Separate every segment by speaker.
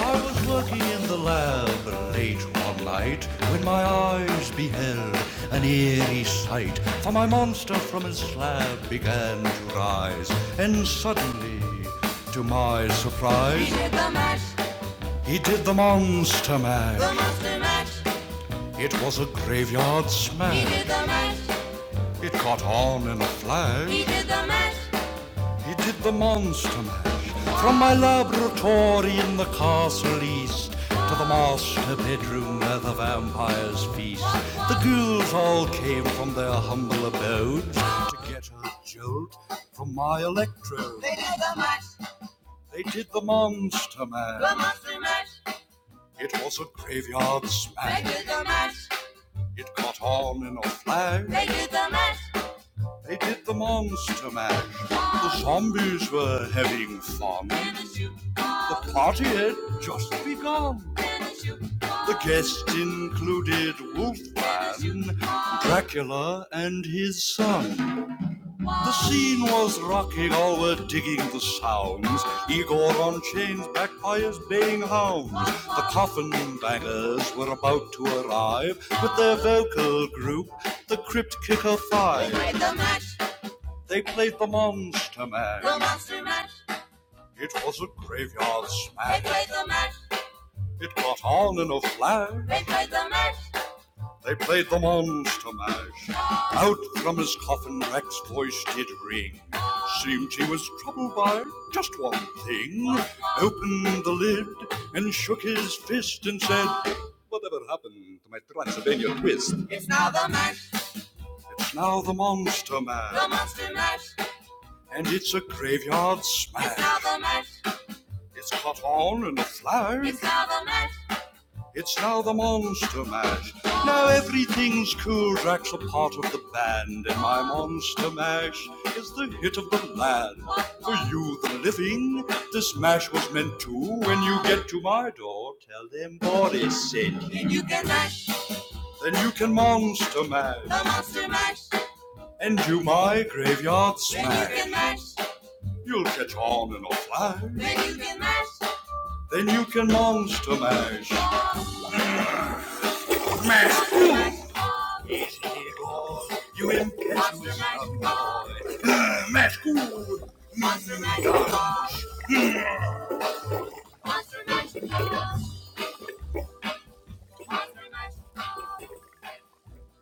Speaker 1: I was working in the lab late one night when my eyes beheld an eerie sight. For my monster from his slab began to rise, and suddenly, to my surprise, He did the mash, he did the monster mash. the monster mash. It was a graveyard smash. He did the mash, It caught on in a flash. he did the mash. He did the monster mash from my laboratory in the castle east to the master bedroom where the vampires feast. The ghouls all came from their humble abodes to get a jolt from my electrode. They did the mash, They did the monster mash. the monster mash. It was a graveyard smash. They did the mash, It caught on in a flash. they did the mash. They did the monster mash. The zombies were having fun. The party had just begun. The guests included Wolfman, Dracula, and his son. The scene was rocking, all were digging the sounds. Igor on chains, backfires, baying hounds. The coffin bangers were about to arrive with their vocal group, the Crypt Kicker Five. They made the match. They played the Monster mash. The Monster Mash. It was a graveyard smash. They played the mash. It got on in a flash. They played the mash. They played the Monster Mash. Out from his coffin, Rex's voice did ring. Seemed he was troubled by just one thing. Opened the lid and shook his fist and said, Whatever happened to my Transylvania twist? It's now the mash. It's Now the Monster Mash. The Monster Mash and it's a graveyard smash. It's now the mash. It's caught on in a flash. it's now the mash. It's now the Monster Mash. Now everything's cool. Drax a part of the band, and my Monster Mash is the hit of the land. For you, the living, this mash was meant to. When you get to my door, tell them Boris sent. you. and you can mash Then you can Monster Mash, the monster mash, and do my graveyard and you smash. can mash You'll catch on in a flash. Then you can mash, Then you can monster mash. Mash. Yes, it goes. You impetuous young boy. Mash good. monster mash, monster mash.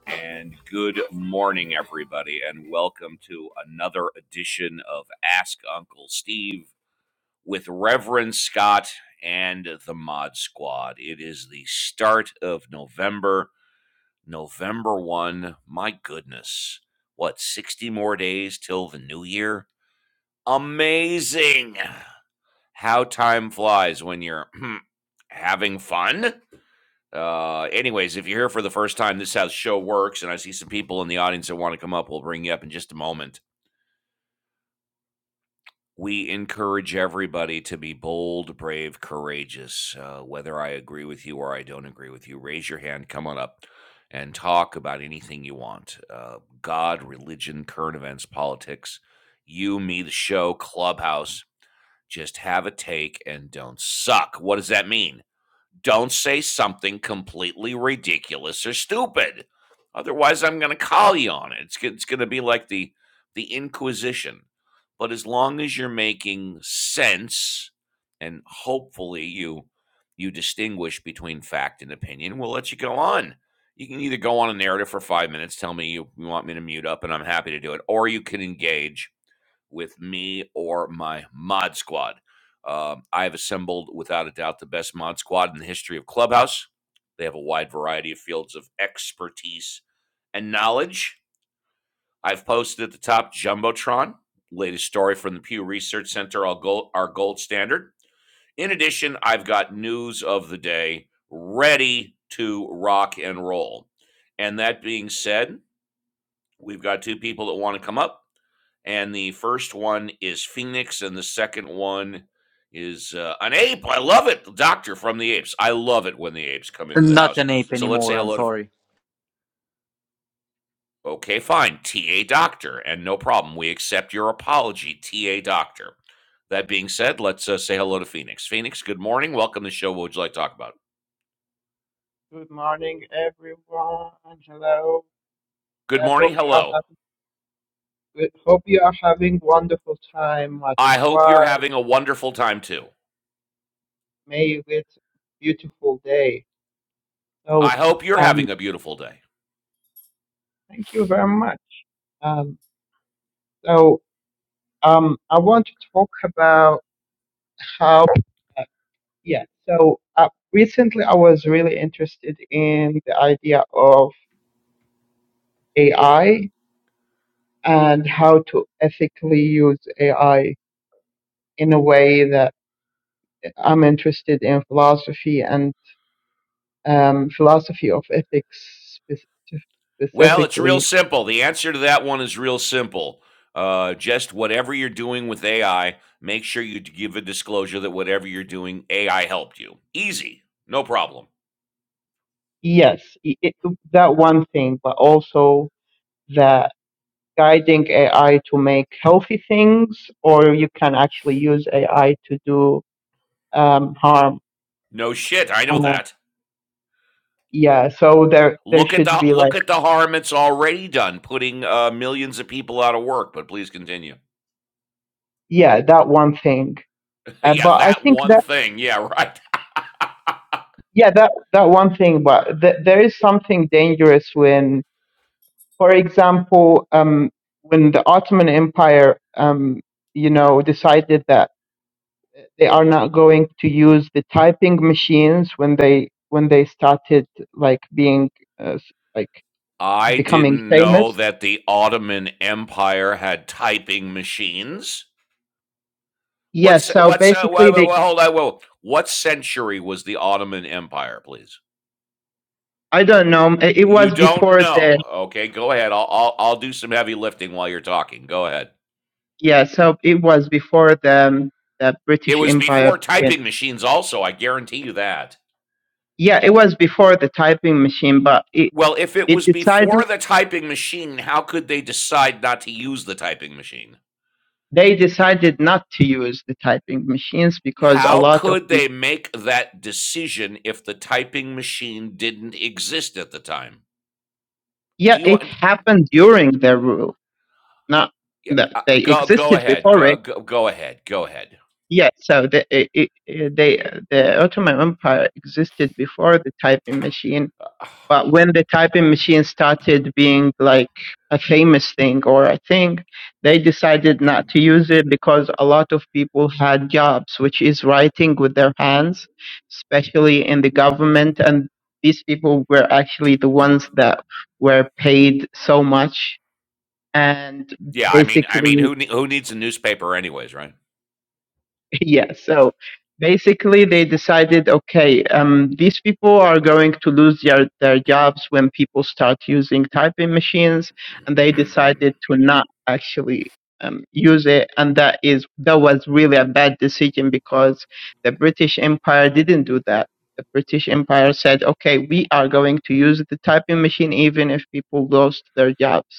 Speaker 1: And good morning, everybody, and welcome to another edition of Ask Uncle Steve. with Reverend Scott and the Mod Squad. It is the start of November, November 1. My goodness. What, 60 more days till the new year? Amazing. How time flies when you're having fun. Uh, anyways, if you're here for the first time, this is how the show works. And I see some people in the audience that want to come up. We'll bring you up in just a moment. we encourage everybody to be bold, brave, courageous. Uh, whether I agree with you or I don't agree with you, raise your hand, come on up, and talk about anything you want uh, God, religion, current events, politics, you, me, the show, clubhouse. Just have a take and don't suck. What does that mean? don't say something completely ridiculous or stupid. Otherwise, I'm going to call you on it. It's, it's going to be like the the Inquisition. But as long as you're making sense, and hopefully you you distinguish between fact and opinion, we'll let you go on. You can either go on a narrative for five minutes, tell me you, you want me to mute up, and I'm happy to do it, or you can engage with me or my mod squad. Um, I have assembled, without a doubt, the best mod squad in the history of Clubhouse. They have a wide variety of fields of expertise and knowledge. I've posted at the top Jumbotron, latest story from the Pew Research Center, our gold, our gold standard. In addition, I've got news of the day ready to rock and roll. And that being said, we've got two people that want to come up and the first one is Phoenix, and the second one is uh, an ape. I love it, the Doctor from the Apes. I love it when the apes come into the
Speaker 2: Not
Speaker 1: house.
Speaker 2: an ape
Speaker 1: So let's say
Speaker 2: anymore. I'm
Speaker 1: hello to.
Speaker 2: sorry.
Speaker 1: Okay, fine, T.A. Doctor, and no problem. We accept your apology, T.A. Doctor. That being said, let's uh, say hello to Phoenix. Phoenix, good morning. Welcome to the show. What would you like to talk about?
Speaker 3: Good morning, everyone. Hello.
Speaker 1: Good
Speaker 3: I hope
Speaker 1: morning.
Speaker 3: you are
Speaker 1: Hello.
Speaker 3: having good- hope you are having wonderful time at
Speaker 1: I hope you're
Speaker 3: squad.
Speaker 1: having a wonderful time too.
Speaker 3: May it's beautiful day. So,
Speaker 1: I hope you're
Speaker 3: um,
Speaker 1: having a beautiful day.
Speaker 3: thank you very much. Um, so, um, I want to talk about how. Uh, yeah. So, uh, recently I was really interested in the idea of AI and how to ethically use AI in a way that I'm interested in philosophy and um, philosophy of ethics spec-
Speaker 1: Well, it's real
Speaker 3: specifically.
Speaker 1: simple. The answer to that one is real simple. Uh, just whatever you're doing with AI, make sure you d- give a disclosure that whatever you're doing, AI helped you. Easy, no problem.
Speaker 3: Yes, i it, that one thing, but also that guiding AI to make healthy things, or you can actually use AI to do um, harm.
Speaker 1: No shit, I know
Speaker 3: Uh,
Speaker 1: that.
Speaker 3: yeah, so there there
Speaker 1: Look at
Speaker 3: should
Speaker 1: the
Speaker 3: be like
Speaker 1: look at the harm it's already done, putting uh, millions of people out of work. But please continue.
Speaker 3: yeah that one thing. Uh,
Speaker 1: yeah,
Speaker 3: but I
Speaker 1: that
Speaker 3: think
Speaker 1: one
Speaker 3: that
Speaker 1: thing. Yeah, right.
Speaker 3: yeah that that one thing, but th- there is something dangerous when for example, um, when the Ottoman Empire, um, you know, decided that they are not going to use the typing machines when they when they started like being uh, s- like
Speaker 1: I
Speaker 3: becoming
Speaker 1: didn't know
Speaker 3: famous.
Speaker 1: that the Ottoman Empire had typing machines.
Speaker 3: Yeah.
Speaker 1: What's
Speaker 3: So
Speaker 1: what's uh, whoa,
Speaker 3: basically,
Speaker 1: whoa,
Speaker 3: they
Speaker 1: whoa, hold on, whoa. What century was the Ottoman Empire, please?
Speaker 3: I don't know. It it
Speaker 1: You
Speaker 3: was
Speaker 1: don't
Speaker 3: before the
Speaker 1: know. Okay, go ahead. I'll, I'll I'll do some heavy lifting while you're talking. Go ahead.
Speaker 3: yeah. So it was before the um, the
Speaker 1: It
Speaker 3: British
Speaker 1: was
Speaker 3: Empire.
Speaker 1: before
Speaker 3: became-
Speaker 1: typing machines also, I guarantee you that.
Speaker 3: Yeah, it was before the typing machine, but it
Speaker 1: Well, if it
Speaker 3: it
Speaker 1: was
Speaker 3: decided.
Speaker 1: before the typing machine, how could they decide not to use the typing machine?
Speaker 3: They decided not to use the typing machines because a
Speaker 1: How
Speaker 3: lot of
Speaker 1: could
Speaker 3: people,
Speaker 1: they make that decision if the typing machine didn't exist at the time?
Speaker 3: yeah,
Speaker 1: Do you
Speaker 3: it
Speaker 1: want
Speaker 3: happened during their rule, not
Speaker 1: yeah,
Speaker 3: that
Speaker 1: uh,
Speaker 3: they
Speaker 1: go go
Speaker 3: existed
Speaker 1: ahead.
Speaker 3: before
Speaker 1: Go
Speaker 3: it.
Speaker 1: go, go ahead. Go ahead.
Speaker 3: Yeah, so the, it, it, they, the Ottoman Empire existed before the typing machine But when the typing machine started being like a famous thing or a thing, they decided not to use it because a lot of people had jobs, which is writing with their hands, especially in the government. And these people were actually the ones that were paid so much. And
Speaker 1: Yeah, I mean, I
Speaker 3: basically,
Speaker 1: mean, who nee who needs a newspaper anyways, right?
Speaker 3: Yeah, so basically they decided, okay, um, these people are going to lose their, their jobs when people start using typing machines, and they decided to not actually um, use it, and that is that was really a bad decision because the British Empire didn't do that. The British Empire said, okay, we are going to use the typing machine even if people lost their jobs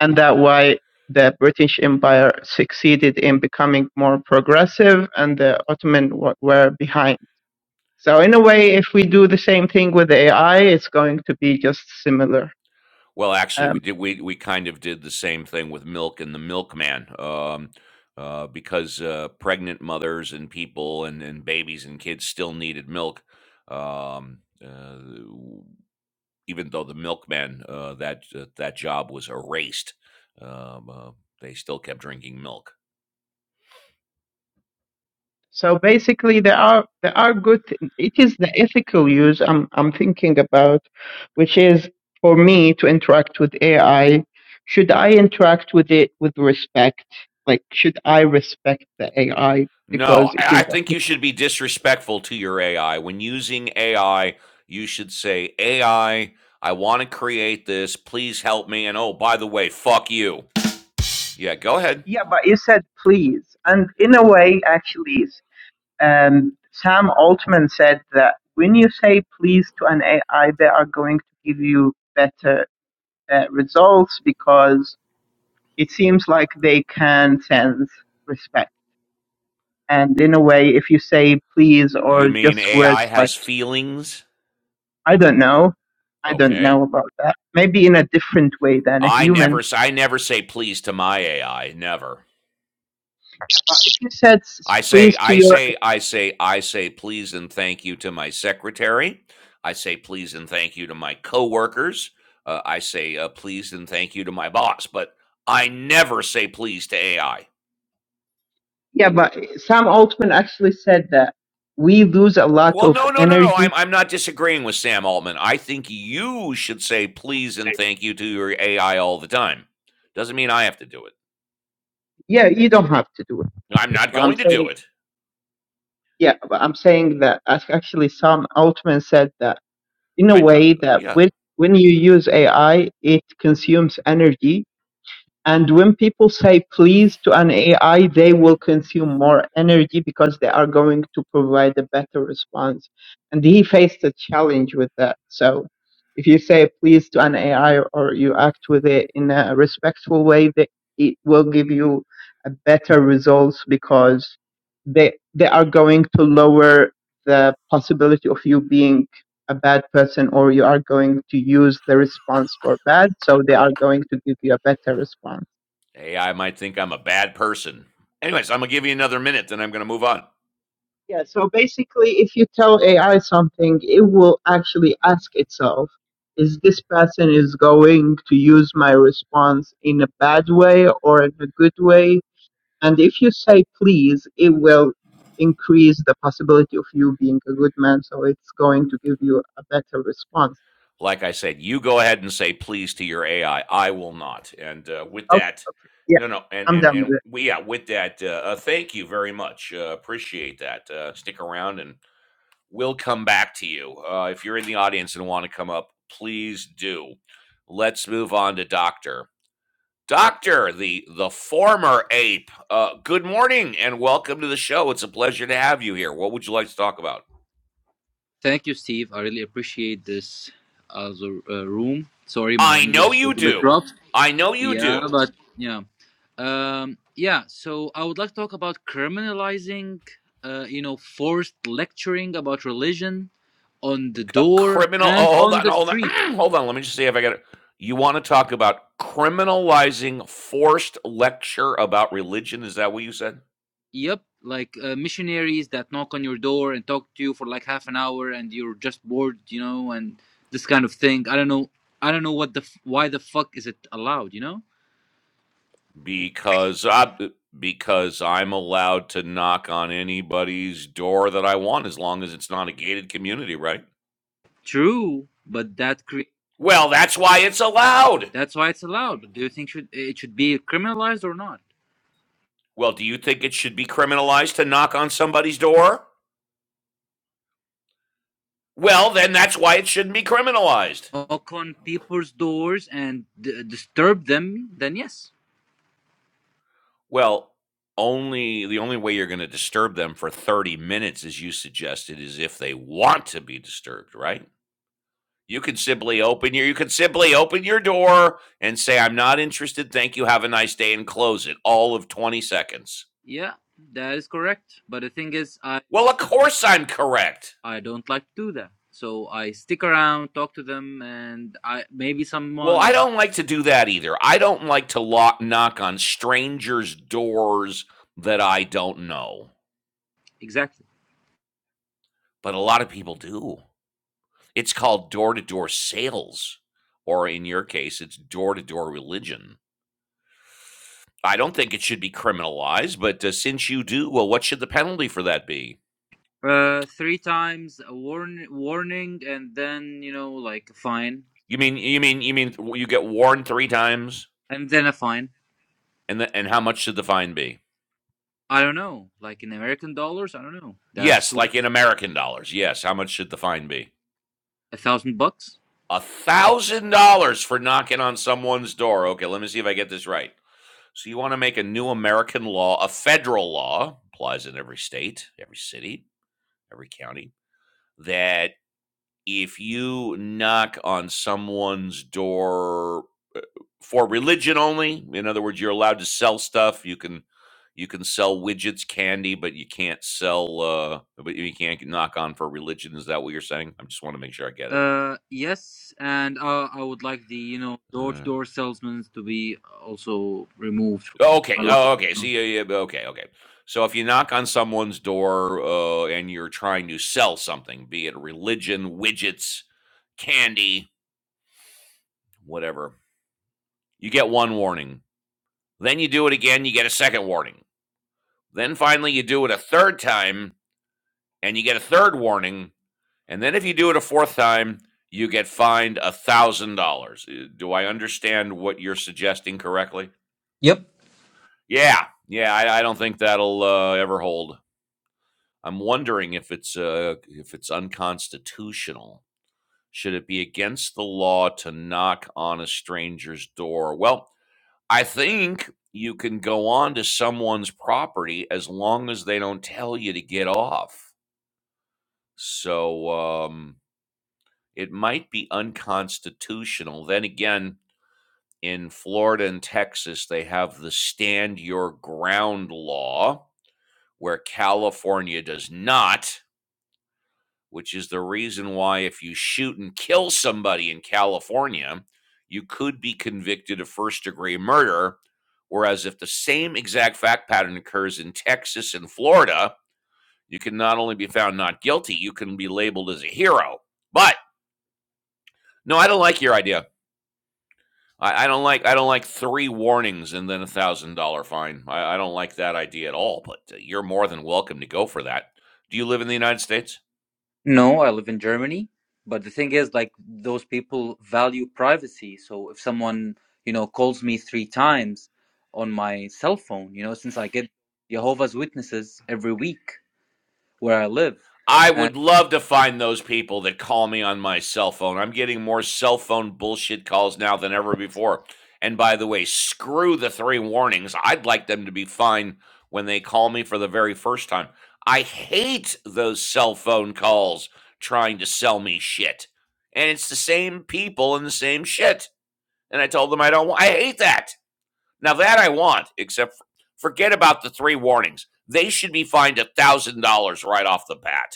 Speaker 3: and that why the British Empire succeeded in becoming more progressive and the Ottoman w- were behind. So in a way, if we do the same thing with AI, it's going to be just similar.
Speaker 1: Well, actually, we
Speaker 3: Um,
Speaker 1: did we we kind of did the same thing with milk and the milkman, um, uh, because, uh, pregnant mothers and people and and babies and kids still needed milk, um, uh, w even though the milkman, uh, that, uh, that job was erased, um, uh, they still kept drinking milk.
Speaker 3: so basically, there are there are good. thi- It is the ethical use I'm I'm thinking about, which is for me to interact with AI. Should I interact with it with respect? Like, should I respect the AI
Speaker 1: No,
Speaker 3: because it
Speaker 1: I I
Speaker 3: is a
Speaker 1: think you should be disrespectful to your AI. When using AI, you should say, AI, I I want to create this. Please help me. And oh, by the way, fuck you. Yeah, go ahead.
Speaker 3: Yeah, but you said please. And in a way, actually, s- um, Sam Altman said that when you say please to an AI, they are going to give you better uh, results because it seems like they can sense respect. And in a way, if you say please or
Speaker 1: You mean
Speaker 3: just
Speaker 1: AI
Speaker 3: words like,
Speaker 1: has feelings?
Speaker 3: I don't know, I don't
Speaker 1: Okay.
Speaker 3: know about that, maybe in a different way than a
Speaker 1: I never
Speaker 3: human.
Speaker 1: s- I never say please to my AI. Never.
Speaker 3: But if you said s-
Speaker 1: I say,
Speaker 3: please to
Speaker 1: I
Speaker 3: your
Speaker 1: say, I say, I say please and thank you to my secretary. I say please and thank you to my coworkers. Uh, I say uh, please and thank you to my boss, but I never say please to AI.
Speaker 3: Yeah, but Sam Altman actually said that we lose a lot
Speaker 1: Well,
Speaker 3: of
Speaker 1: no, no, no, no.
Speaker 3: energy.
Speaker 1: I'm, I'm not disagreeing with Sam Altman. I think you should say please and thank you to your AI all the time. Doesn't mean I have to do it.
Speaker 3: Yeah, you don't have to do it.
Speaker 1: I'm not
Speaker 3: I'm
Speaker 1: going to do
Speaker 3: saying,
Speaker 1: it.
Speaker 3: yeah, but I'm saying that ac- actually Sam Altman said that in a
Speaker 1: I, uh,
Speaker 3: way that
Speaker 1: yeah,
Speaker 3: when when you use AI, it consumes energy And when people say please to an AI, they will consume more energy because they are going to provide a better response. And he faced a challenge with that. So if you say please to an AI or you act with it in a respectful way, they, it will give you a better results because they, they are going to lower the possibility of you being a bad person or you are going to use the response for bad. So they are going to give you a better response.
Speaker 1: AI might think I'm a bad person. Anyways, I'm going to give you another minute, then I'm going to move on.
Speaker 3: Yeah, so basically, if you tell AI something, it will actually ask itself, is this person is going to use my response in a bad way or in a good way? And if you say please, it will increase the possibility of you being a good man, so it's going to give you a better response.
Speaker 1: like I said, you go ahead and say please to your AI. I I will not. And uh, with
Speaker 3: Okay,
Speaker 1: that,
Speaker 3: yeah,
Speaker 1: no, no, and
Speaker 3: I'm
Speaker 1: and
Speaker 3: done with
Speaker 1: and
Speaker 3: it.
Speaker 1: we yeah, with that, uh, uh, thank you very much. Uh, appreciate that. Uh, stick around, and we'll come back to you uh, if you're in the audience and want to come up. Please do. Let's move on to Doctor. Doctor, the the former ape. Uh, good morning and welcome to the show. It's a pleasure to have you here. What would you like to talk about?
Speaker 2: Thank you, Steve. I really appreciate this as uh, room. Sorry, my
Speaker 1: I
Speaker 2: English
Speaker 1: know
Speaker 2: is a
Speaker 1: you
Speaker 2: little bit
Speaker 1: do.
Speaker 2: rough.
Speaker 1: I know you
Speaker 2: Yeah,
Speaker 1: do.
Speaker 2: but yeah, um, yeah. So I would like to talk about criminalizing, uh, you know, forced lecturing about religion on the
Speaker 1: Uh,
Speaker 2: door
Speaker 1: criminal.
Speaker 2: and
Speaker 1: Oh, hold
Speaker 2: on
Speaker 1: on,
Speaker 2: the
Speaker 1: hold on,
Speaker 2: street.
Speaker 1: hold on. Let me just see if I got it. You want to talk about criminalizing forced lecture about religion? Is that what you said?
Speaker 2: Yep, like uh, missionaries that knock on your door and talk to you for like half an hour, and you're just bored, you know, and this kind of thing. I don't know. I don't know what the f- why the fuck is it allowed, you know?
Speaker 1: Because I, because I'm allowed to knock on anybody's door that I want as long as it's not a gated community, right?
Speaker 2: True, but that cre-
Speaker 1: Well, that's why it's allowed.
Speaker 2: that's why it's allowed. do you think should it should be criminalized or not?
Speaker 1: Well, do you think it should be criminalized to knock on somebody's door? Well, then that's why it shouldn't be criminalized.
Speaker 2: Knock on people's doors and d- disturb them, then yes.
Speaker 1: Well, only the only way you're gonna disturb them for 30 minutes, as you suggested, is if they want to be disturbed, right? You could simply open your you could simply open your door and say, "I'm not interested. Thank you. Have a nice day," and close it all of 20 seconds.
Speaker 2: Yeah, that is correct. But the thing is, I
Speaker 1: Well, of course I'm correct.
Speaker 2: I don't like to do that. So I stick around, talk to them, and I maybe
Speaker 1: Well, I
Speaker 2: someone
Speaker 1: don't like to do that either. I don't like to lock knock on strangers' doors that I don't know.
Speaker 2: exactly
Speaker 1: But a lot of people do. It's called door to door sales, or in your case, it's door to door religion. I don't think it should be criminalized, but uh, since you do, well, what should the penalty for that be?
Speaker 2: Uh, three times a warn- warning, and then you know, like a fine,
Speaker 1: You mean you mean you mean you get warned three times,
Speaker 2: and then a fine.
Speaker 1: and the, and how much should the fine be?
Speaker 2: I don't know, like in American dollars. I don't know. That's
Speaker 1: Yes,
Speaker 2: what,
Speaker 1: like in American dollars. Yes, how much should the fine be?
Speaker 2: a thousand bucks.
Speaker 1: A thousand dollars for knocking on someone's door. Okay, let me see if I get this right. So you want to make a new American law, a federal law, applies in every state, every city, every county that if you knock on someone's door for religion only, in other words, you're allowed to sell stuff. You can you can sell widgets, candy, but you can't sell. Uh, but you can't knock on for religion. Is that what you're saying? I just want to make sure I get it.
Speaker 2: Uh, yes, and uh, I would like the you know
Speaker 1: Uh,
Speaker 2: door-to-door salesmen to be also removed.
Speaker 1: oh, okay. Oh, okay. See, yeah, yeah, okay, okay. So if you knock on someone's door uh, and you're trying to sell something, be it religion, widgets, candy, whatever, you get one warning Then you do it again, you get a second warning. Then finally, you do it a third time and you get a third warning. And then if you do it a fourth time, you get fined a thousand dollars. Uh, Do I understand what you're suggesting correctly? Yeah, yeah. I, I don't think that'll uh, ever hold. I'm wondering if it's uh, if it's unconstitutional. Should it be against the law to knock on a stranger's door? Well, I think you can go onto someone's property as long as they don't tell you to get off. So um, it might be unconstitutional. Then again, in Florida and Texas, they have the stand your ground law, where California does not. which is the reason why if you shoot and kill somebody in California, you could be convicted of first degree murder. Whereas if the same exact fact pattern occurs in Texas and Florida, you can not only be found not guilty, you can be labeled as a hero. But no, I don't like your idea. I, I don't like I don't like three warnings and then a one thousand dollar fine. I, I don't like that idea at all. But uh, you're more than welcome to go for that. Do you live in the United States?
Speaker 2: No, I live in Germany, but the thing is, like those people value privacy. So if someone you know calls me three times on my cell phone, you know, since I get Jehovah's Witnesses every week where I live.
Speaker 1: I
Speaker 2: And
Speaker 1: would love to find those people that call me on my cell phone. I'm getting more cell phone bullshit calls now than ever before. And by the way, screw the three warnings. I'd like them to be fine when they call me for the very first time. I hate those cell phone calls trying to sell me shit. And it's the same people and the same shit. And I told them I don't want, I hate that. Now that I want, except for, forget about the three warnings. They should be fined a $1,000 right off the bat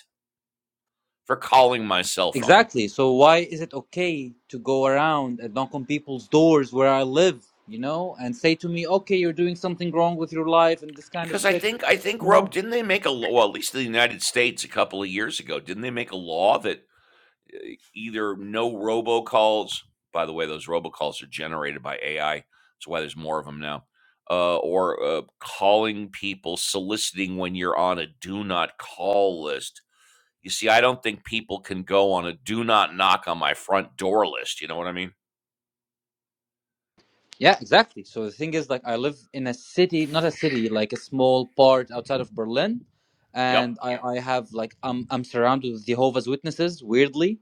Speaker 1: for calling my cell phone
Speaker 2: exactly. So why is it okay to go around and knock on people's doors where I live, you know, and say to me, okay, you're doing something wrong with your life and this kind of
Speaker 1: because I
Speaker 2: shit,
Speaker 1: think I think
Speaker 2: you know?
Speaker 1: Rob didn't they make a law well, at least in the United States a couple of years ago didn't they make a law that either no robocalls by the way those robocalls are generated by AI that's why there's more of them now uh, or uh, calling people soliciting when you're on a do not call list you see I don't think people can go on a do not knock on my front door list you know what I mean
Speaker 2: Yeah, exactly. So the thing is, like, I live in a city, not a city, like a small part outside of Berlin,
Speaker 1: yep
Speaker 2: and I, I have like I'm I'm surrounded with Jehovah's Witnesses, weirdly.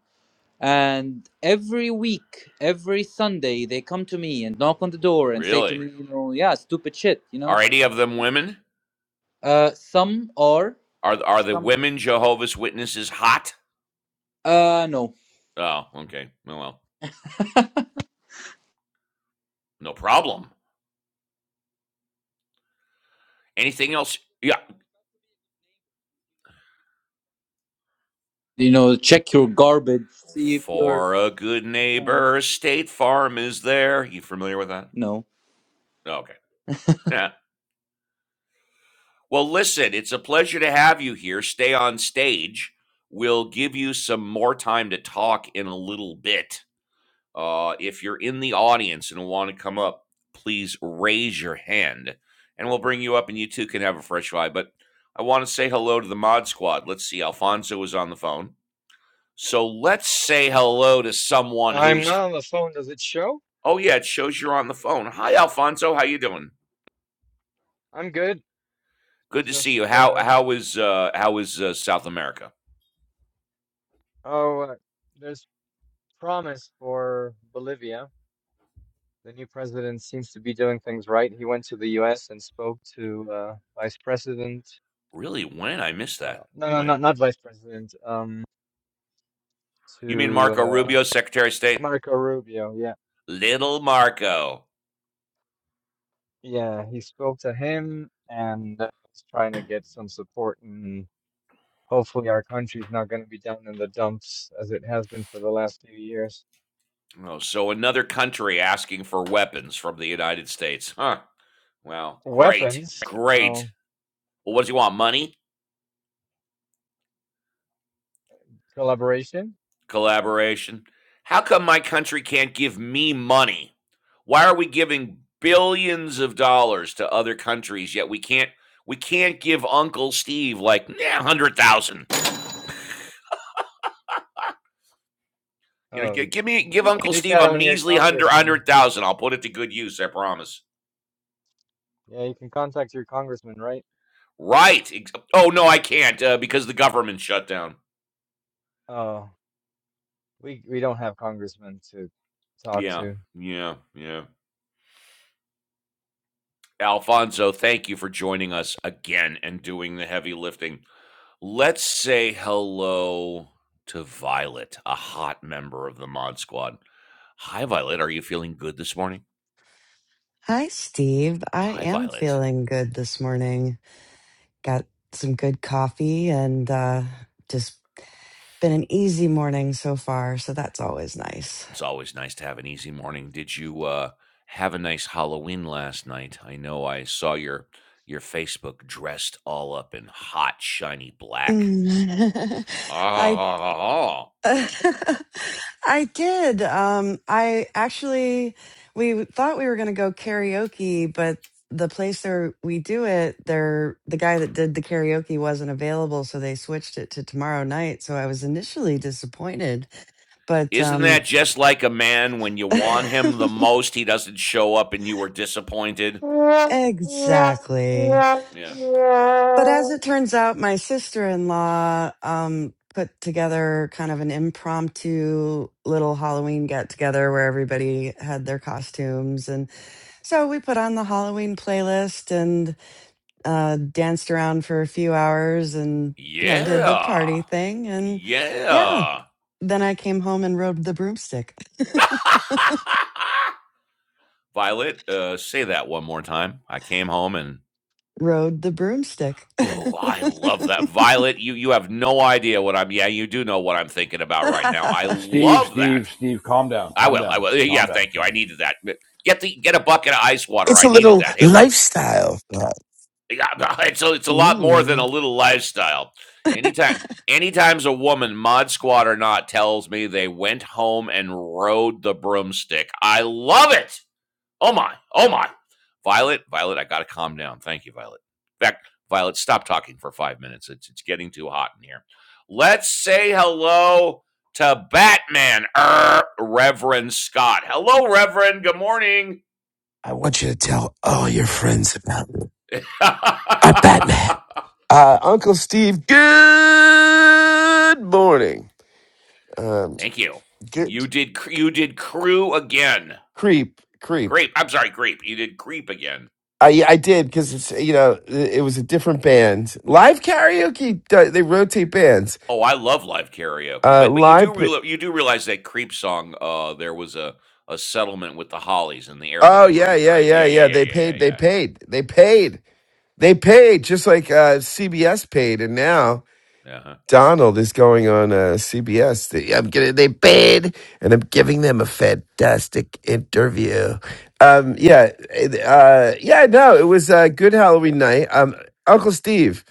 Speaker 2: And every week, every Sunday, they come to me and knock on the door and say to
Speaker 1: really
Speaker 2: me, you know, yeah, stupid shit, you
Speaker 1: are
Speaker 2: know
Speaker 1: any of them women
Speaker 2: Uh, some are.
Speaker 1: Are are the women Jehovah's Witnesses hot?
Speaker 2: Uh, no.
Speaker 1: Oh, okay. Well, well, no problem. Anything else? Yeah.
Speaker 2: You know, check your garbage. See if you're.
Speaker 1: For a good
Speaker 2: Uh,
Speaker 1: neighbor, State Farm is there. You familiar with that?
Speaker 2: no.
Speaker 1: Oh, Okay. Yeah. Well, listen, it's a pleasure to have you here. Stay on stage. We'll give you some more time to talk in a little bit. Uh, if you're in the audience and want to come up, please raise your hand and we'll bring you up and you too can have a fresh vibe. But I want to say hello to the mod squad. Let's see, Alfonso is on the phone. So let's say hello to someone
Speaker 4: I'm
Speaker 1: who's
Speaker 4: not on the phone. Does it show?
Speaker 1: oh yeah, it shows you're on the phone. Hi Alfonso, how you doing?
Speaker 4: I'm good.
Speaker 1: Good to see
Speaker 4: Just
Speaker 1: you. How
Speaker 4: uh
Speaker 1: how is uh how is uh, South America?
Speaker 4: oh, uh, there's promise for Bolivia. The new president seems to be doing things right. He went to the US and spoke to uh Vice President
Speaker 1: Really? When? I missed
Speaker 4: uh
Speaker 1: that.
Speaker 4: no no
Speaker 1: When?
Speaker 4: not not Vice President um
Speaker 1: You mean
Speaker 4: to
Speaker 1: Marco
Speaker 4: uh
Speaker 1: Rubio, Secretary of State?
Speaker 4: Marco Rubio. Yeah.
Speaker 1: Little Marco.
Speaker 4: Yeah, he spoke to him and uh, he's trying to get some support and hopefully our country's not going to be down in the dumps as it has been for the last few years.
Speaker 1: Oh, so another country asking for weapons from the United States. Huh. Well, great.
Speaker 4: weapons,
Speaker 1: Great.
Speaker 4: no
Speaker 1: Well, what does he want? Money?
Speaker 4: collaboration.
Speaker 1: Collaboration? How come my country can't give me money? Why are we giving billions of dollars to other countries yet we can't we can't give Uncle Steve like yeah, 100,000. You know,
Speaker 4: Um,
Speaker 1: give me give
Speaker 4: you
Speaker 1: Uncle
Speaker 4: take
Speaker 1: Steve
Speaker 4: that
Speaker 1: a
Speaker 4: on your
Speaker 1: measly hundred
Speaker 4: congressman.
Speaker 1: hundred thousand. I'll put it to good use, I promise.
Speaker 4: Yeah, you can contact your congressman, right?
Speaker 1: Right. Oh no, I can't uh, because the government shut down.
Speaker 4: Uh, we we don't have congressmen to talk
Speaker 1: Yeah,
Speaker 4: to.
Speaker 1: yeah, yeah. Alfonso, thank you for joining us again and doing the heavy lifting. Let's say hello to Violet, a hot member of the Mod Squad. Hi, Violet. Are you feeling good this morning?
Speaker 5: Hi, Steve. I
Speaker 1: Hi,
Speaker 5: am
Speaker 1: Violet.
Speaker 5: feeling good this morning. Got some good coffee and uh, just been an easy morning so far. So that's always nice.
Speaker 1: It's always nice to have an easy morning. Did you uh, have a nice Halloween last night? I know I saw your your Facebook dressed all up in hot, shiny black.
Speaker 5: Mm. I.
Speaker 1: Oh,
Speaker 5: I did. Um, I actually, we thought we were going to go karaoke, but the place where we do it, there, the guy that did the karaoke wasn't available, so they switched it to tomorrow night. So I was initially disappointed, but
Speaker 1: isn't
Speaker 5: um,
Speaker 1: that just like a man when you want him the most, he doesn't show up and you are disappointed? Yeah.
Speaker 5: exactly. But as it turns out, my sister in law um, put together kind of an impromptu little Halloween get together where everybody had their costumes. And so we put on the Halloween playlist and uh, danced around for a few hours and, you know, did the party
Speaker 1: Yeah.
Speaker 5: thing. And yeah,
Speaker 1: Yeah.
Speaker 5: then I came home and rode the broomstick.
Speaker 1: Violet, uh, say that one more time. I came home and
Speaker 5: Rode the broomstick.
Speaker 1: oh, I love that. Violet, you you have no idea what I'm yeah, you do know what I'm thinking about right now. I
Speaker 6: Steve,
Speaker 1: love that.
Speaker 6: Steve, Steve, calm down,
Speaker 1: I
Speaker 6: calm
Speaker 1: will. I
Speaker 6: down,
Speaker 1: will. Yeah,
Speaker 6: calm
Speaker 1: yeah,
Speaker 6: down,
Speaker 1: thank you. I
Speaker 6: calm
Speaker 1: needed that. Get the get a bucket of ice water.
Speaker 7: It's
Speaker 1: I
Speaker 7: a
Speaker 1: needed
Speaker 7: little
Speaker 1: that. Hey, look,
Speaker 7: lifestyle. Uh,
Speaker 1: yeah, it's a, it's a lot more than
Speaker 5: Mm.
Speaker 1: a little lifestyle. Anytime, anytime's a woman, mod squad or not, tells me they went home and rode the broomstick. I love it. Oh my, oh my. Violet, Violet, I gotta calm down. Thank you, Violet. In fact, Violet, stop talking for five minutes. It's it's getting too hot in here. Let's say hello to Batman, er, Reverend Scott. Hello, Reverend. Good morning.
Speaker 7: I want you to tell all your friends about me. I'm Batman. Uh, Uncle Steve, good morning. Um,
Speaker 1: Thank you.
Speaker 7: good,
Speaker 1: You did you did crew again.
Speaker 7: creep, creep.
Speaker 1: Creep. I'm sorry, Creep. You did creep again.
Speaker 7: I, I did because it's you know it it was a different band. Live karaoke, do- they rotate bands.
Speaker 1: Oh, I love live karaoke,
Speaker 7: Uh,
Speaker 1: but but you
Speaker 7: live.
Speaker 1: do
Speaker 7: pa-
Speaker 1: real you do realize that "Creep Song," uh, there was a a settlement with the Hollies in the air that
Speaker 7: Oh
Speaker 1: I
Speaker 7: yeah,
Speaker 1: breathe,
Speaker 7: yeah,
Speaker 1: right?
Speaker 7: yeah,
Speaker 1: Yeah, yeah,
Speaker 7: yeah.
Speaker 1: yeah,
Speaker 7: They
Speaker 1: yeah,
Speaker 7: paid. They
Speaker 1: yeah,
Speaker 7: paid. They paid. They paid just like uh, CBS paid, and now
Speaker 1: yeah. Uh-huh.
Speaker 7: Donald is going on uh, CBS. They- I'm getting they paid, and I'm giving them a fantastic interview. Um, yeah, uh, yeah, no, it was a good Halloween night. Um, Uncle Steve,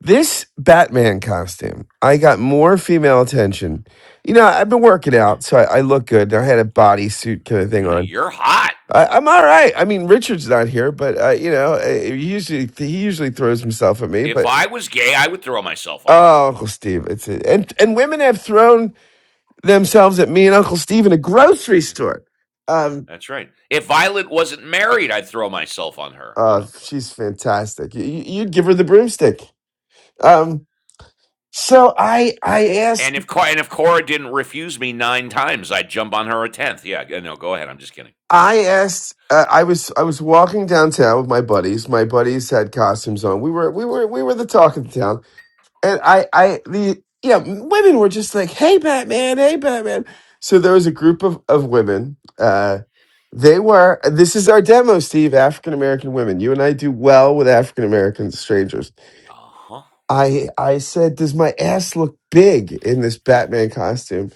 Speaker 7: this Batman costume, I got more female attention. You know, I've been working out, so I, I look good. I had a bodysuit kind of thing
Speaker 1: Yeah,
Speaker 7: on.
Speaker 1: you're hot.
Speaker 7: I, I'm all right. I mean, Richard's not here, but uh, you know, uh, he usually he usually throws himself at me,
Speaker 1: If
Speaker 7: but
Speaker 1: I was gay, I would throw myself on you.
Speaker 7: Oh, Uncle Steve, it's a, and and women have thrown themselves at me and Uncle Steve in a grocery
Speaker 1: Yeah,
Speaker 7: store. Um,
Speaker 1: that's right. If Violet wasn't married, I'd throw myself on her. You
Speaker 7: uh,
Speaker 1: know, but
Speaker 7: she's fantastic. You, you- you'd give her the broomstick. Um, so I, I
Speaker 1: and
Speaker 7: asked,
Speaker 1: if Cor- and if Cora didn't refuse me nine times, I'd jump on her a tenth. Yeah, g- no, go ahead. I'm just kidding.
Speaker 7: I asked, uh, I was, I was walking downtown with my buddies. My buddies had costumes on. We were, we were, we were the talk of the town. and I, I, the yeah, women were just like, "Hey, Batman! Hey, Batman!" So there was a group of of women. Uh, they were. This is our demo, Steve. African American women. You and I do well with African American strangers.
Speaker 1: Uh huh.
Speaker 7: I I said, "Does my ass look big in this Batman costume?"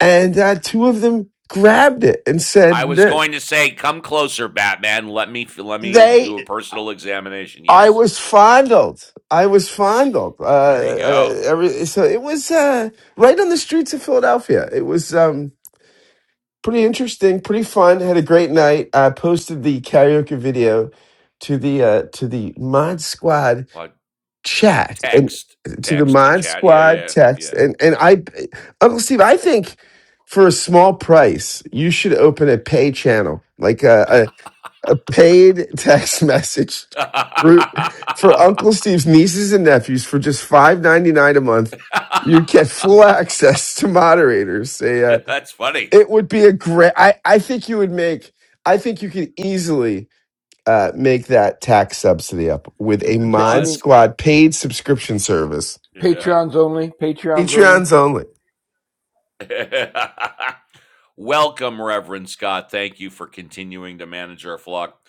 Speaker 7: And uh, two of them grabbed it and
Speaker 1: I
Speaker 7: said
Speaker 1: was
Speaker 7: that.
Speaker 1: going to say, come closer, Batman. Let me f- let me
Speaker 7: they."
Speaker 1: do a personal examination.
Speaker 7: I
Speaker 1: Yes.
Speaker 7: was fondled. I was fondled. Uh,
Speaker 1: There you
Speaker 7: uh,
Speaker 1: go.
Speaker 7: every, so it was uh, right on the streets of Philadelphia. It was um, pretty interesting, pretty fun. Had a great night. I posted the karaoke video to the uh, to the Mod Squad
Speaker 1: Well,
Speaker 7: chat and
Speaker 1: text,
Speaker 7: to the
Speaker 1: text to
Speaker 7: Mod
Speaker 1: chat. Yeah,
Speaker 7: Squad
Speaker 1: yeah,
Speaker 7: text.
Speaker 1: yeah.
Speaker 7: And and I, Uncle Steve, I think for a small price, you should open a pay channel like uh, a, a paid text message group for Uncle Steve's nieces and nephews for just five ninety nine a month. You'd get full access to moderators. Say, uh,
Speaker 1: that's funny.
Speaker 7: it would be a great. I I think you would make. I think you could easily uh, make that tax subsidy up with
Speaker 6: down.
Speaker 7: a
Speaker 6: P- You
Speaker 1: Oh,
Speaker 7: Mod
Speaker 1: that's
Speaker 6: mean
Speaker 1: cr-
Speaker 7: Squad paid subscription service.
Speaker 1: yeah.
Speaker 6: Patreons only? Patreons only?
Speaker 7: Patreons only.
Speaker 1: Welcome, Reverend Scott. Thank you for continuing to manage our flock.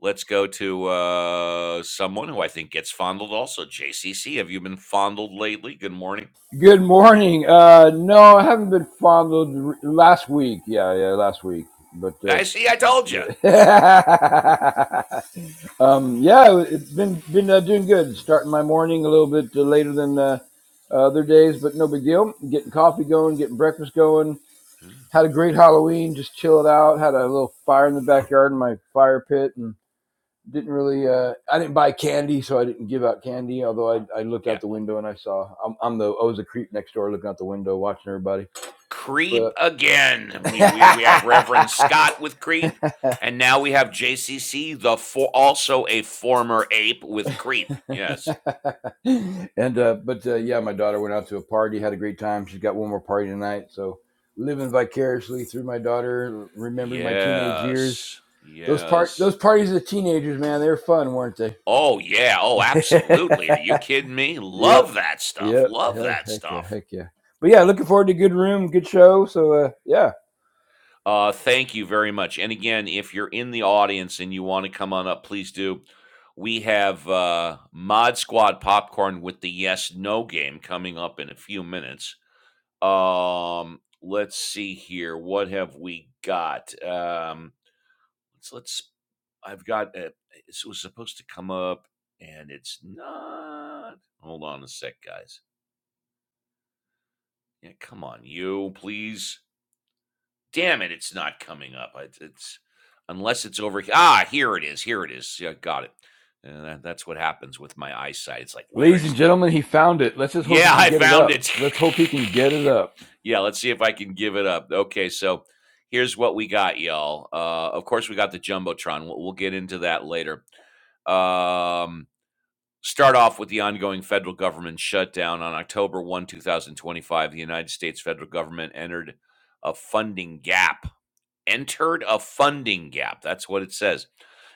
Speaker 1: Let's go to uh, someone who I think gets fondled also. JCC, have you been fondled lately? Good morning.
Speaker 6: Good morning. Uh, no, I haven't been fondled r- last week. Yeah, yeah, last week. But uh,
Speaker 1: I see. I told you.
Speaker 6: yeah, um, yeah, it's been been uh, doing good. Starting my morning a little bit uh, later than uh, uh, other days, but no big deal. Getting coffee going, getting breakfast going.
Speaker 1: Mm-hmm.
Speaker 6: Had a great Halloween. Just chilled out. Had a little fire in the backyard in my fire pit, and didn't really uh i didn't buy candy so i didn't give out candy although i, I looked
Speaker 1: Yeah.
Speaker 6: out the window and i saw I'm, I'm the i was a creep next door looking out the window watching everybody
Speaker 1: Creep
Speaker 6: but
Speaker 1: again. We we we have Reverend Scott with Creep, and now we have JCC, the for also a former ape with Creep. Yes,
Speaker 6: and uh but uh, yeah my daughter went out to a party had a great time she's got one more party tonight so living vicariously through my daughter remembering my teenage years
Speaker 1: yes,
Speaker 6: those part
Speaker 1: yes.
Speaker 6: those parties of teenagers man they were fun weren't they
Speaker 1: Oh yeah. Oh, absolutely. Are you kidding me?
Speaker 6: yep
Speaker 1: Love that stuff.
Speaker 6: Yep.
Speaker 1: Love
Speaker 6: Heck,
Speaker 1: that
Speaker 6: heck yeah.
Speaker 1: stuff.
Speaker 6: Heck yeah. But yeah, looking forward to a good room, good show. So uh, yeah,
Speaker 1: Uh, thank you very much. And again, if you're in the audience and you want to come on up, please do. We have uh, Mod Squad Popcorn with the Yes No game coming up in a few minutes. Um, let's see here. What have we got? Um, let's let's. I've got. A, this was supposed to come up, and it's not. Hold on a sec, guys. Yeah, come on, you please. Damn it, it's not coming up. It's, it's unless it's over. he- Ah, here it is. Here it is. Yeah, got it. And that's what happens with my eyesight. It's like, where
Speaker 6: ladies
Speaker 1: is
Speaker 6: and gentlemen, he found it. Let's just hope he
Speaker 1: Yeah,
Speaker 6: can
Speaker 1: I
Speaker 6: get it
Speaker 1: found
Speaker 6: up.
Speaker 1: it.
Speaker 6: Let's hope he can get it up.
Speaker 1: yeah, let's see if I can give it up. Okay, so here's what we got, y'all. Uh, of course, we got the jumbotron. We'll, we'll get into that later. Um, start off with the ongoing federal government shutdown on October one, two thousand twenty-five. The United States federal government entered a funding gap. Entered a funding gap. That's what it says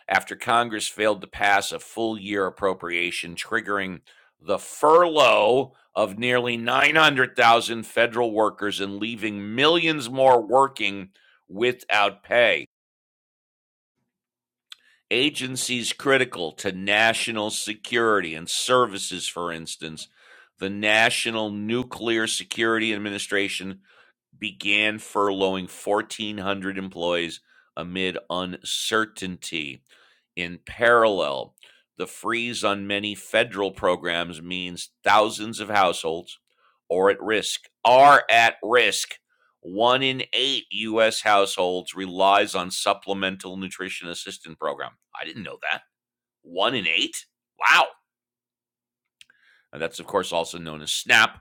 Speaker 1: after Congress failed to pass a full year appropriation, triggering the furlough of nearly 900,000 federal workers and leaving millions more working without pay. Agencies critical to national security and services, for instance, the National Nuclear Security Administration began furloughing 1,400 employees amid uncertainty. In parallel, the freeze on many federal programs means thousands of households are at risk, are at risk. One in eight U.S. households relies on supplemental nutrition assistance program. I didn't know that. One in eight? Wow. And that's, of course, also known as SNAP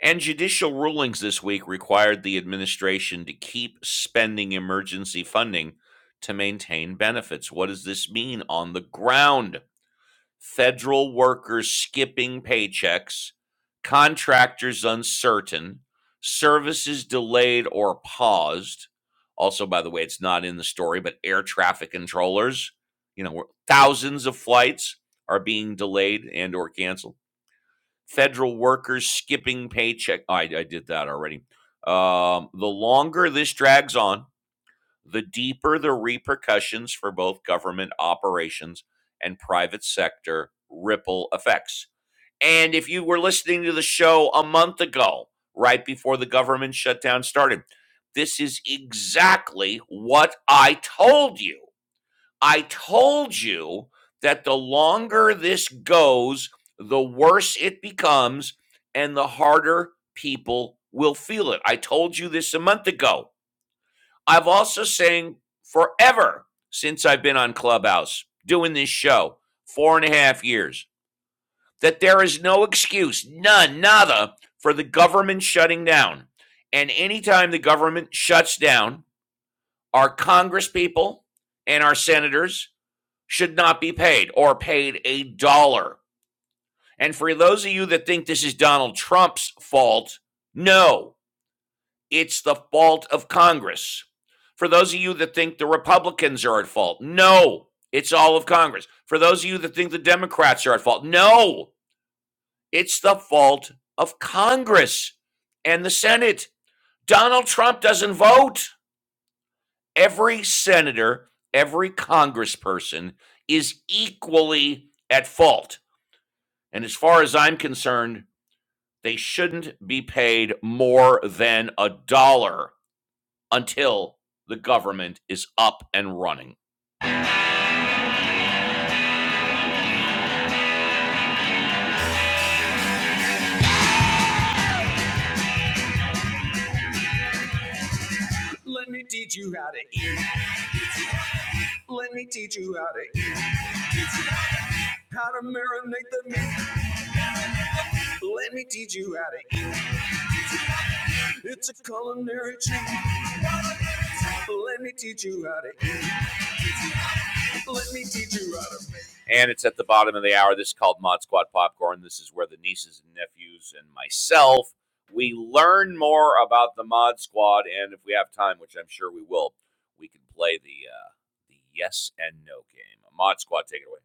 Speaker 1: and judicial rulings this week required the administration to keep spending emergency funding to maintain benefits. What does this mean on the ground? Federal workers skipping paychecks, contractors uncertain, services delayed or paused. Also, by the way, it's not in the story, but air traffic controllers, you know, thousands of flights are being delayed and or canceled federal workers skipping paycheck. Oh, I, I did that already. Um, the longer this drags on, the deeper the repercussions for both government operations and private sector ripple effects. And if you were listening to the show a month ago, right before the government shutdown started, this is exactly what I told you I told you that the longer this goes, the worse it becomes and the harder people will feel it. I told you this a month ago. I've also saying forever since I've been on Clubhouse doing this show, four and a half years, that there is no excuse, none, nada, for the government shutting down. And anytime the government shuts down, our congresspeople and our senators should not be paid or paid a dollar. And for those of you that think this is Donald Trump's fault, no, it's the fault of Congress. For those of you that think the Republicans are at fault, no, it's all of Congress. For those of you that think the Democrats are at fault, no, it's the fault of Congress and the Senate. Donald Trump doesn't vote. Every senator, every congressperson is equally at fault. And as far as I'm concerned, they shouldn't be paid more than a dollar until the government is up and running. Let me teach you how to eat. Let me teach you how to eat. How to marinate the meat. Let me teach you how to eat. It's a culinary treat. Let me teach you how to Let me teach you how to make. and it's at the bottom of the hour. This is called Mod Squad Popcorn. This is where the nieces and nephews and myself we learn more about the Mod Squad, and if we have time, which I'm sure we will, we can play the uh, the yes and no game. Mod Squad, take it away.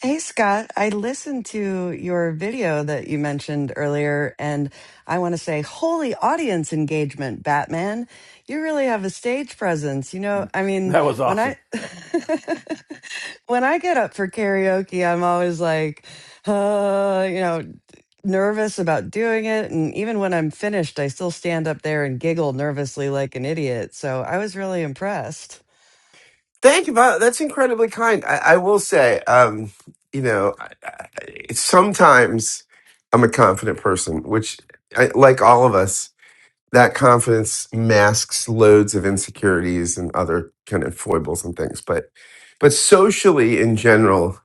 Speaker 5: Hey Scott, I listened to your video that you mentioned earlier, and I want to say, holy audience engagement, Batman. You really have a stage presence. You know, I mean,
Speaker 6: That was
Speaker 5: when
Speaker 6: awesome.
Speaker 5: I when I get up for karaoke, I'm always like, uh, you know, nervous about doing it. And even when I'm finished, I still stand up there and giggle nervously like an idiot. So I was really impressed.
Speaker 7: Thank you. Violet. That's incredibly kind. I, I will say, um, you know, I, I, sometimes I'm a confident person, which, I, like all of us, that confidence masks loads of insecurities and other kind of foibles and things. But, but socially in general,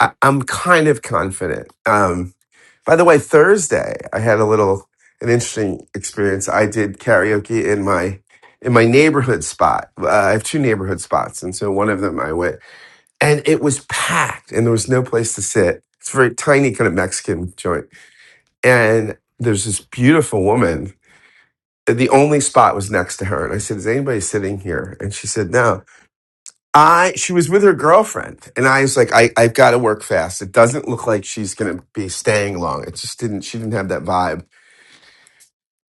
Speaker 7: I, I'm kind of confident. Um, by the way, Thursday I had a little an interesting experience. I did karaoke in my in my neighborhood spot. Uh, I have two neighborhood spots, and so one of them I went, and it was packed, and there was no place to sit. It's a very tiny kind of Mexican joint, and there's this beautiful woman. The only spot was next to her, and I said, "Is anybody sitting here?" And she said, "No." I she was with her girlfriend, and I was like, "I I've got to work fast. It doesn't look like she's going to be staying long. It just didn't. She didn't have that vibe."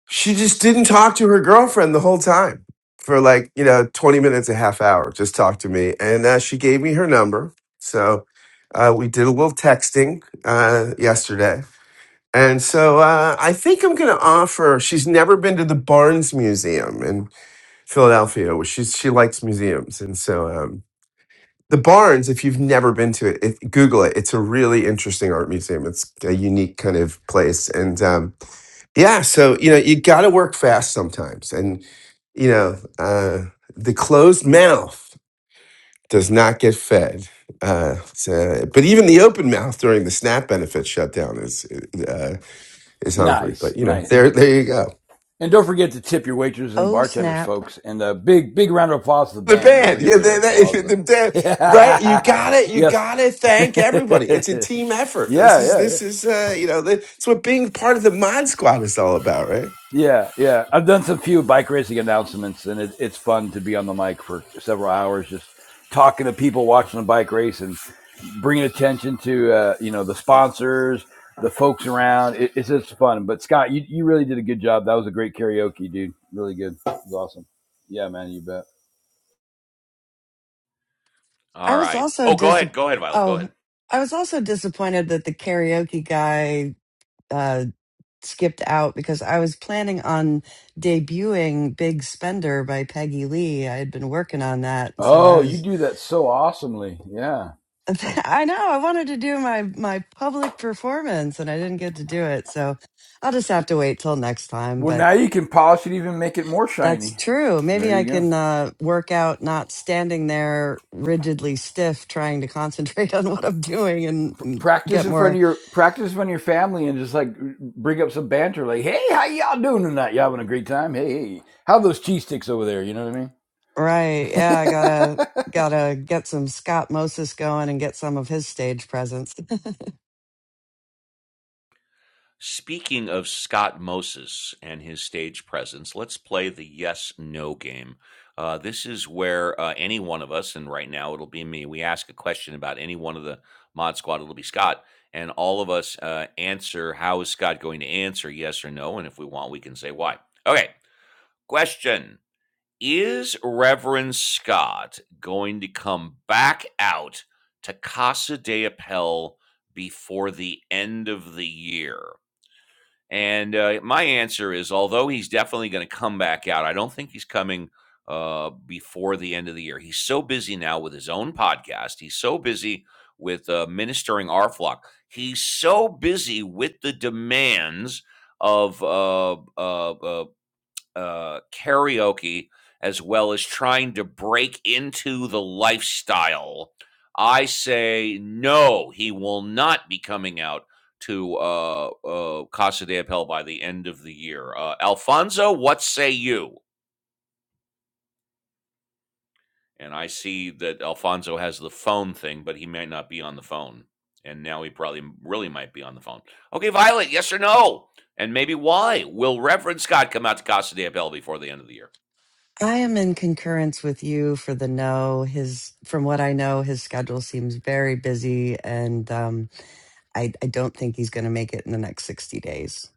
Speaker 7: she just didn't talk to her girlfriend the whole time for like you know 20 minutes a half hour just talked to me and uh, she gave me her number so uh, we did a little texting uh, yesterday and so uh, i think i'm going to offer she's never been to the barnes museum in philadelphia which she's, she likes museums and so um, the barnes if you've never been to it, it google it it's a really interesting art museum it's a unique kind of place and um, yeah, so you know, you got to work fast sometimes, and you know, uh, the closed mouth does not get fed. Uh, so- but even the open mouth during the SNAP benefit shutdown is uh, is hungry.
Speaker 6: Nice,
Speaker 7: But you know,
Speaker 6: nice.
Speaker 7: there there you go.
Speaker 6: And don't forget to tip your waiters and
Speaker 5: Oh
Speaker 6: bartenders,
Speaker 5: snap.
Speaker 6: folks. And a big, big round of applause to the
Speaker 7: The
Speaker 6: band. Don't
Speaker 7: band,
Speaker 6: forget
Speaker 7: yeah,
Speaker 6: to
Speaker 7: they, they,
Speaker 6: applaud
Speaker 7: the
Speaker 6: them.
Speaker 7: band, right? You got it. You
Speaker 6: yes.
Speaker 7: got to thank everybody. It's a
Speaker 6: yeah,
Speaker 7: team effort. This is
Speaker 6: yeah, yeah.
Speaker 7: this is uh, you know, that's what being part of the Mod Squad is all about, right?
Speaker 6: Yeah, yeah. I've done some few bike racing announcements, and it, it's fun to be on the mic for several hours, just talking to people watching the bike race and bringing attention to uh, you know the sponsors, the folks around. It, it's just fun. But Scott, you, you really did a good job. That was a great karaoke, dude. Really good. It was awesome. Yeah, man, you bet.
Speaker 5: I
Speaker 1: All
Speaker 5: was
Speaker 1: right.
Speaker 5: also
Speaker 1: Oh, go
Speaker 5: dis.
Speaker 1: ahead. Go ahead, Violet. Go
Speaker 5: Oh,
Speaker 1: ahead.
Speaker 5: I was also disappointed that the karaoke guy uh, skipped out because I was planning on debuting "Big Spender" by Peggy Lee. I had been working on that, so I
Speaker 6: Oh, you
Speaker 5: was.
Speaker 6: do that so awesomely. Yeah.
Speaker 5: I know I wanted to do my my public performance, and I didn't get to do it. So I'll just have to wait till next time.
Speaker 6: Well,
Speaker 5: But
Speaker 6: now you can polish it, even make it more
Speaker 5: that's
Speaker 6: shiny.
Speaker 5: true. Maybe
Speaker 6: There you
Speaker 5: I
Speaker 6: go.
Speaker 5: can uh, work out not standing there rigidly stiff, trying to concentrate on what I'm doing and mm,
Speaker 6: practice
Speaker 5: get
Speaker 6: in
Speaker 5: more
Speaker 6: front of your practice in front of your family and just like bring up some banter like hey how y'all doing tonight y'all having a great time hey, hey how are those cheese sticks over there you know what
Speaker 5: Right. Yeah, I
Speaker 6: i mean
Speaker 5: gotta gotta get some Scott Moses going and get some of his stage presence.
Speaker 1: Speaking of Scott Moses and his stage presence, let's play the yes no game. Uh, this is where uh, any one of us, and right now it'll be me, we ask a question about any one of the mod squad, it'll be Scott, and all of us uh, answer how is Scott going to answer yes or no, and if we want, we can say why. Okay, question Is Reverend Scott going to come back out to Casa de Appel before the end of the year? And uh, my answer is, although he's definitely going to come back out, I don't think he's coming uh, before the end of the year. He's so busy now with his own podcast. He's so busy with uh, ministering our flock. He's so busy with the demands of uh, uh, uh, uh, karaoke as well as trying to break into the lifestyle. I say no, he will not be coming out to uh, uh, Casa de Papel by the end of the year. Uh, Alfonso, what say you? And I see that Alfonso has the phone thing, but he might not be on the phone. And now he probably really might be on the phone. Okay, Violet, yes or no? And maybe why? Will Reverend Scott come out to Casa de Papel before the end of the year?
Speaker 5: I am in concurrence with you for the no. His from what I know, his schedule seems very busy and um I, I don't think he's gonna make it in the next sixty days.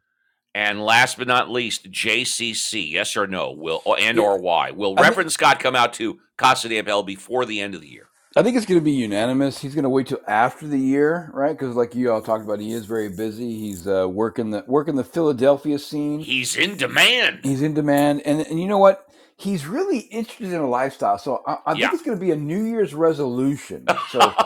Speaker 1: And last but not least, JCC, yes or no, will oh, and
Speaker 6: yeah
Speaker 1: or why will
Speaker 6: i think
Speaker 1: Reverend Scott come out to Casa de Papel before the end of the year?
Speaker 6: i think it's going to be unanimous he's going to wait till after the year right because like you all talked about he is very busy he's uh, working the working the philadelphia scene
Speaker 1: He's in demand.
Speaker 6: He's in demand, and and you know what? He's really interested in a lifestyle. So I, I think
Speaker 1: Yeah.
Speaker 6: it's going to be a New Year's resolution.
Speaker 1: and
Speaker 6: So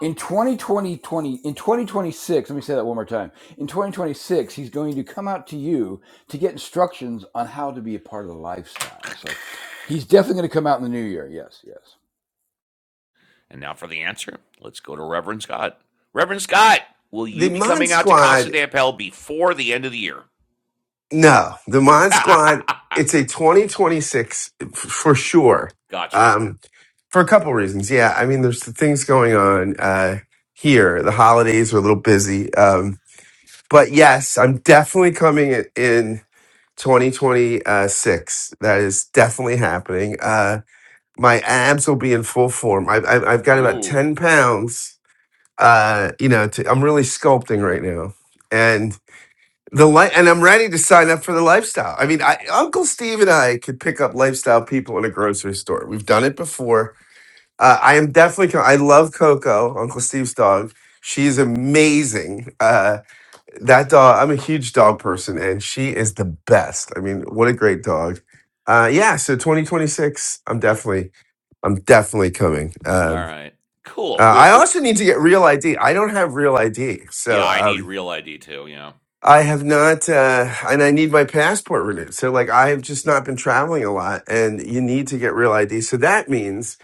Speaker 6: in 2020 20 in 2026, let me say that one more time. In 2026, he's going to come out to you to get instructions on how to be a part of the lifestyle. So he's definitely going to come out in the new year. Yes, yes.
Speaker 1: now for the answer, let's go to Reverend Scott. Reverend Scott, will
Speaker 7: The
Speaker 1: you be
Speaker 7: Mod
Speaker 1: coming out to
Speaker 7: Squad.
Speaker 1: Casa de Papel before the end of the year?
Speaker 7: No, the Mod Squad. It's a 2026 f- for sure.
Speaker 1: gotcha.
Speaker 7: Um, for a couple reasons. Yeah, I mean, there's the things going on uh, here. The holidays are a little busy, um, but yes, I'm definitely coming in in 2026. That is definitely happening. Uh, my abs will be in full form. I, I, I've got about
Speaker 1: Ooh.
Speaker 7: 10 pounds. Uh, you know, to, I'm really sculpting right now, the li- and I'm ready to sign up for the lifestyle. I mean, I, Uncle Steve and I could pick up lifestyle people in a grocery store. We've done it before. Uh, I am definitely. co- I love Coco, Uncle Steve's dog. She's amazing. Uh, that dog. I'm a huge dog person, and she is the best. I mean, what a great dog. Uh, yeah. So 2026. I'm definitely. I'm definitely coming.
Speaker 1: All
Speaker 7: Um,
Speaker 1: right.
Speaker 7: uh,
Speaker 1: Cool. We-
Speaker 7: I
Speaker 1: oh,
Speaker 7: also need to get real ID. I don't have real ID, so
Speaker 1: yeah, I need
Speaker 7: um,
Speaker 1: real ID too. Yeah.
Speaker 7: I have not, uh, and I need my passport renewed. So, like, I have just not been traveling a lot, and you need to get real ID. So that means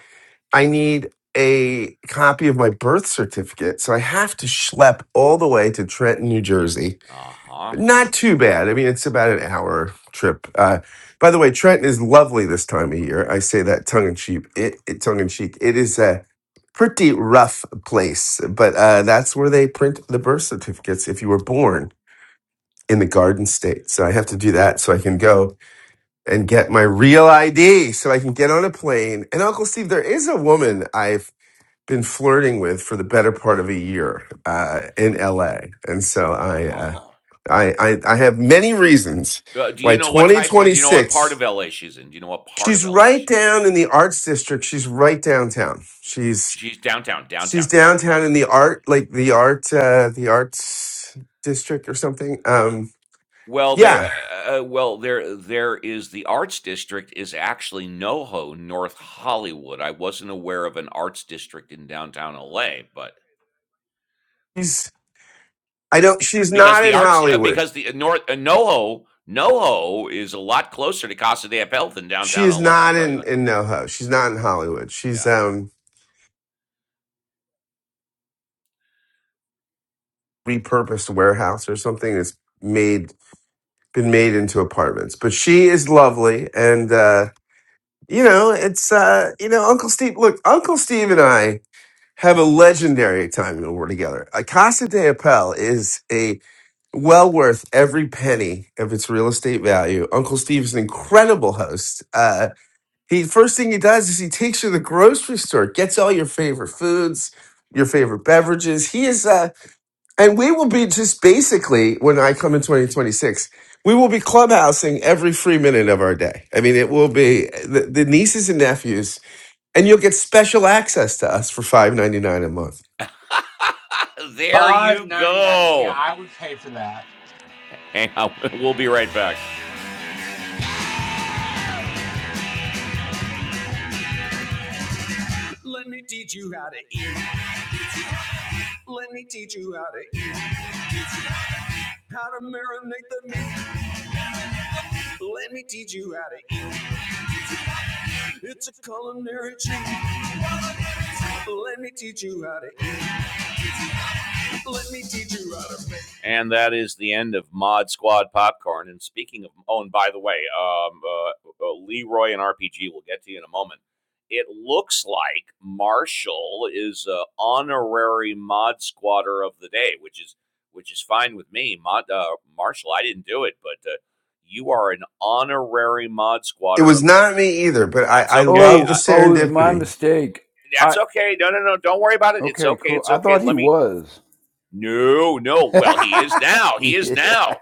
Speaker 7: I need a copy of my birth certificate. So I have to schlep all the way to Trenton, New Jersey.
Speaker 1: Uh huh.
Speaker 7: But not too bad. I mean, it's about an hour trip. Uh, by the way, Trenton is lovely this time of year. I say that tongue in cheek. It, it tongue in cheek. It is a pretty rough place, but uh, that's where they print the birth certificates if you were born in the Garden State. So I have to do that so I can go and get my real ID so I can get on a plane. And Uncle Steve, there is a woman I've been flirting with for the better part of a year uh, in LA. And so
Speaker 1: Uh
Speaker 7: I, uh,
Speaker 1: huh.
Speaker 7: I, I, I have many reasons
Speaker 1: Uh, do
Speaker 7: why
Speaker 1: you know what type? Do you know what part
Speaker 7: 2026,
Speaker 1: of LA she's in? Do you know what part of
Speaker 7: she's
Speaker 1: LA
Speaker 7: right
Speaker 1: she's in?
Speaker 7: down in the arts district. She's right downtown. She's,
Speaker 1: She's downtown.
Speaker 7: she's
Speaker 1: Downtown. Got it. Got
Speaker 7: downtown
Speaker 1: it.
Speaker 7: in the art, like the art, uh, the arts district or something. Um,
Speaker 1: Well, there. Uh,
Speaker 7: yeah,
Speaker 1: uh, uh, well, there. There is the arts district is actually NoHo, North Hollywood. I wasn't aware of an arts district in downtown LA, but
Speaker 7: she's, I don't. She's
Speaker 1: because
Speaker 7: not in
Speaker 1: the arts, uh,
Speaker 7: Hollywood.
Speaker 1: because the uh, North uh, NoHo, NoHo is a lot closer to Casa de Papel than
Speaker 7: She
Speaker 1: downtown
Speaker 7: is
Speaker 1: LA. I'll
Speaker 7: not
Speaker 1: tell you
Speaker 7: in
Speaker 1: that.
Speaker 7: in NoHo. She's not in Hollywood. She's
Speaker 1: Yeah.
Speaker 7: um repurposed warehouse or something that's made been made into apartments. But she is lovely, and uh, you know it's uh, you know Uncle Steve. Look, Uncle Steve and I have a legendary time when we're together. Uh, Casa de Appel is a well worth every penny of its real estate value. Uncle Steve is an incredible host. Uh, He first thing he does is he takes you to the grocery store, gets all your favorite foods, your favorite beverages. He is, uh, and we will be just basically when I come in 2026, we will be clubhousing every free minute of our day. I mean, it will be the, the nieces and nephews, and you'll get special access to us for five ninety nine a month.
Speaker 1: There
Speaker 8: Five
Speaker 1: you
Speaker 8: ninety nine. See,
Speaker 1: go.
Speaker 8: I would pay for that.
Speaker 1: Hang on. We'll be right back. Let me teach you how to eat. Let me teach you how to eat. How to marinate the meat. Let me teach you how to eat. It's a culinary treat. Let me teach you how to Let me teach you how to make. And that is the end of Mod Squad Popcorn. And speaking of, oh, and by the way, um, uh, uh, Leroy and RPG will get to you in a moment. It looks like Marshall is an honorary Mod Squatter of the day, which is which is fine with me. Mod uh, Marshall, I didn't do it, but uh, you are an honorary Mod
Speaker 7: It
Speaker 1: Squatter
Speaker 7: was
Speaker 1: of.
Speaker 7: not me either, but I,
Speaker 1: That's
Speaker 7: I
Speaker 1: okay.
Speaker 7: love the
Speaker 1: Uh,
Speaker 6: Oh, oh, it was
Speaker 1: uh,
Speaker 6: my
Speaker 7: serendipity.
Speaker 6: mistake.
Speaker 1: that's
Speaker 6: I
Speaker 1: okay. No, no, no. Don't worry about it. It's
Speaker 6: okay,
Speaker 1: okay.
Speaker 6: cool.
Speaker 1: It's
Speaker 6: I
Speaker 1: okay.
Speaker 6: thought he
Speaker 1: Let me
Speaker 6: was.
Speaker 1: no, no. Well, he is now. He is
Speaker 6: yeah.
Speaker 1: now.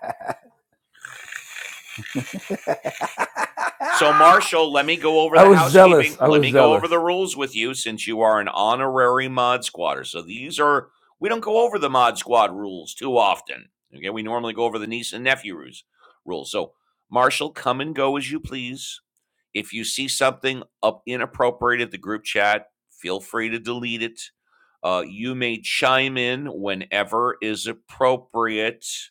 Speaker 1: So, Marshall, let me go over
Speaker 6: I
Speaker 1: the
Speaker 6: was zealous.
Speaker 1: housekeeping.
Speaker 6: I
Speaker 1: Let
Speaker 6: was
Speaker 1: me go over
Speaker 6: zealous.
Speaker 1: the rules with you since you are an honorary mod squatter. So, these are, we don't go over the mod squad rules too often. Okay. We normally go over the niece and nephew rules. rules. So, Marshall, come and go as you please. If you see something up inappropriate at the group chat, feel free to delete it. Uh, you may chime in whenever is appropriate.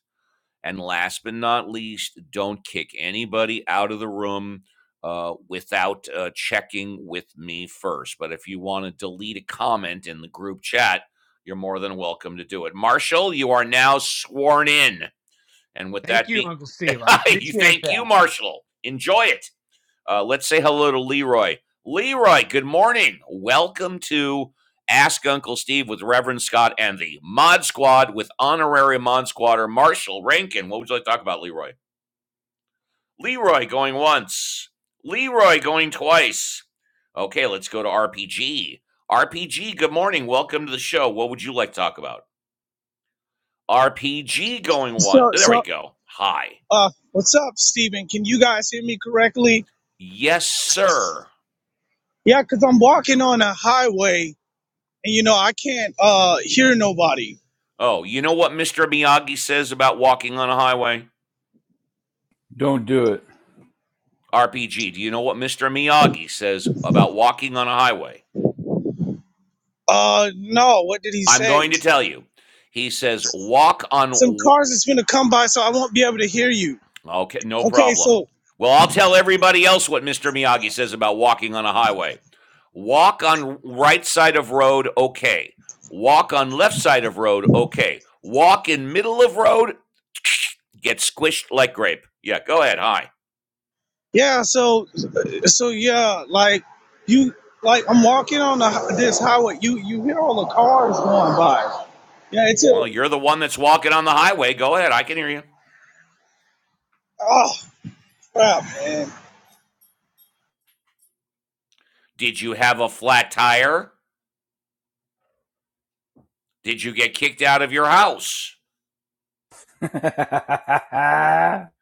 Speaker 1: And last but not least, don't kick anybody out of the room uh, without uh, checking with me first. But if you want to delete a comment in the group chat, you're more than welcome to do it. Marshall, you are now sworn in. And with
Speaker 8: Thank
Speaker 1: that
Speaker 8: you,
Speaker 1: being,
Speaker 8: Uncle Steve. I appreciate
Speaker 1: thank you,
Speaker 8: that.
Speaker 1: Marshall. Enjoy it. Uh, let's say hello to Leroy. Leroy, good morning. Welcome to Ask Uncle Steve with Reverend Scott and the Mod Squad with honorary Mod Squatter Marshall Rankin. What would you like to talk about, Leroy? Leroy going once. Leroy going twice. Okay, let's go to RPG. RPG, good morning. Welcome to the show. What would you like to talk about? RPG going one.
Speaker 9: So,
Speaker 1: There we
Speaker 9: so,
Speaker 1: go. Hi.
Speaker 9: uh, what's up, Steven? Can you guys hear me correctly?
Speaker 1: Yes, sir.
Speaker 9: Yeah, because I'm walking on a highway and, you know, I can't, uh, hear nobody.
Speaker 1: Oh, you know what Mr. Miyagi says about walking on a highway?
Speaker 6: Don't do it.
Speaker 1: RPG, do you know what Mr. Miyagi says about walking on a highway?
Speaker 9: Uh, no, what did he
Speaker 1: I'm going
Speaker 9: say?
Speaker 1: to tell you. He says, walk on.
Speaker 9: Some cars is going to come by, so I won't be able to hear you.
Speaker 1: Okay, no
Speaker 9: Okay,
Speaker 1: problem.
Speaker 9: so,
Speaker 1: Well, I'll tell everybody else what Mr. Miyagi says about walking on a highway. Walk on right side of road, okay. Walk on left side of road, okay. Walk in middle of road, get squished like grape. Yeah, go ahead. Hi.
Speaker 9: yeah, so, so, yeah, like, you, like, I'm walking on the, hi- this highway. You, you hear all the cars going by. Yeah, it's a,
Speaker 1: Well, you're the one that's walking on the highway. Go ahead. I can hear you.
Speaker 9: oh, crap, man.
Speaker 1: Did you have a flat tire? Did you get kicked out of your house?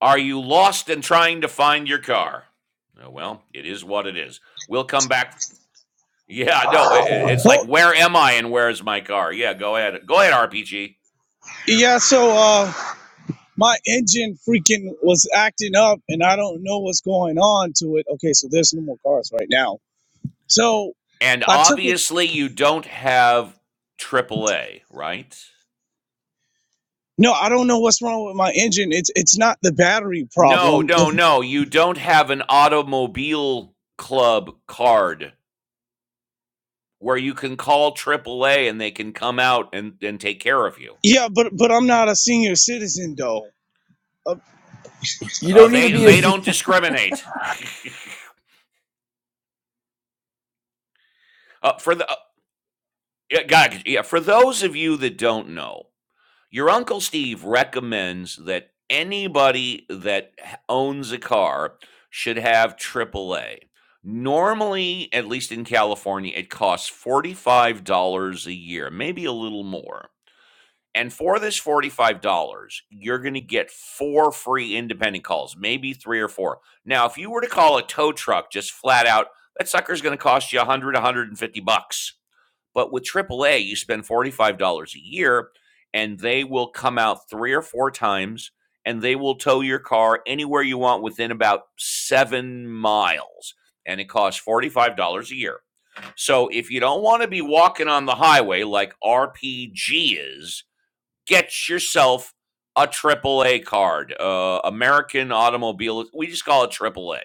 Speaker 1: Are you lost and trying to find your car? Oh, well, it is what it is. We'll come back. Yeah, no, it's like,
Speaker 9: Well,
Speaker 1: where am I and where's my car? Yeah, go ahead. Go ahead, RPG.
Speaker 9: yeah, so, uh, my engine freaking was acting up and I don't know what's going on to it. Okay, so there's no more cars right now. So
Speaker 1: And
Speaker 9: I took it.
Speaker 1: obviously, you don't have AAA, right?
Speaker 9: No, I don't know what's wrong with my engine. It's it's not the battery
Speaker 1: No,
Speaker 9: problem.
Speaker 1: no, no. You don't have an automobile club card where you can call AAA and they can come out and, and take care of you.
Speaker 9: Yeah, but but I'm not a senior citizen though. Uh,
Speaker 6: you
Speaker 1: Uh,
Speaker 6: don't need to
Speaker 1: they
Speaker 6: be a
Speaker 1: they
Speaker 6: C.
Speaker 1: don't discriminate. Uh, for the uh, yeah, God, yeah, for those of you that don't know, your uncle Steve recommends that anybody that h- owns a car should have AAA. Normally, at least in California, it costs $45 a year, maybe a little more. And for this $45, you're going to get four free independent calls, maybe three or four. Now, if you were to call a tow truck just flat out, that sucker's going to cost you 100, a 150 bucks but with AAA, you spend $45 a year and they will come out three or four times and they will tow your car anywhere you want within about seven miles. And it costs $45 a year. So if you don't want to be walking on the highway like RPG is, get yourself a AAA card, uh, American Automobile. We just call it AAA.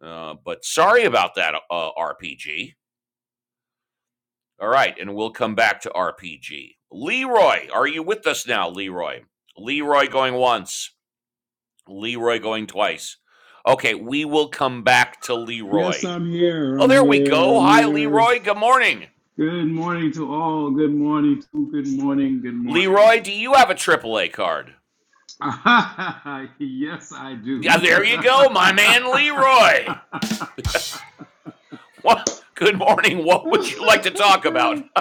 Speaker 1: Uh, but sorry about that, uh, RPG. All right, and we'll come back to RPG. Leroy, are you with us now, Leroy? Leroy going once, Leroy going twice. Okay, we will come back to
Speaker 10: Yes,
Speaker 1: Leroy.
Speaker 10: I'm here.
Speaker 1: Oh,
Speaker 10: I'm
Speaker 1: there we
Speaker 10: here.
Speaker 1: go.
Speaker 10: I'm
Speaker 1: Hi,
Speaker 10: here.
Speaker 1: Leroy. Good morning.
Speaker 10: Good morning to all. Good morning to good morning. Good
Speaker 1: Leroy,
Speaker 10: morning.
Speaker 1: do you have a AAA card?
Speaker 10: yes, I
Speaker 1: Yeah,
Speaker 10: do.
Speaker 1: there you go, my man, Leroy. What? Good morning. What would you like to talk about?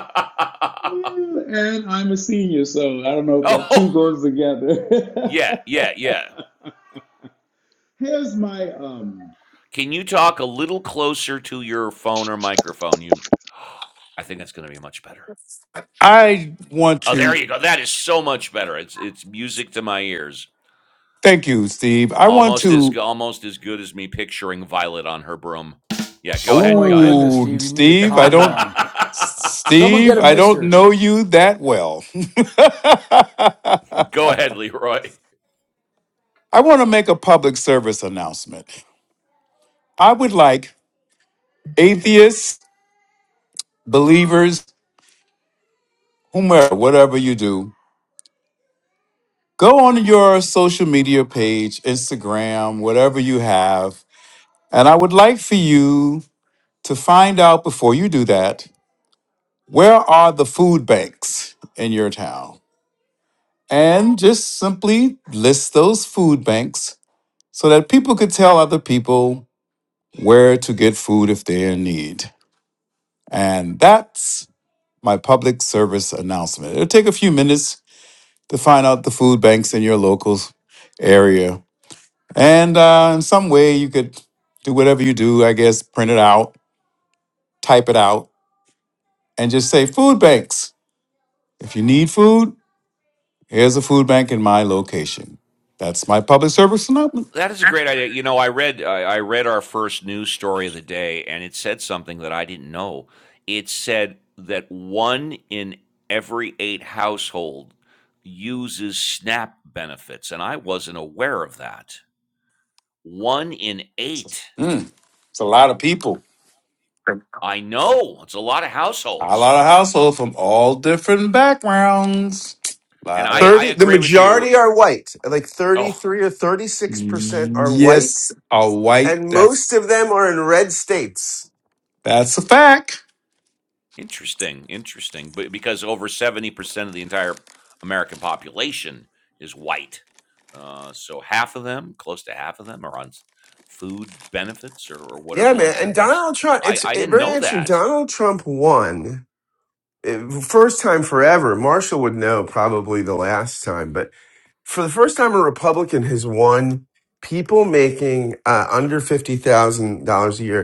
Speaker 10: and I'm a senior, so I don't know if that two
Speaker 1: oh,
Speaker 10: goes together.
Speaker 1: yeah, yeah, yeah.
Speaker 10: Here's my um
Speaker 1: Can you talk a little closer to your phone or microphone? You I think that's going to be much better.
Speaker 10: I want
Speaker 1: Oh, there
Speaker 10: to
Speaker 1: you go. That is so much better. It's it's music to my ears.
Speaker 10: thank you, Steve. I want
Speaker 1: Almost as
Speaker 10: to.
Speaker 1: almost as good as me picturing Violet on her broom. Yeah, go
Speaker 6: Oh
Speaker 1: ahead.
Speaker 6: my
Speaker 1: Go ahead.
Speaker 6: goodness,
Speaker 10: Oh,
Speaker 6: Steve, you need to
Speaker 10: Steve, I
Speaker 6: calm
Speaker 10: don't.
Speaker 6: down. Someone get
Speaker 10: Steve,
Speaker 6: a
Speaker 10: I don't
Speaker 6: misters.
Speaker 10: know you that well.
Speaker 1: go ahead, Leroy.
Speaker 10: I want to make a public service announcement. I would like atheists, believers, whomever, whatever you do, go on your social media page, Instagram, whatever you have. And I would like for you to find out before you do that where are the food banks in your town? And just simply list those food banks so that people could tell other people where to get food if they're in need. And that's my public service announcement. It'll take a few minutes to find out the food banks in your local area. And uh, in some way, you could do whatever you do, I guess, print it out, type it out, and just say food banks. If you need food, here's a food bank in my location. That's my public service announcement.
Speaker 1: That is a great idea. You know, I read I, I read our first news story of the day, and it said something that I didn't know. It said that one in every eight household uses SNAP benefits, and I wasn't aware of that. One in
Speaker 10: So,
Speaker 1: eight.
Speaker 10: Mm, it's a lot of people,
Speaker 1: I know it's a lot of
Speaker 10: a
Speaker 1: households,
Speaker 10: lot of households from all different backgrounds.
Speaker 1: and I I
Speaker 7: 30, the
Speaker 1: agree with you.
Speaker 7: majority are white, like
Speaker 1: Oh,
Speaker 7: 33 or 36% are white
Speaker 10: Yes, all white.
Speaker 7: and most
Speaker 10: That's
Speaker 7: of them are in red states.
Speaker 10: that's a fact.
Speaker 1: interesting, interesting. But because over seventy percent of the entire American population is white, uh, so half of them, close to half of them, are on food benefits or, or
Speaker 7: Yeah,
Speaker 1: whatever
Speaker 7: man.
Speaker 1: like
Speaker 7: And
Speaker 1: that. That's
Speaker 7: Donald Trump,
Speaker 1: I
Speaker 7: it's
Speaker 1: I
Speaker 7: it-
Speaker 1: didn't
Speaker 7: very
Speaker 1: know
Speaker 7: interesting.
Speaker 1: that.
Speaker 7: Donald Trump won eh, first time forever. Marshall would know probably the last time, but for the first time, a Republican has won people making uh, under $50,000 a year.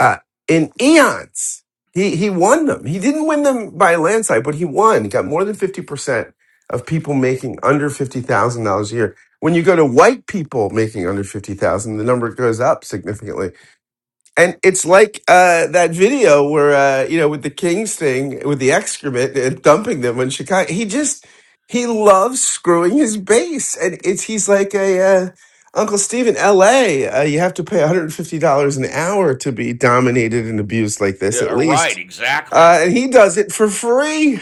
Speaker 7: uh, in eons. He he won them. He didn't win them by a landslide, but he won. He got more than fifty percent of people making under fifty thousand dollars a year. When you go to white people making under fifty thousand, the number goes up significantly and it's like uh, that video where uh, you know with the Kings thing with the excrement and dumping them in Chicago. He just he loves screwing his base, and it's he's like a uh, Uncle Steve in L.A. Uh, you have to pay one hundred and fifty dollars an hour to be dominated and abused like this,
Speaker 1: Yeah,
Speaker 7: at
Speaker 1: uh, right,
Speaker 7: least.
Speaker 1: exactly.
Speaker 7: Uh, and he does it for free.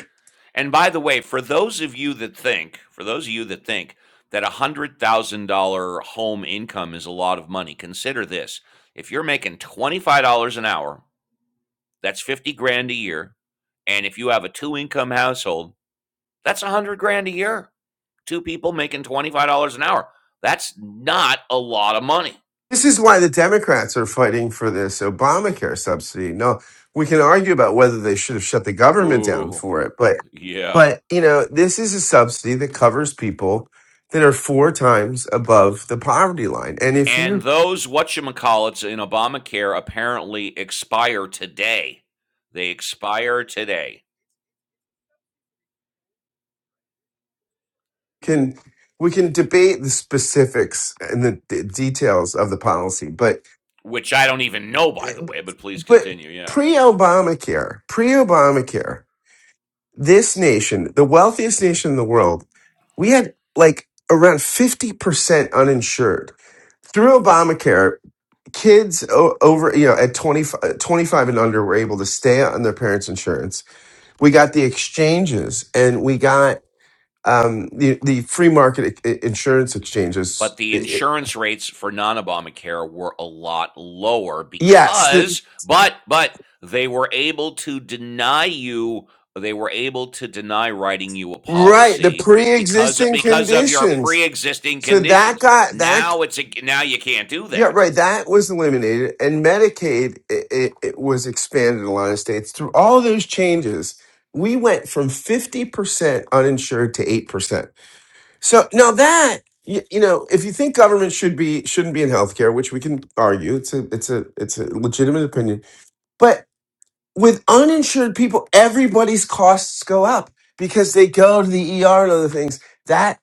Speaker 1: And by the way, for those of you that think, for those of you that think that a hundred thousand dollar home income is a lot of money, consider this: if you're making twenty five dollars an hour, that's fifty grand a year, and if you have a two income household, that's a hundred grand a year. Two people making twenty five dollars an hour. That's not a lot of money.
Speaker 7: This is why the Democrats are fighting for this Obamacare subsidy. No, we can argue about whether they should have shut the government down
Speaker 1: Ooh,
Speaker 7: for it, but
Speaker 1: yeah.
Speaker 7: But you know, this is a subsidy that covers people that are four times above the poverty line. And if
Speaker 1: And
Speaker 7: you
Speaker 1: those whatchamacallits in Obamacare apparently expire today. They expire today.
Speaker 7: can, we can debate the specifics and the d- details of the policy. But
Speaker 1: which I don't even know, by the way, but please
Speaker 7: but
Speaker 1: continue. Yeah.
Speaker 7: pre-Obamacare, pre-Obamacare, this nation, the wealthiest nation in the world, we had like around fifty percent uninsured. Through Obamacare, kids o- over you know at 25, twenty-five and under were able to stay on their parents' insurance we got the exchanges and we got um, the the free market i- i- insurance exchanges.
Speaker 1: But the
Speaker 7: I- I-
Speaker 1: insurance rates for non Obamacare were a lot lower
Speaker 7: Yes, the,
Speaker 1: because, but, but they were able to deny you, they were able to deny writing you a
Speaker 7: right. The
Speaker 1: policy because,
Speaker 7: pre-existing
Speaker 1: because of your pre
Speaker 7: conditions.
Speaker 1: existing
Speaker 7: So that
Speaker 1: conditions.
Speaker 7: got that.
Speaker 1: Now it's, a, now you can't do
Speaker 7: Yeah,
Speaker 1: that.
Speaker 7: right. That was eliminated, and Medicaid it, it, it was expanded in a lot of states. Through all those changes, we went from fifty percent uninsured to eight percent. So now that you, you know, if you think government should be shouldn't be in healthcare, which we can argue, it's a it's a it's a legitimate opinion But with uninsured people, everybody's costs go up because they go to the ER and other things. That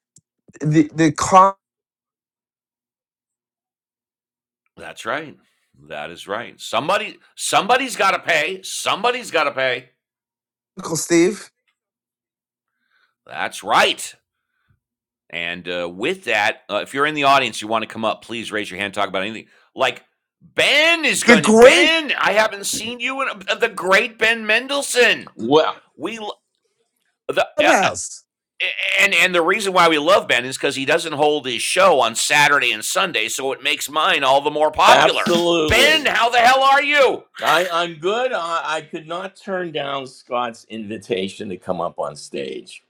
Speaker 7: the the comical
Speaker 1: That's right. That is right. Somebody, somebody's got to pay. Somebody's got to pay.
Speaker 7: Steve,
Speaker 1: That's right. And uh, with that, uh, if you're in the audience, you want to come up, please raise your hand. Talk about anything. Like Ben is
Speaker 7: the
Speaker 1: going. to
Speaker 7: great
Speaker 1: Ben, I haven't seen you in uh, the great Ben Mendelsohn.
Speaker 11: Well,
Speaker 1: We the uh,
Speaker 7: clubhouse.
Speaker 1: and and the reason why we love Ben is because he doesn't hold his show on Saturday and Sunday, so it makes mine all the more popular. Ben,
Speaker 11: absolutely.
Speaker 1: how the hell are you?
Speaker 11: I, I'm good. I, I could not turn down Scott's invitation to come up on stage.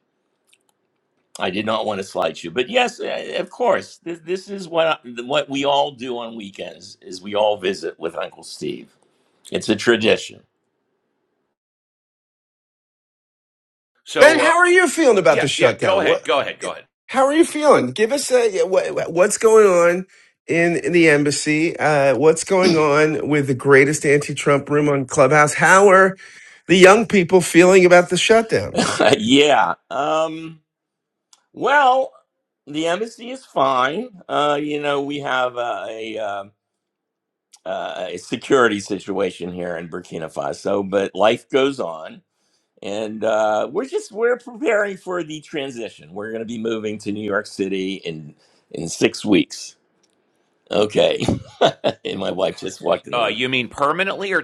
Speaker 11: I did not want to slight you, but yes, eh, of course. This, this is what I- what we all do on weekends is we all visit with Uncle Steve. It's a tradition.
Speaker 7: Ben,
Speaker 1: So uh,
Speaker 7: how are you feeling about
Speaker 1: yeah,
Speaker 7: the
Speaker 1: yeah. Go
Speaker 7: shutdown? What?
Speaker 1: ahead. Go ahead. Go ahead.
Speaker 7: How are you feeling? Give us a yeah, what, what's going on in, in the embassy? Uh, what's going on with the greatest anti-Trump room on Clubhouse? How are the young people feeling about the shutdown?
Speaker 11: yeah. Um, well, the embassy is fine. Uh, you know, we have uh, a, uh, uh, a security situation here in Burkina Faso, but life goes on. and uh, we're just we're preparing for the transition. We're going to be moving to New York City in in six weeks. Okay, and my wife just walked in the
Speaker 1: Uh,
Speaker 11: room.
Speaker 1: you mean permanently or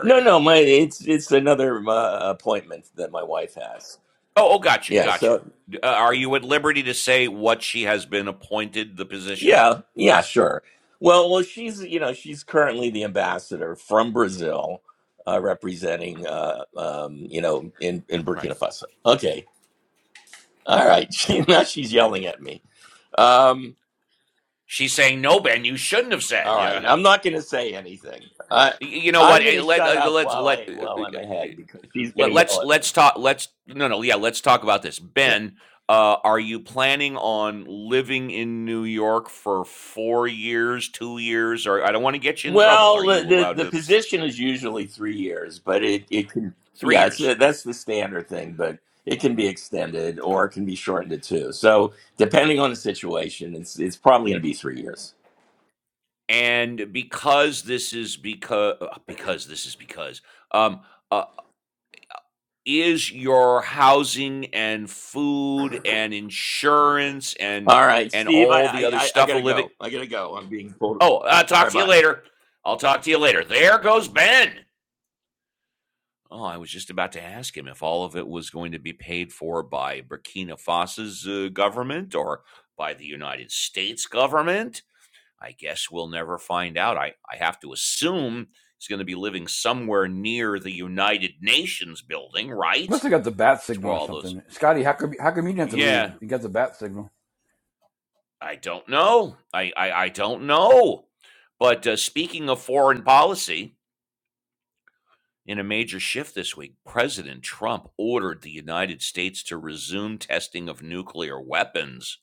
Speaker 11: No, no, my it's it's another uh, appointment that my wife has.
Speaker 1: Oh, oh, got you,
Speaker 11: Yeah,
Speaker 1: got you.
Speaker 11: so
Speaker 1: Uh, are you at liberty to say what she has been appointed the position?
Speaker 11: yeah, yeah, sure. Well, well, she's you know she's currently the ambassador from Brazil, uh, representing uh, um, you know in in
Speaker 1: Right.
Speaker 11: Burkina Faso. Okay, all right. She, now she's yelling at me. Um,
Speaker 1: She's saying no, Ben. You shouldn't have said.
Speaker 11: All right, I'm not going to say anything. I
Speaker 1: Yeah. You know what?
Speaker 11: I'm going
Speaker 1: eh,
Speaker 11: to
Speaker 1: Let
Speaker 11: shut
Speaker 1: uh,
Speaker 11: up
Speaker 1: let's
Speaker 11: while I
Speaker 1: let uh,
Speaker 11: while I'm
Speaker 1: uh,
Speaker 11: ahead because she's going
Speaker 1: let
Speaker 11: to yell
Speaker 1: let's
Speaker 11: at
Speaker 1: let's
Speaker 11: me.
Speaker 1: talk. Let's no no yeah. Let's talk about this,
Speaker 11: Yeah.
Speaker 1: Ben. Uh, are you planning on living in New York for four years, two years, or I don't want to get you in trouble.
Speaker 11: Well,
Speaker 1: Are
Speaker 11: the,
Speaker 1: you
Speaker 11: the
Speaker 1: allowed
Speaker 11: the
Speaker 1: to?
Speaker 11: position is usually three years, but it it can
Speaker 1: Three
Speaker 11: yeah, it's, uh,
Speaker 1: years.
Speaker 11: that's the standard thing, but it can be extended or it can be shortened to two. So depending on the situation, it's it's probably going to be three years.
Speaker 1: And because this is because because this is because um, uh, is your housing and food and insurance and
Speaker 11: All right,
Speaker 1: and
Speaker 11: Steve, I
Speaker 1: all the
Speaker 11: I
Speaker 1: other
Speaker 11: I I
Speaker 1: stuff
Speaker 11: gotta
Speaker 1: of living.
Speaker 11: go. I gotta go. I'm being pulled.
Speaker 1: Oh, I'll
Speaker 11: All
Speaker 1: talk
Speaker 11: right,
Speaker 1: to you
Speaker 11: bye.
Speaker 1: later. I'll talk to you later. There goes Ben. Oh, I was just about to ask him if all of it was going to be paid for by Burkina Faso's uh, government or by the United States government. I guess we'll never find out. I, I have to assume he's going to be living somewhere near the United Nations building, right?
Speaker 6: Must have
Speaker 1: That's
Speaker 6: got the bat signal
Speaker 1: where
Speaker 6: or
Speaker 1: all those.
Speaker 6: something. Scotty, how come how come you didn't have to
Speaker 1: Yeah,
Speaker 6: leave? You got the bat signal.
Speaker 1: I don't know. I I, I don't know. But uh, speaking of foreign policy, in a major shift this week, President Trump ordered the United States to resume testing of nuclear weapons,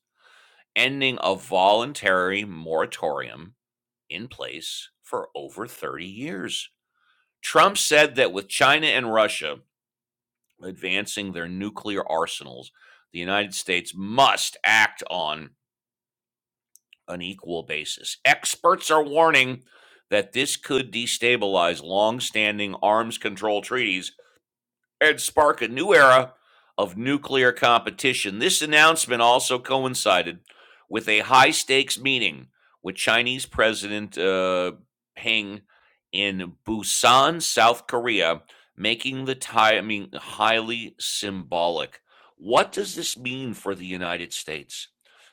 Speaker 1: ending a voluntary moratorium in place for over 30 years. Trump said that with China and Russia advancing their nuclear arsenals, the United States must act on an equal basis. Experts are warning that this could destabilize long-standing arms control treaties and spark a new era of nuclear competition. This announcement also coincided with a high stakes meeting with Chinese President uh, Peng in Busan, South Korea, making the timing highly symbolic. What does this mean for the United States?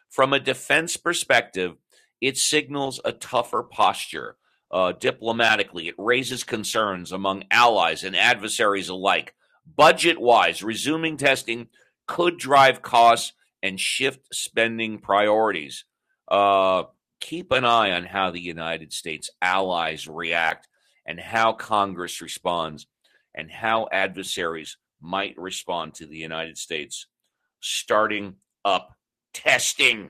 Speaker 1: From a defense perspective, it signals a tougher posture uh, diplomatically. It raises concerns among allies and adversaries alike Budget wise, resuming testing could drive costs and shift spending priorities. Uh, keep an eye on how the United States allies react and how Congress responds and how adversaries might respond to the United States starting up testing.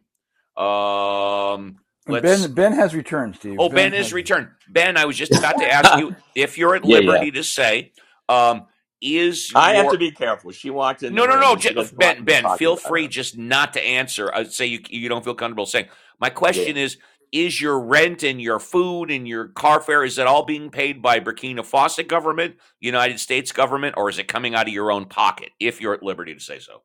Speaker 1: Um,
Speaker 6: And Ben
Speaker 1: let's.
Speaker 6: Ben has returned,
Speaker 1: Oh,
Speaker 6: Steve. Ben
Speaker 1: Ben is
Speaker 6: has.
Speaker 1: returned. Ben, I was just about to ask you if you're at
Speaker 11: yeah, yeah.
Speaker 1: liberty to say, um, is
Speaker 11: I have
Speaker 1: your
Speaker 11: to be careful. She walked in the
Speaker 1: no, no,
Speaker 11: room
Speaker 1: no,
Speaker 11: and she doesn't like
Speaker 1: Ben.
Speaker 11: me
Speaker 1: Ben,
Speaker 11: talking
Speaker 1: feel
Speaker 11: about
Speaker 1: free
Speaker 11: her.
Speaker 1: just not to answer. I say you you don't feel comfortable saying. My
Speaker 11: Yeah.
Speaker 1: question is: Is your rent and your food and your car fare is it all being paid by Burkina Faso government, United States government, or is it coming out of your own pocket? If you're at liberty to say so.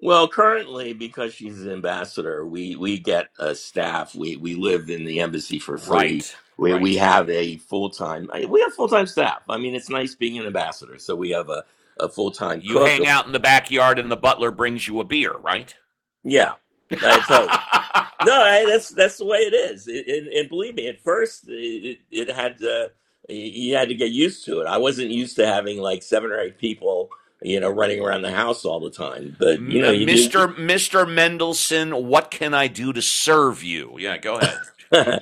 Speaker 11: Well, currently, because she's an ambassador, we we get a staff. We we live in the embassy for free.
Speaker 1: Right,
Speaker 11: We we
Speaker 1: right.
Speaker 11: have a full time. We have full time staff. I mean, it's nice being an ambassador. So we have a a full time
Speaker 1: You
Speaker 11: cook.
Speaker 1: hang out in the backyard and the butler brings you a beer, right?
Speaker 11: Yeah, I totally. No, I, that's that's the way it is. It, and, and believe me, at first it, it it had to, you had to get used to it. I wasn't used to having like seven or eight people, you know, running around the house all the time. But you know, you do.
Speaker 1: Mr. Mr. Mendelssohn, what can I do to serve you? Yeah, go ahead.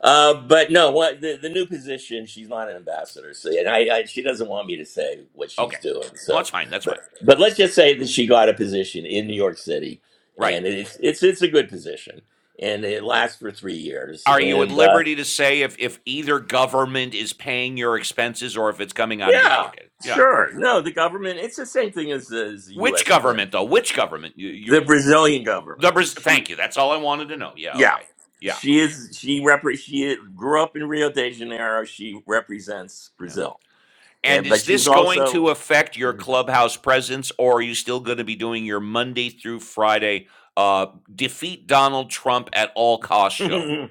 Speaker 11: Uh, but no, what the, the new position? She's not an ambassador, so and I, I she doesn't want me to say what she's
Speaker 1: Okay.
Speaker 11: doing.
Speaker 1: No,
Speaker 11: So,
Speaker 1: that's fine. That's
Speaker 11: but
Speaker 1: fine.
Speaker 11: but let's just say that she got a position in New York City,
Speaker 1: Right.
Speaker 11: and it's it's it's a good position, and it lasts for three years.
Speaker 1: Are you at
Speaker 11: And uh,
Speaker 1: liberty to say if if either government is paying your expenses or if it's coming out of your
Speaker 11: yeah,
Speaker 1: pocket? Yeah.
Speaker 11: sure. No, the government. It's the same thing as the, as the
Speaker 1: Which
Speaker 11: U.S. one,
Speaker 1: government though? Which government? You, you
Speaker 11: the Brazilian
Speaker 1: the
Speaker 11: government.
Speaker 1: Braz-
Speaker 11: She
Speaker 1: thank you. That's all I wanted to know. Yeah,
Speaker 11: yeah.
Speaker 1: okay. Yeah.
Speaker 11: She is. She repre- She grew up in Rio de Janeiro. She represents
Speaker 1: Yeah.
Speaker 11: Brazil, yeah,
Speaker 1: And
Speaker 11: but
Speaker 1: is
Speaker 11: she's
Speaker 1: this going
Speaker 11: also
Speaker 1: to affect your clubhouse presence or are you still going to be doing your Monday through Friday uh defeat Donald Trump at all cost show?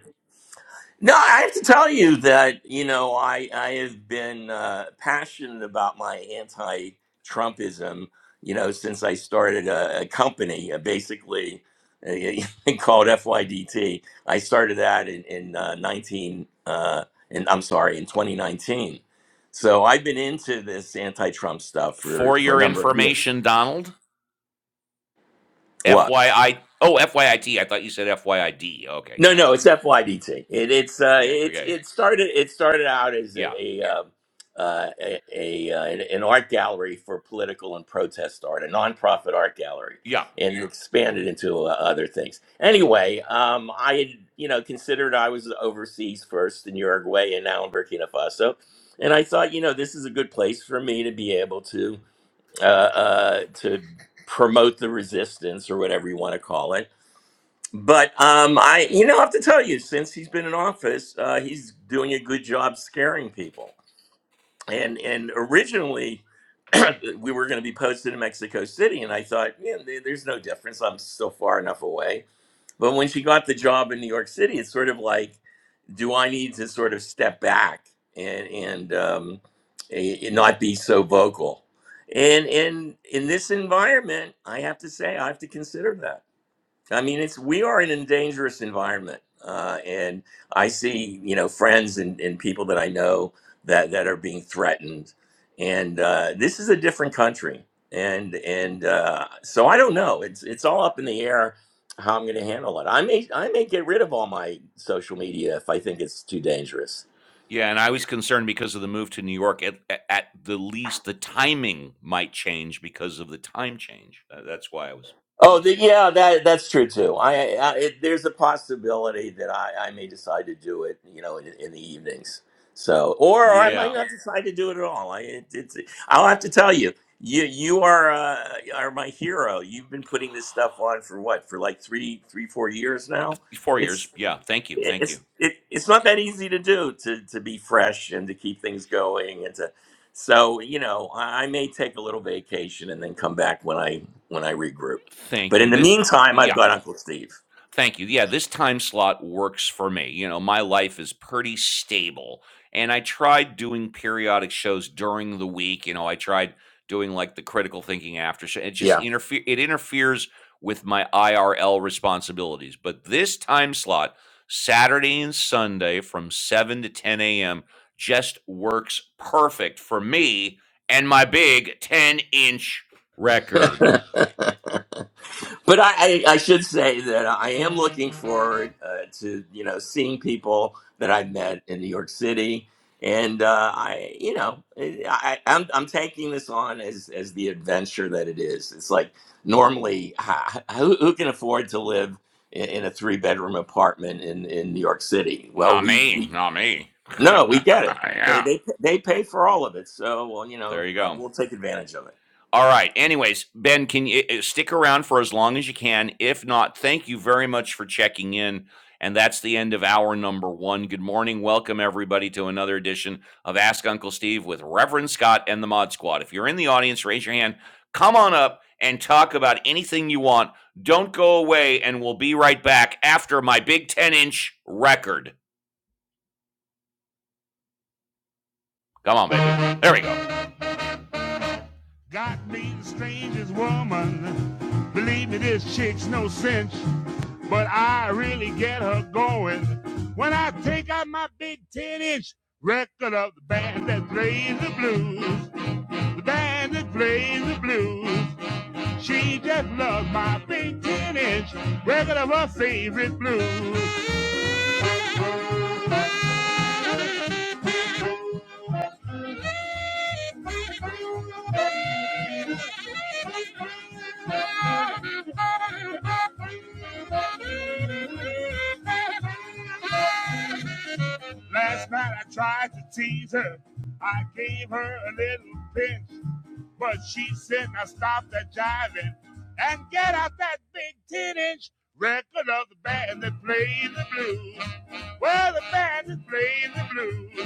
Speaker 11: No, I have to tell you that, you know, I, I have been uh, passionate about my anti Trumpism, you know, since I started a, a company, uh, basically uh, called FYDT. I started that in, in uh, 19, uh, in, I'm sorry, in 2019. So I've been into this anti Trump stuff for,
Speaker 1: For
Speaker 11: for a
Speaker 1: your
Speaker 11: number of years.
Speaker 1: information, Donald,
Speaker 11: What?
Speaker 1: FYI Oh, F Y I T. I thought you said FYID. Okay,
Speaker 11: No,
Speaker 1: yeah.
Speaker 11: no, it's FYDT. It, it's uh,
Speaker 1: Okay,
Speaker 11: it's
Speaker 1: okay.
Speaker 11: it started it started out as a,
Speaker 1: Yeah.
Speaker 11: a um, uh, a, a uh, an an art gallery for political and protest art, a nonprofit art gallery,
Speaker 1: Yeah.
Speaker 11: and it expanded into uh, other things. Anyway, um, I had you know considered I was overseas first in Uruguay and now in Burkina Faso, and I thought you know this is a good place for me to be able to uh, uh, to promote the resistance or whatever you want to call it but um, I, you know, I have to tell you, since he's been in office, uh, he's doing a good job scaring people. And and originally, we were going to be posted in Mexico City, and I thought, man, there- there's no difference. I'm still far enough away. But when she got the job in New York City, it's sort of like, do I need to sort of step back and and um, a- and not be so vocal? And and in this environment, I have to say, I have to consider that. I mean, it's we are in a dangerous environment, uh, and I see you know friends and, and people that I know that that are being threatened, and uh, this is a different country, and and uh, so I don't know. It's it's all up in the air how I'm going to handle it. I may I may get rid of all my social media if I think it's too dangerous
Speaker 1: Yeah, and I was concerned because of the move to New York, at at at the least, the timing might change because of the time change. Tha that's why I was, you
Speaker 11: Oh,
Speaker 1: know,
Speaker 11: the,
Speaker 1: saying
Speaker 11: yeah, that that's true too. I, I it, there's a possibility that I, I may decide to do it, you know, in, in the evenings. So, or, or I might
Speaker 1: Yeah.
Speaker 11: not decide to do it at all. I it, it's I'll have to tell you. You you are uh, are my hero. You've been putting this stuff on for what for like three three four years now.
Speaker 1: 4 years.
Speaker 11: It's
Speaker 1: Yeah. Thank you. Thank you.
Speaker 11: it's it, it's not that easy to do to to be fresh and to keep things going and to so you know I, I may take a little vacation and then come back when I when I regroup.
Speaker 1: Thank
Speaker 11: But
Speaker 1: you.
Speaker 11: in the
Speaker 1: This
Speaker 11: meantime,
Speaker 1: Yeah.
Speaker 11: I've got Uncle Steve.
Speaker 1: Thank you. Yeah, this time slot works for me. You know, my life is pretty stable. And I tried doing periodic shows during the week. You know, I tried doing like the critical thinking after show. It just
Speaker 11: Yeah.
Speaker 1: interfere it interferes with my IRL responsibilities. But this time slot, Saturday and Sunday from 7 to 10 a.m., just works perfect for me and my big 10 inch record.
Speaker 11: but I, I, I should say that I am looking forward uh, to you know seeing people that I've met in New York City, and uh, I you know I, I- I'm I'm taking this on as as the adventure that it is. It's like normally ha- who, who can afford to live in, in a three bedroom apartment in in New York City? Well,
Speaker 1: Not
Speaker 11: we
Speaker 1: me,
Speaker 11: we
Speaker 1: not me.
Speaker 11: No, we get it. They
Speaker 1: yeah.
Speaker 11: they they pay for all of it, so well, you know,
Speaker 1: There you
Speaker 11: uh,
Speaker 1: go.
Speaker 11: we'll take advantage of it.
Speaker 1: All right. Anyways, Ben, can you uh, stick around for as long as you can? If not, thank you very much for checking in. And that's the end of hour number one. Good morning. Welcome, everybody, to another edition of Ask Uncle Steve with Reverend Scott and the Mod Squad. If you're in the audience, raise your hand. Come on up and talk about anything you want. Don't go away, and we'll be right back after my big 10 inch record. Come on, baby. There we go. Got me the strangest woman. Believe me, this chick's no cinch, but I really get her going when I take out my big 10 inch record of the band that plays the blues. The band that plays the blues. She just loves my big 10 inch record of her favorite blues. Last night I tried to tease her. I gave her a little pinch, but she said, now stop that jiving and get out that big 10 inch record of the band that played the blues. Well, the band that played the blues.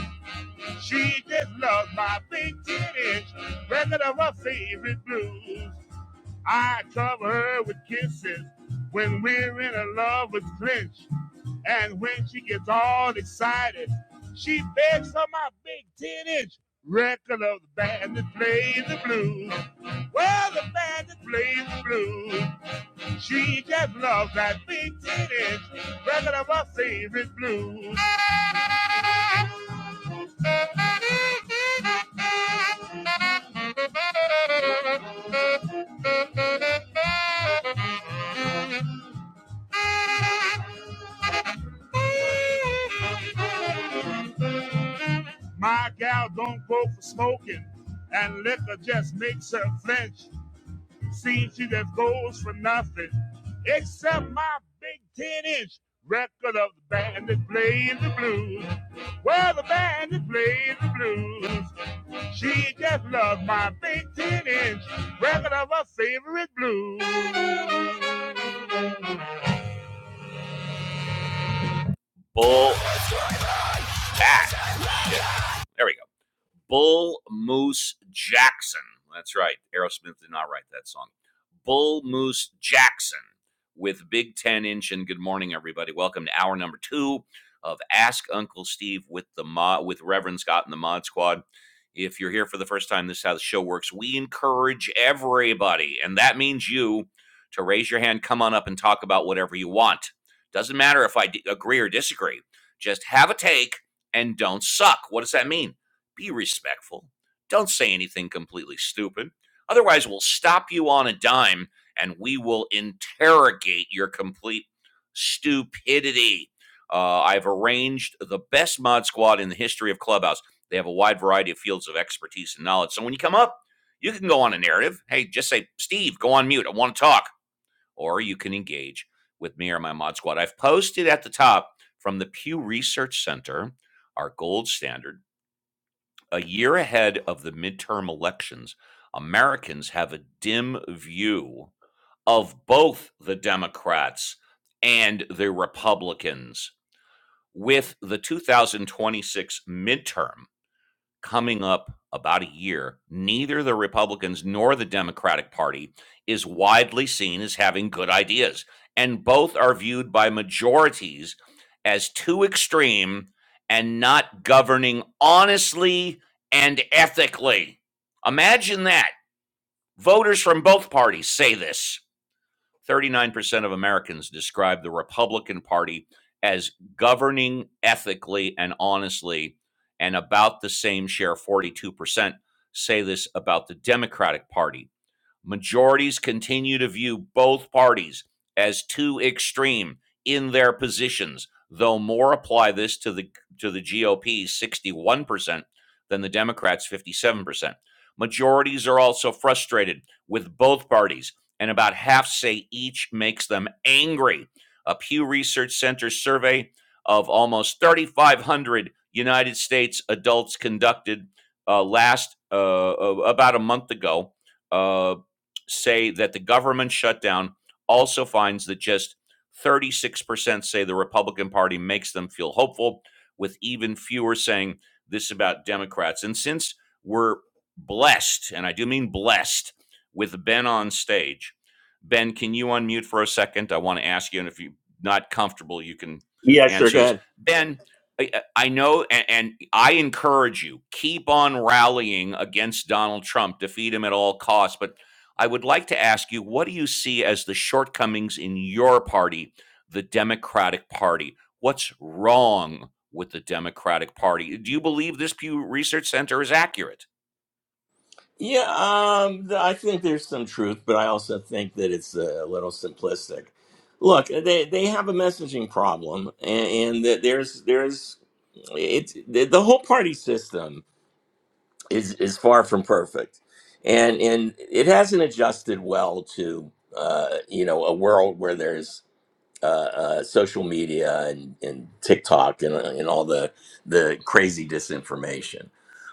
Speaker 1: She just loves my big titties, record of her favorite blues. I cover her with kisses when we're in a lover's clinch. And when she gets all excited, she begs for my big 10 inch record of the band that plays the blues. Well, the band that plays the blues. She just loves that big titties, regular my favorite blues. My gal don't go for smoking, and liquor just makes her flinch. Seems she just goes for nothing. Except my big 10 inch record of the band that plays the blues. Well, the band that plays the blues. She just loves my big 10 inch record of her favorite blues. Bull back. Yeah, There we go. Bull Moose Jackson. That's right. Aerosmith did not write that song. Bull Moose Jackson with Big Ten Inch and Good Morning, everybody. Welcome to hour number two of Ask Uncle Steve with the mod, with Reverend Scott and the Mod Squad. If you're here for the first time, this is how the show works. We encourage everybody, and that means you, to raise your hand, come on up, and talk about whatever you want. Doesn't matter if I d- agree or disagree. Just have a take and don't suck. What does that mean? Be respectful. Don't say anything completely stupid. Otherwise, we'll stop you on a dime and we will interrogate your complete stupidity. Uh, I've arranged the best mod squad in the history of Clubhouse. They have a wide variety of fields of expertise and knowledge. So when you come up, you can go on a narrative. Hey, just say, Steve, go on mute. I want to talk. Or you can engage with me or my mod squad. I've posted at the top from the Pew Research Center, our gold standard, a year ahead of the midterm elections, Americans have a dim view of both the Democrats and the Republicans. With the 2026 midterm, coming up about a year, neither the Republicans nor the Democratic Party is widely seen as having good ideas. And both are viewed by majorities as too extreme and not governing honestly and ethically. Imagine that. Voters from both parties say this. 39% of Americans describe the Republican Party as governing ethically and honestly, and about the same share, 42%, say this about the Democratic Party. Majorities continue to view both parties as too extreme in their positions, though more apply this to the to the GOP 61% than the Democrats 57%. Majorities are also frustrated with both parties, and about half say each makes them angry. A Pew Research Center survey of almost 3,500 United States adults conducted uh, last uh, uh, about a month ago uh, say that the government shutdown also finds that just 36% say the Republican Party makes them feel hopeful, with even fewer saying this about Democrats. And since we're blessed, and I do mean blessed, with Ben on stage, Ben, can you unmute for a second? I want to ask you, and if you're not comfortable, you can
Speaker 11: Yeah, sure.
Speaker 1: answer
Speaker 11: Go
Speaker 1: this.
Speaker 11: ahead.
Speaker 1: Ben, I, I know, and, and I encourage you, keep on rallying against Donald Trump, defeat him at all costs. But I would like to ask you what do you see as the shortcomings in your party, the Democratic Party? What's wrong with the Democratic Party? Do you believe this Pew Research Center is accurate?
Speaker 11: Yeah, um, th- I think there's some truth, but I also think that it's a little simplistic. Look, uh, they they have a messaging problem, and, and that there's there's it's the, the whole party system is is far from perfect, and and it hasn't adjusted well to uh, you know a world where there's uh, uh, social media and, and TikTok and, uh, and all the the crazy disinformation.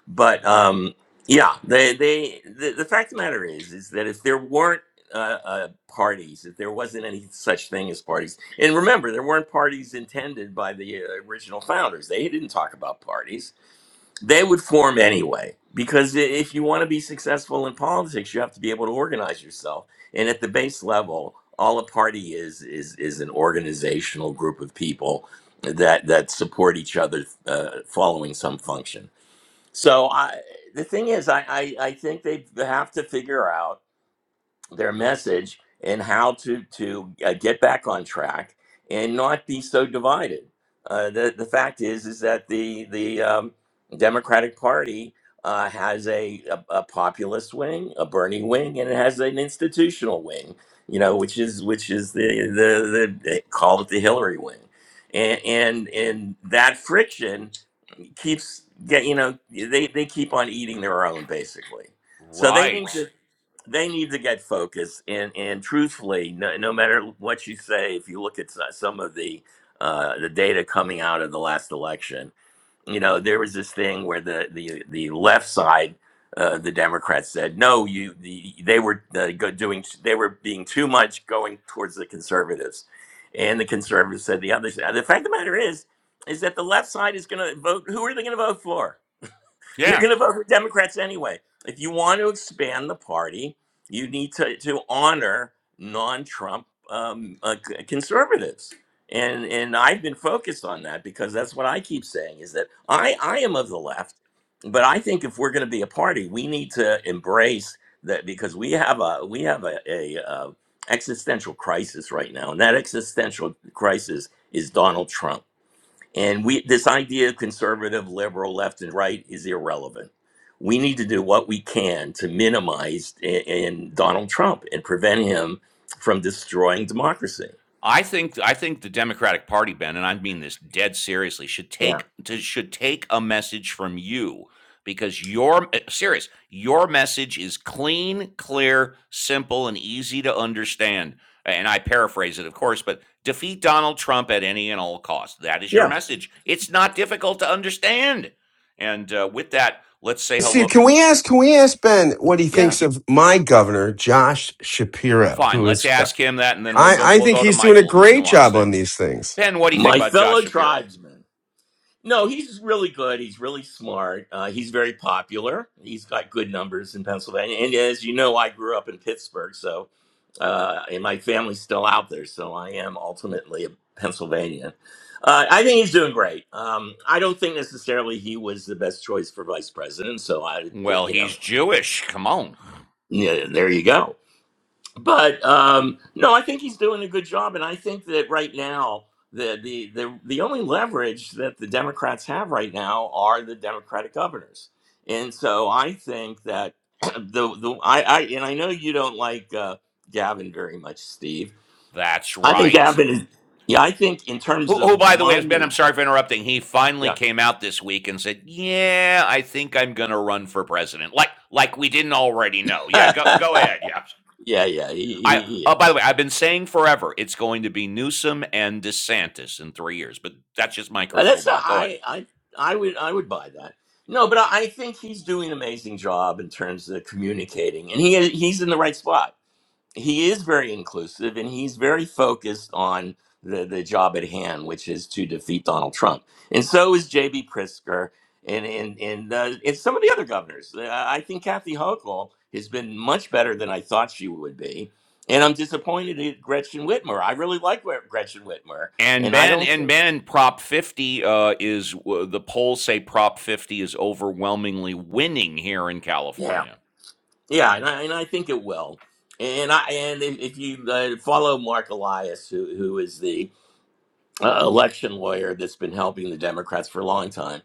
Speaker 11: But um, yeah, they, they the, the fact of the matter is is that if there weren't uh, uh, parties, if there wasn't any such thing as parties, and remember, there weren't parties intended by the uh, original founders. They didn't talk about parties they would form anyway because i- if you want to be successful in politics you have to be able to organize yourself and at the base level all a party is is is an organizational group of people that that support each other uh, following some function so i the thing is i i, I think they have to figure out their message and how to to uh, get back on track and not be so divided. Uh, the the fact is is that the the um, Democratic Party uh, has a, a a populist wing, a Bernie wing, and it has an institutional wing. You know, which is which is the the, the they call it the Hillary wing, and and and that friction keeps get you know they they keep on eating their own basically. So they need
Speaker 1: Right.
Speaker 11: to they need to get focused and and truthfully no, no matter what you say if you look at so- some of the uh, the data coming out of the last election you know there was this thing where the the, the left side uh, the Democrats said no. You, the, they were uh, go- doing. They were being too much going towards the conservatives, and the conservatives said the other side. The fact of the matter is, is that the left side is going to vote. Who are they going to vote for? They're
Speaker 1: Yeah.
Speaker 11: going to vote for Democrats anyway. If you want to expand the party, you need to, to honor non-Trump um, uh, c- conservatives. And and I've been focused on that because that's what I keep saying is that I I am of the left, but I think if we're going to be a party, we need to embrace that because we have a we have a, a uh, existential crisis right now, and that existential crisis is Donald Trump and we this idea of conservative, liberal, left and right is irrelevant. We need to do what we can to minimize in, in Donald Trump and prevent him from destroying democracy.
Speaker 1: I think I think the Democratic Party, Ben, and I mean this dead seriously, should
Speaker 11: Yeah.
Speaker 1: take to, should take a message from you because your eh, serious your message is clean, clear, simple, and easy to understand. And I paraphrase it, of course, but defeat Donald Trump at any and all cost. That is your
Speaker 11: Yeah.
Speaker 1: message. It's not difficult to understand. And uh, with that, let's say
Speaker 7: See,
Speaker 1: hello.
Speaker 7: can we ask? Can we ask Ben what he
Speaker 1: Yeah,
Speaker 7: thinks of my governor, Josh Shapiro,
Speaker 1: fine.
Speaker 7: who
Speaker 1: Let's
Speaker 7: is? uh,
Speaker 1: ask him that, and then we'll go.
Speaker 7: I I
Speaker 1: We'll
Speaker 7: think
Speaker 1: go to
Speaker 7: he's doing a
Speaker 1: Michael, who's
Speaker 7: great
Speaker 1: nuanced
Speaker 7: job on
Speaker 1: him.
Speaker 7: these things.
Speaker 1: Ben, what do you think
Speaker 11: My
Speaker 1: about Josh
Speaker 11: fellow
Speaker 1: Shapiro?
Speaker 11: tribesmen. No, he's really good. He's really smart. Uh, he's very popular. He's got good numbers in Pennsylvania. And as you know, I grew up in Pittsburgh, so uh, and my family's still out there, so I am ultimately a Pennsylvanian. Uh, I think he's doing great. Um, I don't think necessarily he was the best choice for vice president, so I,
Speaker 1: Well,
Speaker 11: you know,
Speaker 1: he's Jewish. Come on.
Speaker 11: yeah, there you go but um, no, I think he's doing a good job, and I think that right now the the the the only leverage that the Democrats have right now are the Democratic governors, and so I think that the the I, I and I know you don't like uh, Gavin very much, Steve.
Speaker 1: That's
Speaker 11: I think
Speaker 1: right.
Speaker 11: Gavin is yeah. I think in terms
Speaker 1: Who, who,
Speaker 11: of
Speaker 1: by the way, has been, I'm
Speaker 11: money,
Speaker 1: sorry for interrupting, he finally
Speaker 11: yeah,
Speaker 1: came out this week and said, Yeah, I think I'm going to run for president. Like, like we didn't already know. Yeah, go, go ahead. Yeah.
Speaker 11: yeah, yeah. He, he
Speaker 1: I,
Speaker 11: he
Speaker 1: uh, by
Speaker 11: is.
Speaker 1: the way, I've been saying forever it's going to be Newsom and DeSantis in three years, but that's just my
Speaker 11: Uh,
Speaker 1: crystal
Speaker 11: That's not,
Speaker 1: ball. Go ahead.
Speaker 11: I, I I would I would buy that. No, but I I think he's doing an amazing job in terms of communicating, and he he's in the right spot. He is very inclusive, and he's very focused on the the job at hand, which is to defeat Donald Trump. And so is J.B. Prisker, and and and, uh, and some of the other governors. Uh, I think Kathy Hochul has been much better than I thought she would be, and I'm disappointed at Gretchen Whitmer. I really like Gre- Gretchen Whitmer,
Speaker 1: And
Speaker 11: and I
Speaker 1: Ben
Speaker 11: don't
Speaker 1: and
Speaker 11: think.
Speaker 1: Ben, Prop 50 uh, is uh, the polls say Prop 50 is overwhelmingly winning here in
Speaker 11: Yeah,
Speaker 1: California.
Speaker 11: Yeah, and I, and I think it will. And I and if, if you uh, follow Mark Elias, who who is the uh, election lawyer that's been helping the Democrats for a long time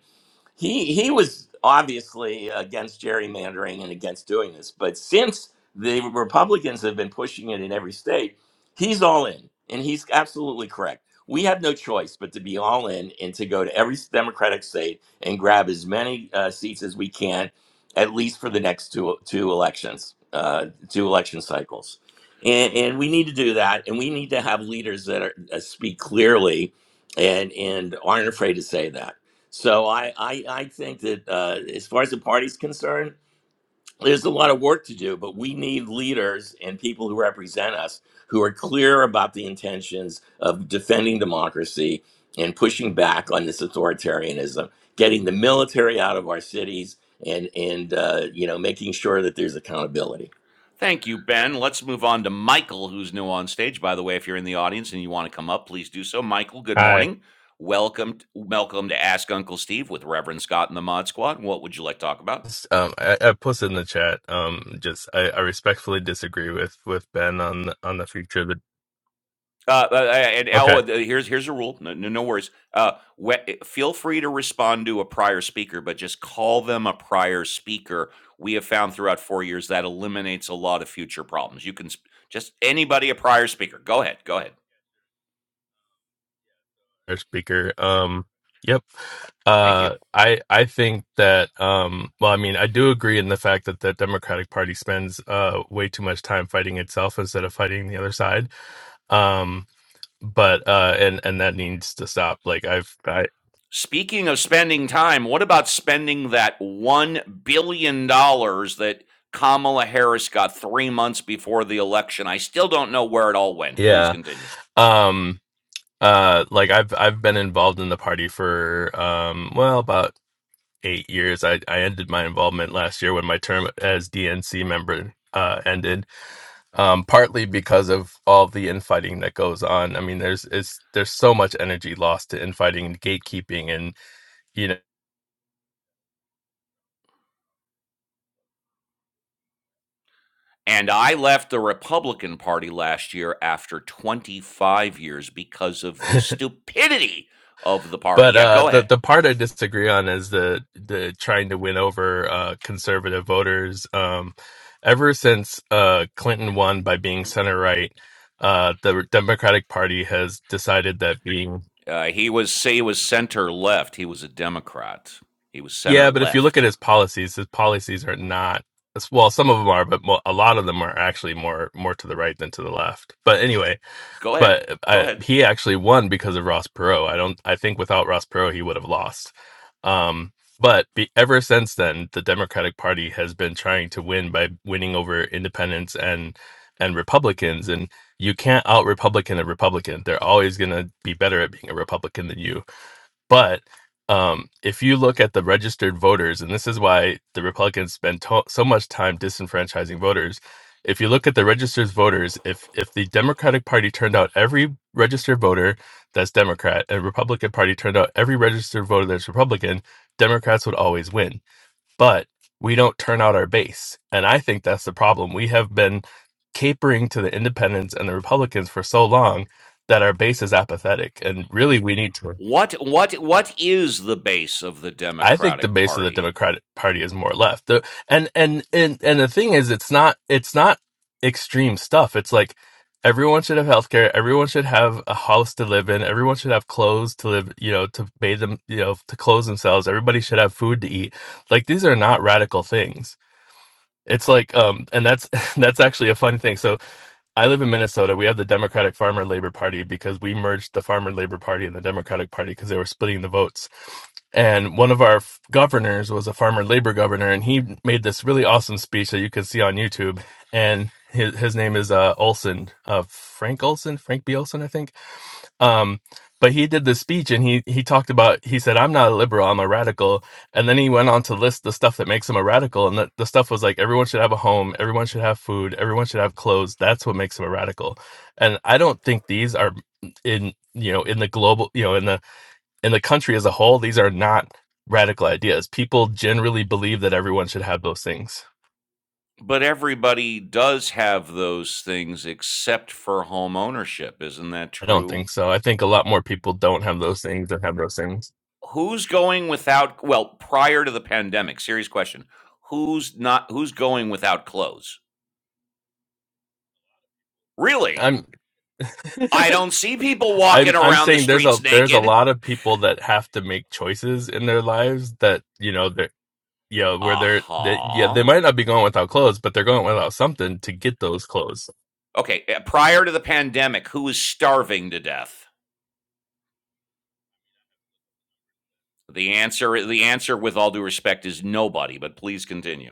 Speaker 11: he he was obviously against gerrymandering and against doing this but since the republicans have been pushing it in every state he's all in and he's absolutely correct we have no choice but to be all in and to go to every democratic state and grab as many uh, seats as we can at least for the next two two elections uh, two election cycles and, and we need to do that and we need to have leaders that are, uh, speak clearly and and aren't afraid to say that so I, I, I think that uh, as far as the party's concerned, there's a lot of work to do, but we need leaders and people who represent us who are clear about the intentions of defending democracy and pushing back on this authoritarianism, getting the military out of our cities, and and uh, you know making sure that there's accountability.
Speaker 1: Thank you, Ben. Let's move on to Michael, who's new on stage. By the way, if you're in the audience and you want to come up, please do so. Michael, good
Speaker 12: Hi.
Speaker 1: morning. Welcome, t- welcome to Ask Uncle Steve with Reverend Scott and the Mod Squad. What would you like to talk about?
Speaker 12: Um, I, I posted in the chat. Um, just I, I respectfully disagree with with Ben on the, on the future of the
Speaker 1: Uh, uh, uh, and oh,
Speaker 12: okay
Speaker 1: uh, here's here's a rule. No, no, no worries. Uh, we- feel free to respond to a prior speaker, but just call them a prior speaker. We have found throughout four years that eliminates a lot of future problems. You can sp- just anybody a prior speaker. Go ahead. Go ahead.
Speaker 12: our speaker. Um, yep.
Speaker 1: Thank you.
Speaker 12: Uh, I I think that um, well, I mean, I do agree in the fact that the Democratic Party spends uh way too much time fighting itself instead of fighting the other side. Um, but uh, and and that needs to stop. Like I've I
Speaker 1: Speaking of spending time, what about spending that $1 billion dollars that Kamala Harris got three months before the election? I still don't know where it all went. Please
Speaker 12: yeah.
Speaker 1: continue.
Speaker 12: Um, uh like i've i've been involved in the party for um well about eight years. I, I ended my involvement last year when my term as DNC member uh, ended, um, partly because of all the infighting that goes on. I mean, there's it's, there's so much energy lost to infighting and gatekeeping, and you know.
Speaker 1: And I left the Republican Party last year after 25 years because of the stupidity of the party.
Speaker 12: But
Speaker 1: Yeah,
Speaker 12: uh,
Speaker 1: go
Speaker 12: the
Speaker 1: ahead.
Speaker 12: the part I disagree on is the the trying to win over uh, conservative voters. Um, ever since uh, Clinton won by being center right, uh, the Democratic Party has decided that being
Speaker 1: Uh, he was say he was center left. He was a Democrat. He was center
Speaker 12: Yeah, but if you look at
Speaker 1: left.
Speaker 12: his policies, his policies are not as- well. Some of them are, but mo- a lot of them are actually more more to the right than to the left. But anyway,
Speaker 1: Go ahead.
Speaker 12: but
Speaker 1: Go
Speaker 12: uh,
Speaker 1: ahead.
Speaker 12: he actually won because of Ross Perot. I don't. I think without Ross Perot, he would have lost. Um, but be, ever since then, the Democratic Party has been trying to win by winning over independents and and Republicans. And you can't out Republican a Republican. They're always going to be better at being a Republican than you but um, if you look at the registered voters, and this is why the Republicans spend to- so much time disenfranchising voters, if you look at the registered voters, if if the Democratic Party turned out every registered voter that's Democrat, and Republican Party turned out every registered voter that's Republican, Democrats would always win. But we don't turn out our base, and I think that's the problem. We have been capering to the independents and the Republicans for so long that our base is apathetic, and really we need to
Speaker 1: What what what is the base of the
Speaker 12: I think the
Speaker 1: Democratic
Speaker 12: base of the
Speaker 1: Party?
Speaker 12: Democratic Party is more left. The, and, and and and the thing is, it's not it's not extreme stuff. It's like everyone should have healthcare. Everyone should have a house to live in. Everyone should have clothes to live. You know, to bathe them. You know, to clothe themselves. Everybody should have food to eat. Like these are not radical things. It's like, um, and that's that's actually a fun thing. So I live in Minnesota. We have the Democratic Farmer Labor Party because we merged the Farmer Labor Party and the Democratic Party because they were splitting the votes. And one of our f- governors was a farmer labor governor, and he made this really awesome speech that you could see on YouTube. And his his name is uh, Olson, uh, Frank Olson, Frank B. Olson, I think um, but he did this speech and he he talked about he said I'm not a liberal I'm a radical and then he went on to list the stuff that makes him a radical and the, the stuff was like everyone should have a home everyone should have food everyone should have clothes that's what makes him a radical and I don't think these are in you know in the global you know in the in the country as a whole these are not radical ideas people generally believe that everyone should have those things
Speaker 1: But everybody does have those things except for home ownership, isn't that
Speaker 12: I don't
Speaker 1: true?
Speaker 12: think so I think a lot more people don't have those things than have those things
Speaker 1: Who's going without well, prior to the pandemic, serious question. Who's not who's going without clothes? Really?
Speaker 12: I'm
Speaker 1: I don't see people
Speaker 12: I'm
Speaker 1: walking
Speaker 12: I'm
Speaker 1: around the
Speaker 12: saying there's a
Speaker 1: streets
Speaker 12: there's a
Speaker 1: naked.
Speaker 12: lot of people that have to make choices in their lives that you know that you know where they're they, yeah they
Speaker 1: Uh-huh.
Speaker 12: might not be going without clothes but they're going without something to get those clothes.
Speaker 1: Okay, uh, prior to the pandemic, who is starving to death? The answer, the answer, with all due respect, is nobody. But please continue.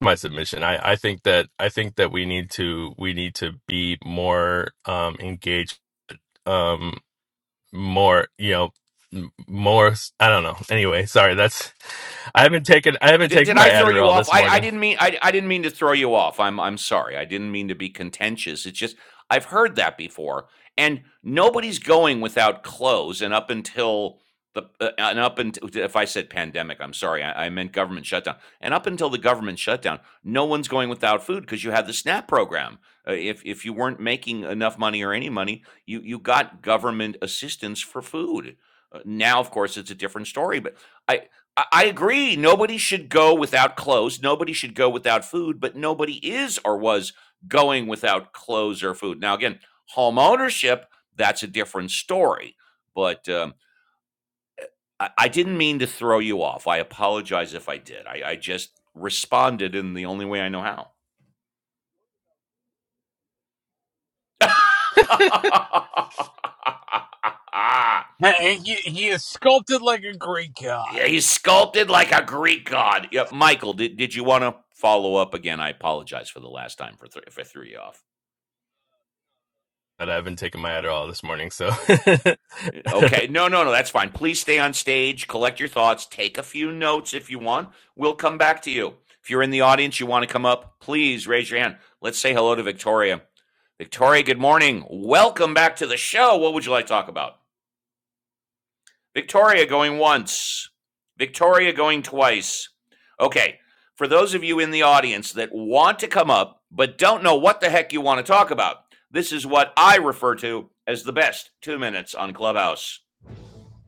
Speaker 12: My submission. I I think that I think that we need to we need to be more um engaged um more you know m- more I don't know. Anyway, sorry. That's I haven't taken I haven't
Speaker 1: Did,
Speaker 12: taken
Speaker 1: did
Speaker 12: my
Speaker 1: I throw you
Speaker 12: Adderall
Speaker 1: off?
Speaker 12: this
Speaker 1: I, I
Speaker 12: morning,
Speaker 1: didn't mean I, I didn't mean to throw you off. I'm I'm sorry. I didn't mean to be contentious. It's just I've heard that before, and nobody's going without clothes. And up until the uh, and up until if I said pandemic, I'm sorry. I, I meant government shutdown. And up until the government shutdown, no one's going without food because you had the SNAP program. Uh, if if you weren't making enough money or any money, you you got government assistance for food. Uh, now, of course, it's a different story, but I, I I agree. Nobody should go without clothes. Nobody should go without food, but nobody is or was going without clothes or food. Now, again, home ownership, that's a different story. But um, I, I didn't mean to throw you off. I apologize if I did. I, I just responded in the only way I know how.
Speaker 8: Hey, He, he is sculpted like a Greek
Speaker 1: yeah,
Speaker 8: god.
Speaker 1: he's sculpted like a Greek god. Yep, Michael, did, did you want to follow up again? I apologize for the last time for, thr- for three off.
Speaker 12: but I haven't taken my Adderall this morning. So
Speaker 1: Okay. No, no, no. That's fine. Please stay on stage, collect your thoughts, take a few notes if you want. We'll come back to you. If you're in the audience, you want to come up, please raise your hand. Let's say hello to Victoria. Victoria, good morning. Welcome back to the show. What would you like to talk about? Victoria going once, Victoria going twice. Okay. For those of you in the audience that want to come up but don't know what the heck you want to talk about, this is what I refer to as the best two minutes on Clubhouse.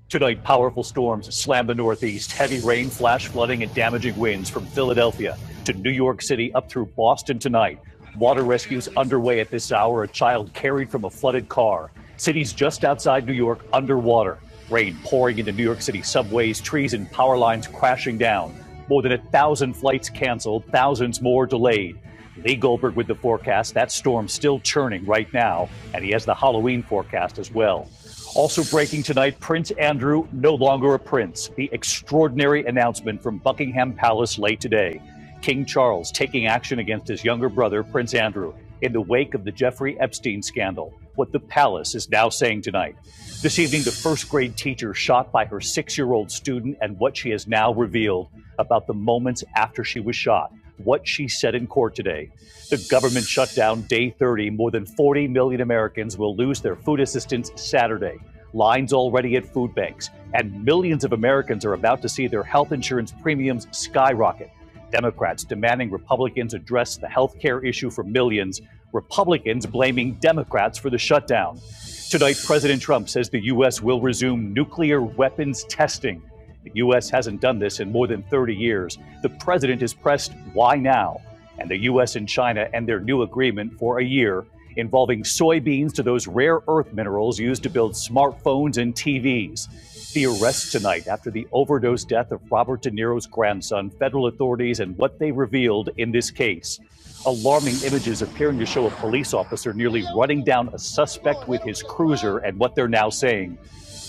Speaker 1: Tonight, powerful storms slam the Northeast. Heavy rain, flash flooding, and damaging winds from Philadelphia to New York City up through Boston tonight. Water rescues underway at this hour. A child carried from a flooded car. Cities just outside New York underwater. Rain pouring into New York City subways, trees and power lines crashing down. More than a thousand flights canceled, thousands more delayed. Lee Goldberg with the forecast. That storm still churning right now, and he has the Halloween forecast as well. Also breaking tonight, Prince Andrew, no longer a prince. The extraordinary announcement from Buckingham Palace late today. King Charles taking action against his younger brother, Prince Andrew, in the wake of the Jeffrey Epstein scandal. What the palace is now saying tonight. This evening, the first grade teacher shot by her six year old student, and what she has now revealed about the moments after she was shot, what she said in court today. The government shutdown day 30. More than 40 million Americans will lose their food assistance Saturday. Lines already at food banks, and millions of Americans are about to see their health insurance premiums skyrocket. Democrats demanding Republicans address the health care issue for millions, Republicans blaming Democrats for the shutdown. Tonight, President Trump says the U.S. will resume nuclear weapons testing. The U.S. hasn't done this in more than 30 years. The president is pressed why now? And the U.S. and China and their new agreement for a year involving soybeans to those rare earth minerals used to build smartphones and TVs. The arrest tonight after the overdose death of Robert De Niro's grandson, federal authorities, and what they revealed in this case. Alarming images appearing to show a police officer nearly running down a suspect with his cruiser, and what they're now saying.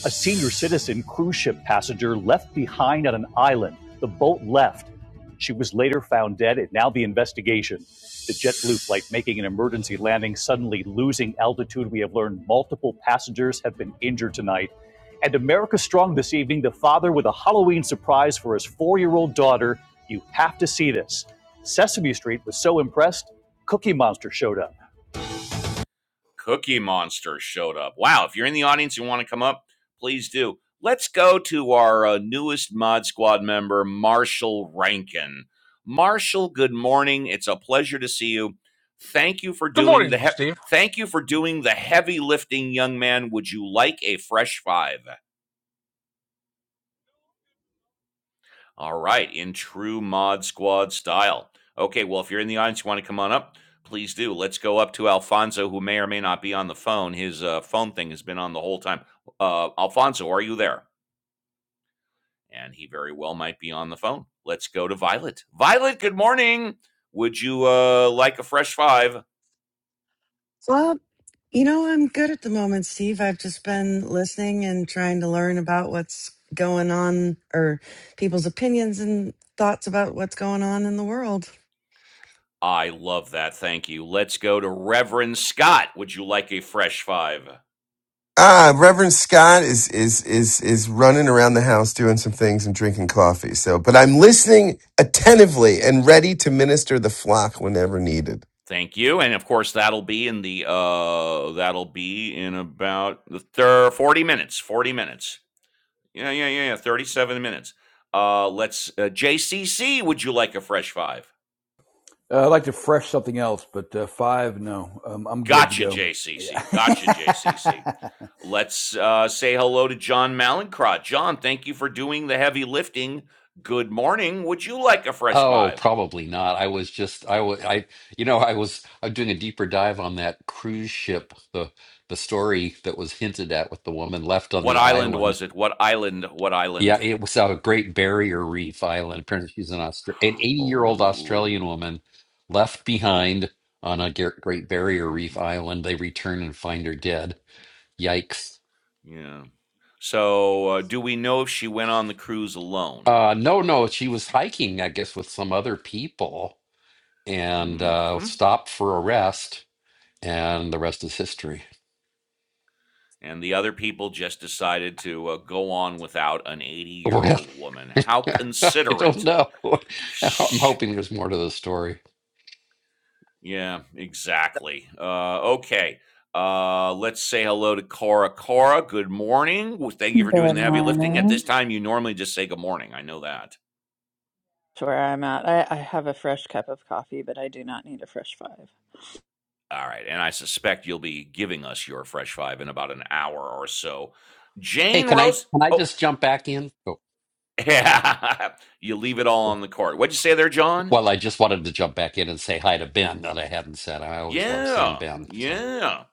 Speaker 1: A senior citizen cruise ship passenger left behind on an island. The boat left. She was later found dead, and now the investigation. The JetBlue flight making an emergency landing, suddenly losing altitude. We have learned multiple passengers have been injured tonight. And America Strong this evening, the father with a Halloween surprise for his four year old daughter. You have to see this. Sesame Street was so impressed, Cookie Monster showed up. Cookie Monster showed up. Wow. If you're in the audience and you want to come up, please do. Let's go to our uh, newest Mod Squad member, Marshall Rankin. Marshall, good morning. It's a pleasure to see you. Thank you for
Speaker 8: Good
Speaker 1: doing
Speaker 8: morning,
Speaker 1: the
Speaker 8: Uncle
Speaker 1: he-
Speaker 8: Steve.
Speaker 1: thank you for doing the heavy lifting, young man. Would you like a fresh five? All right, in true Mod Squad style. Okay, well, if you're in the audience, you want to come on up, please do. Let's go up to Alfonso, who may or may not be on the phone. His uh, phone thing has been on the whole time. Uh, Alfonso, are you there? And he very well might be on the phone. Let's go to Violet. Violet, good morning. Would you uh, like a fresh five?
Speaker 5: Well, you know, I'm good at the moment, Steve. I've just been listening and trying to learn about what's going on or people's opinions and thoughts about what's going on in the world.
Speaker 1: I love that. Thank you. Let's go to Reverend Scott. Would you like a fresh five?
Speaker 7: Ah, Reverend Scott is is is is running around the house doing some things and drinking coffee. So, but I'm listening attentively and ready to minister the flock whenever needed.
Speaker 1: Thank you. And of course, that'll be in the uh that'll be in about the thir- 40 minutes. 40 minutes. Yeah, yeah, yeah, yeah. 37 minutes. Uh let's uh, JCC, would you like a fresh five?
Speaker 6: Uh, I'd like to fresh something else, but uh, five, no. Um, I'm good to
Speaker 1: Gotcha,
Speaker 6: go. Yeah.
Speaker 1: JCC. Gotcha, JCC. Let's uh say hello to John Malincrot. John, thank you for doing the heavy lifting. Good morning. Would you like a fresh
Speaker 13: Oh,
Speaker 1: five?
Speaker 13: probably not. I was just I was I you know I was I'm doing a deeper dive on that cruise ship the the story that was hinted at with the woman left on
Speaker 1: What
Speaker 13: the
Speaker 1: island
Speaker 13: island.
Speaker 1: was it? What island? What
Speaker 13: Yeah,
Speaker 1: island?
Speaker 13: it was out of Great Barrier Reef Island. Apparently, she's an Austra- an 80 year old Australian
Speaker 1: Oh.
Speaker 13: woman left behind on a Ger- Great Barrier Reef
Speaker 1: mhm.
Speaker 13: Island. They return and find her dead. Yikes.
Speaker 1: Yeah. So, uh, do we know if she went on the cruise alone?
Speaker 13: Uh, no, no, she was hiking, I guess, with some other people and
Speaker 1: hmm
Speaker 13: uh, stopped for a rest and the rest is history.
Speaker 1: And the other people just decided to uh, go on without an 80 year
Speaker 13: Well,
Speaker 1: old woman. How
Speaker 13: I don't
Speaker 1: considerate.
Speaker 13: know. I'm
Speaker 1: Shh.
Speaker 13: hoping there's more to the story.
Speaker 1: Yeah, exactly. Uh, okay. Uh, let's say hello to Cora. Cora, good morning. Well, Thank you for doing
Speaker 14: Good
Speaker 1: the heavy lifting. At this
Speaker 14: morning.
Speaker 1: time, you normally just say good morning. I know that.
Speaker 14: That's where I'm at. I, I have a fresh cup of coffee, but I do not need a fresh five.
Speaker 1: All right. And I suspect you'll be giving us your fresh five in about an hour or so.
Speaker 13: Hey,
Speaker 1: Jane
Speaker 13: can I
Speaker 1: Rose.
Speaker 13: can I
Speaker 1: Oh,
Speaker 13: just jump back in? Oh,
Speaker 1: Yeah. You leave it all on the court. What'd you say there, John?
Speaker 13: Well, I just wanted to jump back in and say hi to Ben that I hadn't said. I always love seeing
Speaker 1: Yeah.
Speaker 13: Ben. So,
Speaker 1: Yeah.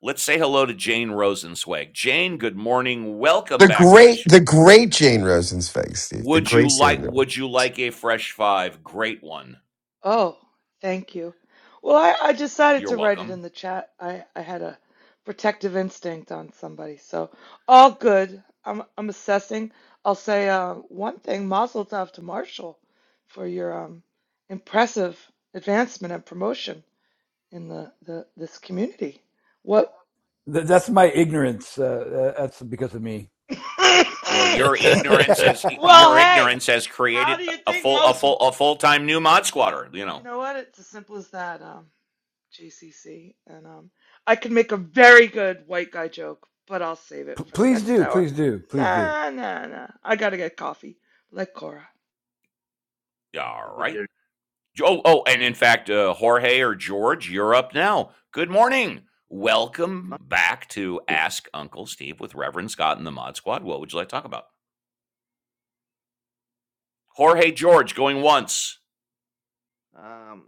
Speaker 1: Let's say hello to Jane Rosenzweig. Jane, good morning. Welcome
Speaker 7: The
Speaker 1: back to the
Speaker 7: great, the
Speaker 1: show.
Speaker 7: great Jane Rosenzweig, Steve. The
Speaker 1: Would
Speaker 7: great
Speaker 1: you
Speaker 7: Jane.
Speaker 1: like
Speaker 7: Rosen.
Speaker 1: would you like a fresh five? Great one.
Speaker 15: Oh, thank you. Well, I, I decided
Speaker 1: You're
Speaker 15: to write it in
Speaker 1: welcome.
Speaker 15: the chat. I, I had a protective instinct on somebody, so all good. I'm I'm assessing. I'll say uh, one thing: Mazel Tov to Marshall for your um, impressive advancement and promotion in the, the this community. What?
Speaker 6: that's my ignorance. Uh, uh, that's because of me.
Speaker 1: Well, your ignorance has
Speaker 15: well,
Speaker 1: your
Speaker 15: hey,
Speaker 1: ignorance has
Speaker 15: how
Speaker 1: created
Speaker 15: do you
Speaker 1: a
Speaker 15: think
Speaker 1: full a
Speaker 15: most?
Speaker 1: full a full-time new mod squatter, you know.
Speaker 15: You know what? It's as simple as that. Um, JCC, and um, I can make a very good white guy joke, but I'll save it
Speaker 6: P-
Speaker 15: for the
Speaker 6: please
Speaker 15: next
Speaker 6: do,
Speaker 15: hour.
Speaker 6: please do, please do.
Speaker 15: Nah, nah, nah. I gotta get coffee, like Cora.
Speaker 1: All
Speaker 16: with
Speaker 1: right.
Speaker 16: your
Speaker 1: Oh, oh, and in fact, uh, Jorge or George, you're up now. Good morning. Welcome back to Ask Uncle Steve with Reverend Scott and the Mod Squad. What would you like to talk about? Jorge George going once.
Speaker 16: um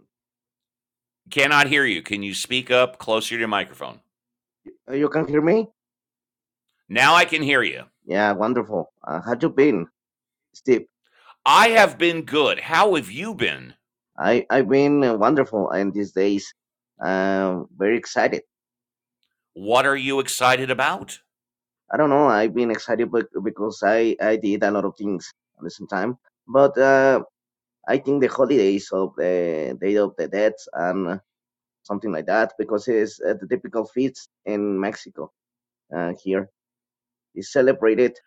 Speaker 1: Cannot hear you. Can you speak up closer to your microphone?
Speaker 16: you can hear me
Speaker 1: Now I can hear you.
Speaker 16: yeah wonderful uh, how you been steve
Speaker 1: I have been good. How have you been?
Speaker 16: i i've been uh, wonderful and these days um very excited
Speaker 1: What are you excited about?
Speaker 16: i don't know i've been excited bec- because i i did a lot of things at the same time but uh i think the holidays of the day of the dead and something like that because it's uh, the typical feast in mexico uh here is celebrated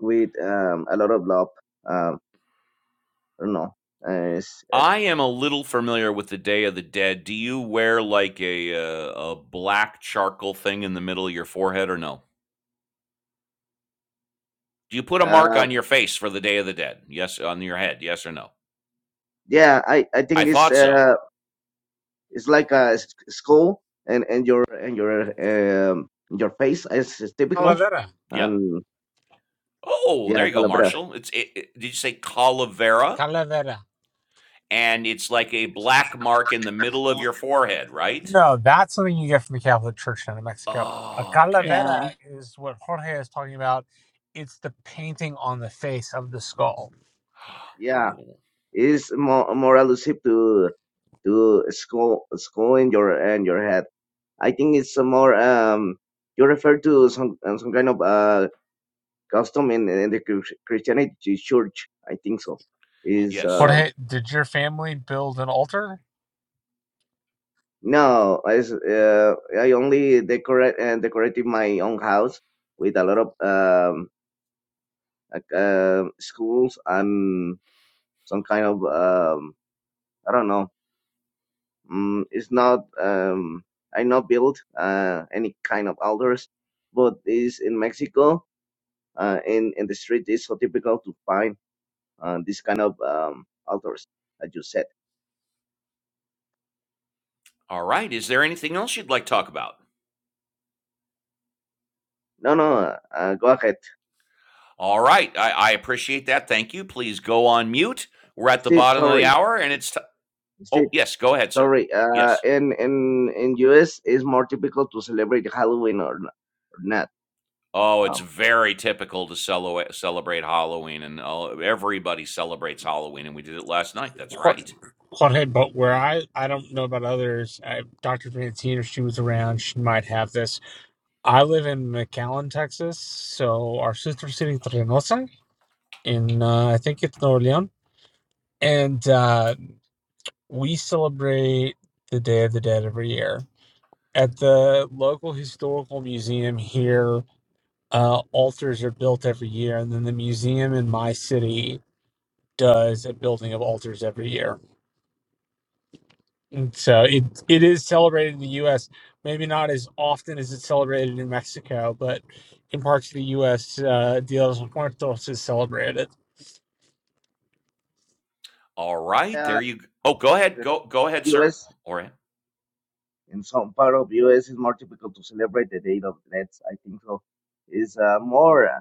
Speaker 16: with um a lot of love um i don't know
Speaker 1: I am a little familiar with the Day of the Dead. Do you wear like a uh, a black charcoal thing in the middle of your forehead or no? Do you put a
Speaker 16: uh,
Speaker 1: mark on your face for the Day of the Dead? Yes, on your head. Yes or no?
Speaker 16: yeah i i
Speaker 1: I
Speaker 16: think it's
Speaker 1: thought so.
Speaker 16: uh it's like a s- skull and and your and your um your face is is typical
Speaker 8: Calavera.
Speaker 1: Yeah.
Speaker 16: and
Speaker 1: Oh,
Speaker 16: yeah
Speaker 1: there you go,
Speaker 16: calabria
Speaker 1: Marshall. It's it, it- did you say calavera?
Speaker 8: Calavera.
Speaker 1: And it's like a black mark in the middle of your forehead, right?
Speaker 8: No, that's something you get from the Catholic Church down in Mexico. A
Speaker 1: Oh, okay.
Speaker 14: Yeah.
Speaker 8: calavera is what Jorge is talking about. It's the painting on the face of the skull.
Speaker 16: yeah
Speaker 1: Oh,
Speaker 16: it's more more elusive to to skull skull in your and your head i think it's a more um you refer to some uh, some kind of uh custom in, in the Chris- christianity church i think so is
Speaker 1: yes.
Speaker 16: um.
Speaker 8: Jorge, did your family build an altar?
Speaker 16: No, I s- uh, I only decorate and decorated my own house with a lot of um like um schools and some kind of um I don't know. Mm, it's not um I not build uh any kind of altars, but is in Mexico uh in in the street is so typical to find uh, this kind of um altars as you said.
Speaker 1: All right. Is there anything else you'd like to talk about?
Speaker 16: No, no, uh, go ahead,
Speaker 1: All right. I, I appreciate that. Thank you. Please go on mute. We're at the
Speaker 16: Steve.
Speaker 1: bottom of the
Speaker 16: Sorry,
Speaker 1: hour, and it's t-
Speaker 16: Steve.
Speaker 1: oh yes. Go ahead, sir.
Speaker 16: Sorry, uh,
Speaker 1: Yes.
Speaker 16: in in in US it's more typical to celebrate Halloween or, n- or not.
Speaker 1: Oh, it's
Speaker 16: Um,
Speaker 1: very typical to celo celebrate Halloween, and all everybody celebrates Halloween, and we did it last night. That's
Speaker 8: Jor-
Speaker 1: right.
Speaker 8: Jorge, but where I, I don't know about others. I, Dr. Francine, if she was around, she might have this. I live in McAllen, Texas. So our sister city, Reynosa, in uh, I think it's Nuevo León. And uh, we celebrate the Day of the Dead every year. At the local historical museum here, uh, altars are built every year. And then the museum in my city does a building of altars every year. And so it it is celebrated in the U.S. Maybe not as often as it's celebrated in Mexico, but in parts of the U.S., uh, Dia de los Muertos is celebrated.
Speaker 1: All right,
Speaker 16: yeah,
Speaker 1: there you. g- Oh, go ahead,
Speaker 16: in
Speaker 1: go go ahead, sir.
Speaker 16: US
Speaker 1: All right.
Speaker 16: in some part of US it's more typical to celebrate the Day of Dead. I think so. It's uh, more uh,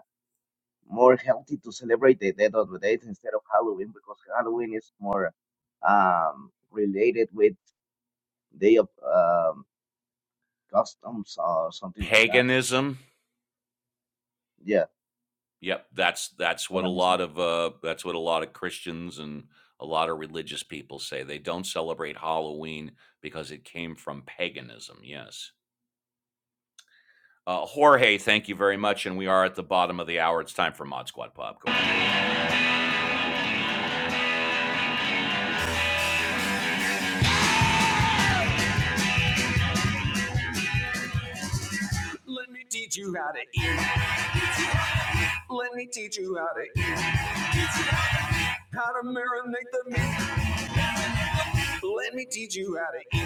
Speaker 16: more healthy to celebrate the Day of the Dead instead of Halloween because Halloween is more um, related with Day of um, Customs or something like that.
Speaker 1: paganism.
Speaker 16: Yeah,
Speaker 1: Yep, that's that's what a
Speaker 16: paganism.
Speaker 1: lot of uh, that's what a lot of Christians and a lot of religious people say. They don't celebrate Halloween because it came from paganism. Yes. Uh, Jorge, thank you very much, and we are at the bottom of the hour. It's time for Mod Squad Popcorn. Let me teach you how to eat. Let me teach you how to eat, how to marinate the meat. Let me teach you how to eat.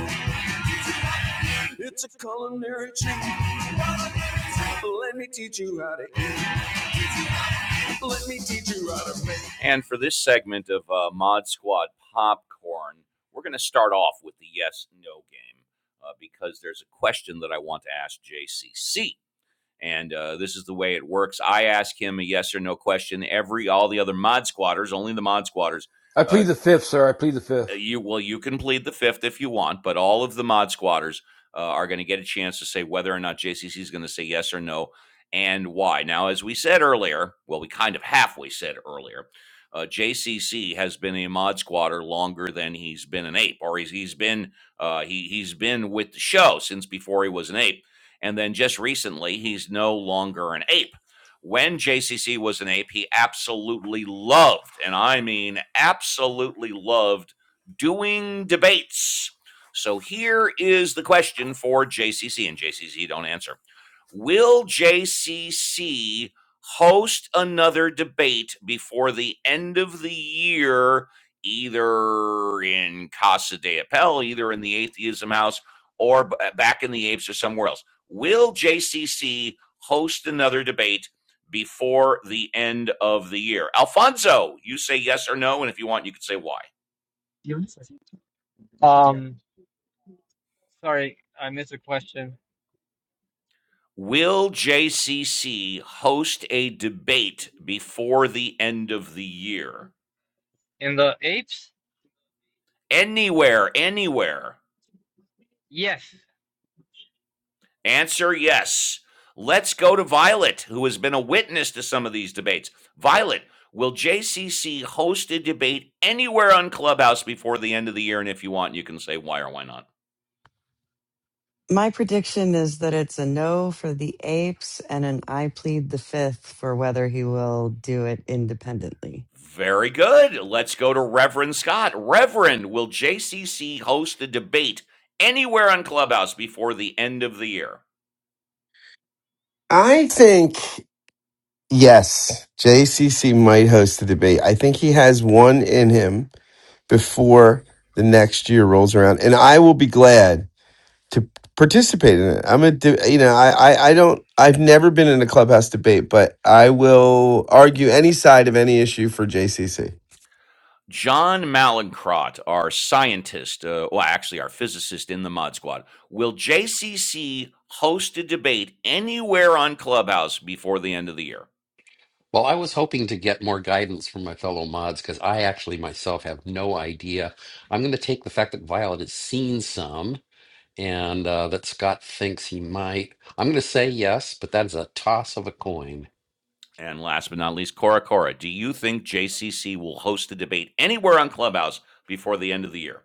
Speaker 1: It's a culinary treat. Let me teach you how to eat. Let me teach you how to make. And for this segment of uh, Mod Squad Popcorn, we're going to start off with the yes no game uh, because there's a question that I want to ask JCC. And uh, this is the way it works. I ask him a yes or no question. Every all the other mod squatters, only the mod squatters,
Speaker 6: I plead
Speaker 1: uh,
Speaker 6: the fifth, sir. I plead the
Speaker 1: uh,
Speaker 6: fifth.
Speaker 1: you well you can plead the fifth if you want but all of the mod squatters uh, are going to get a chance to say whether or not jcc is going to say yes or no and why now as we said earlier well we kind of halfway said earlier uh, jcc has been a mod squatter longer than he's been an ape or he's, he's been uh, he, he's been with the show since before he was an ape and then just recently he's no longer an ape when JCC was an ape, he absolutely loved, and I mean absolutely loved doing debates. So here is the question for JCC, and JCC don't answer. Will JCC host another debate before the end of the year, either in Casa de Appel, either in the Atheism House, or b- uh, back in the Apes or somewhere else? Will JCC host another debate before the end of the year? Alfonso, you say yes or no, and if you want, you can say why.
Speaker 4: Um, sorry, I missed a question.
Speaker 1: Will JCC host a debate before the end of the year?
Speaker 4: In the apes,
Speaker 1: Anywhere, anywhere.
Speaker 4: yes,
Speaker 1: Answer yes. Let's go to Violet, who has been a witness to some of these debates. Violet, will JCC host a debate anywhere on Clubhouse before the end of the year? And if you want, you can say why or why not.
Speaker 5: My prediction is that it's a no for the apes and an I plead the fifth for whether he will do it independently.
Speaker 1: Very good. Let's go to Reverend Scott. Reverend, will JCC host a debate anywhere on Clubhouse before the end of the year?
Speaker 7: I think yes, JCC might host the debate. I think he has one in him before the next year rolls around, and I will be glad to participate in it. I'm a, de- you know, I, I, I don't, I've never been in a clubhouse debate, but I will argue any side of any issue for JCC.
Speaker 1: John Malincrot, our scientist, uh, well, actually, our physicist in the Mod Squad, will JCC host a debate anywhere on Clubhouse before the end of the year?
Speaker 13: well, I was hoping to get more guidance from my fellow mods because I actually myself have no idea. I'm going to take the fact that Violet has seen some and uh, that Scott thinks he might. I'm going to say yes, but that's a toss of a coin.
Speaker 1: And last but not least, Cora Cora, do you think JCC will host a debate anywhere on Clubhouse before the end of the year?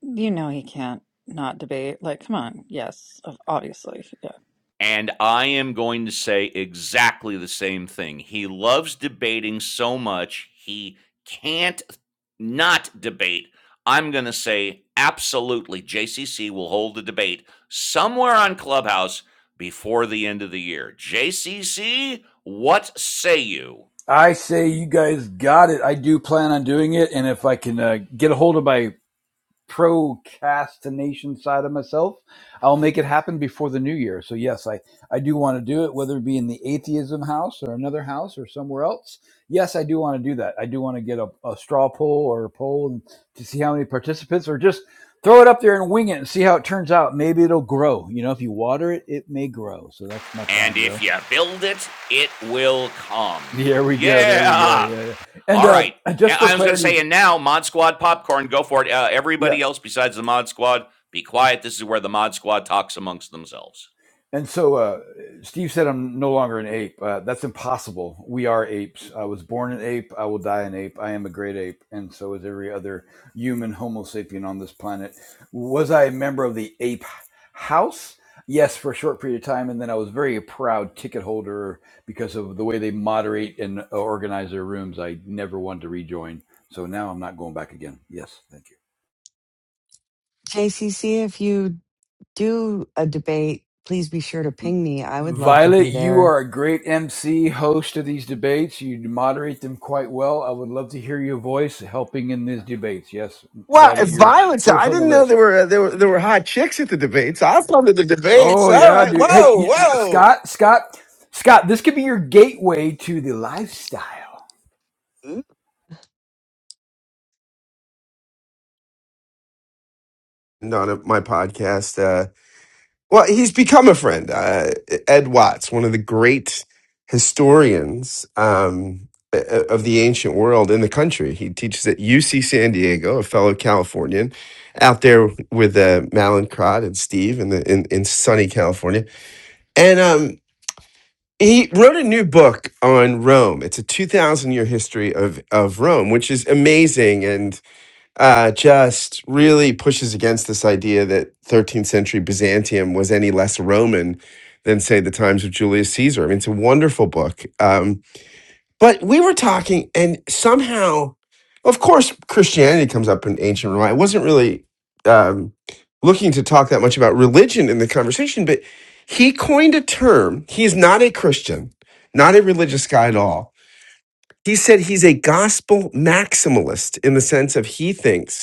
Speaker 14: You know he can't not debate. Like, come on. Yes, ob- obviously. Yeah.
Speaker 1: And I am going to say exactly the same thing. He loves debating so much, he can't not debate. I'm going to say absolutely JCC will hold a debate somewhere on Clubhouse before the end of the year. JCC, what say you?
Speaker 6: I say you guys got it. I do plan on doing it, and if I can uh, get a hold of my procrastination side of myself. I'll make it happen before the new year. So yes, I I do want to do it, whether it be in the atheism house or another house or somewhere else. Yes, I do want to do that. I do want to get a, a straw poll or a poll and to see how many participants or just throw it up there and wing it and see how it turns out. Maybe it'll grow. You know, if you water it, it may grow. So that's my
Speaker 1: And
Speaker 6: plan,
Speaker 1: if
Speaker 6: yo.
Speaker 1: you build it, it will come.
Speaker 6: Here we go. There we go.
Speaker 1: Yeah.
Speaker 6: Yeah, yeah. And
Speaker 1: All
Speaker 6: uh,
Speaker 1: right.
Speaker 6: just for
Speaker 1: I was going to say,
Speaker 6: clarity,
Speaker 1: and now Mod Squad popcorn, go for it. Uh,
Speaker 6: yeah.
Speaker 1: everybody else besides the Mod Squad, be quiet. This is where the Mod Squad talks amongst themselves.
Speaker 6: And so uh, Steve said, I'm no longer an ape. Uh, that's impossible. We are apes. I was born an ape. I will die an ape. I am a great ape. And so is every other human Homo sapien on this planet. Was I a member of the ape house? Yes, for a short period of time. And then I was very a proud ticket holder because of the way they moderate and organize their rooms. I never wanted to rejoin. So now I'm not going back again. Yes, thank you.
Speaker 5: JCC, if you do a debate, please be sure to ping me. I would love to
Speaker 6: Violet,
Speaker 5: be
Speaker 6: you
Speaker 5: there
Speaker 6: are a great MC, host of these debates. You moderate them quite well. I would love to hear your voice helping in these debates. Yes,
Speaker 7: Wow,
Speaker 6: Violet,
Speaker 7: it's
Speaker 6: you're
Speaker 7: violence!
Speaker 6: first
Speaker 7: I
Speaker 6: on the
Speaker 7: didn't know there
Speaker 6: list.
Speaker 7: were there were there were hot chicks at the debates. I've come to the debates.
Speaker 6: Oh
Speaker 7: All
Speaker 6: yeah,
Speaker 7: right,
Speaker 6: dude. Hey,
Speaker 7: whoa,
Speaker 6: you,
Speaker 7: whoa.
Speaker 6: Scott, Scott, Scott. This could be your gateway to the lifestyle.
Speaker 5: Ooh.
Speaker 7: And On a- my podcast. uh, Well, he's become a friend. Uh, Ed Watts, one of the great historians um, o- of the ancient world in the country. He teaches at UC San Diego, a fellow Californian, out there with uh, Malincrot and Steve in, the, in, in sunny California. And um, he wrote a new book on Rome. It's a 2,000 year history of, of Rome, which is amazing. and uh, just really pushes against this idea that 13th century Byzantium was any less Roman than, say, the times of Julius Caesar. I mean, it's a wonderful book. Um, but we were talking, and somehow, of course, Christianity comes up in ancient Rome. I wasn't really um, looking to talk that much about religion in the conversation, but he coined a term. He's not a Christian, not a religious guy at all. He said he's a gospel maximalist in the sense of he thinks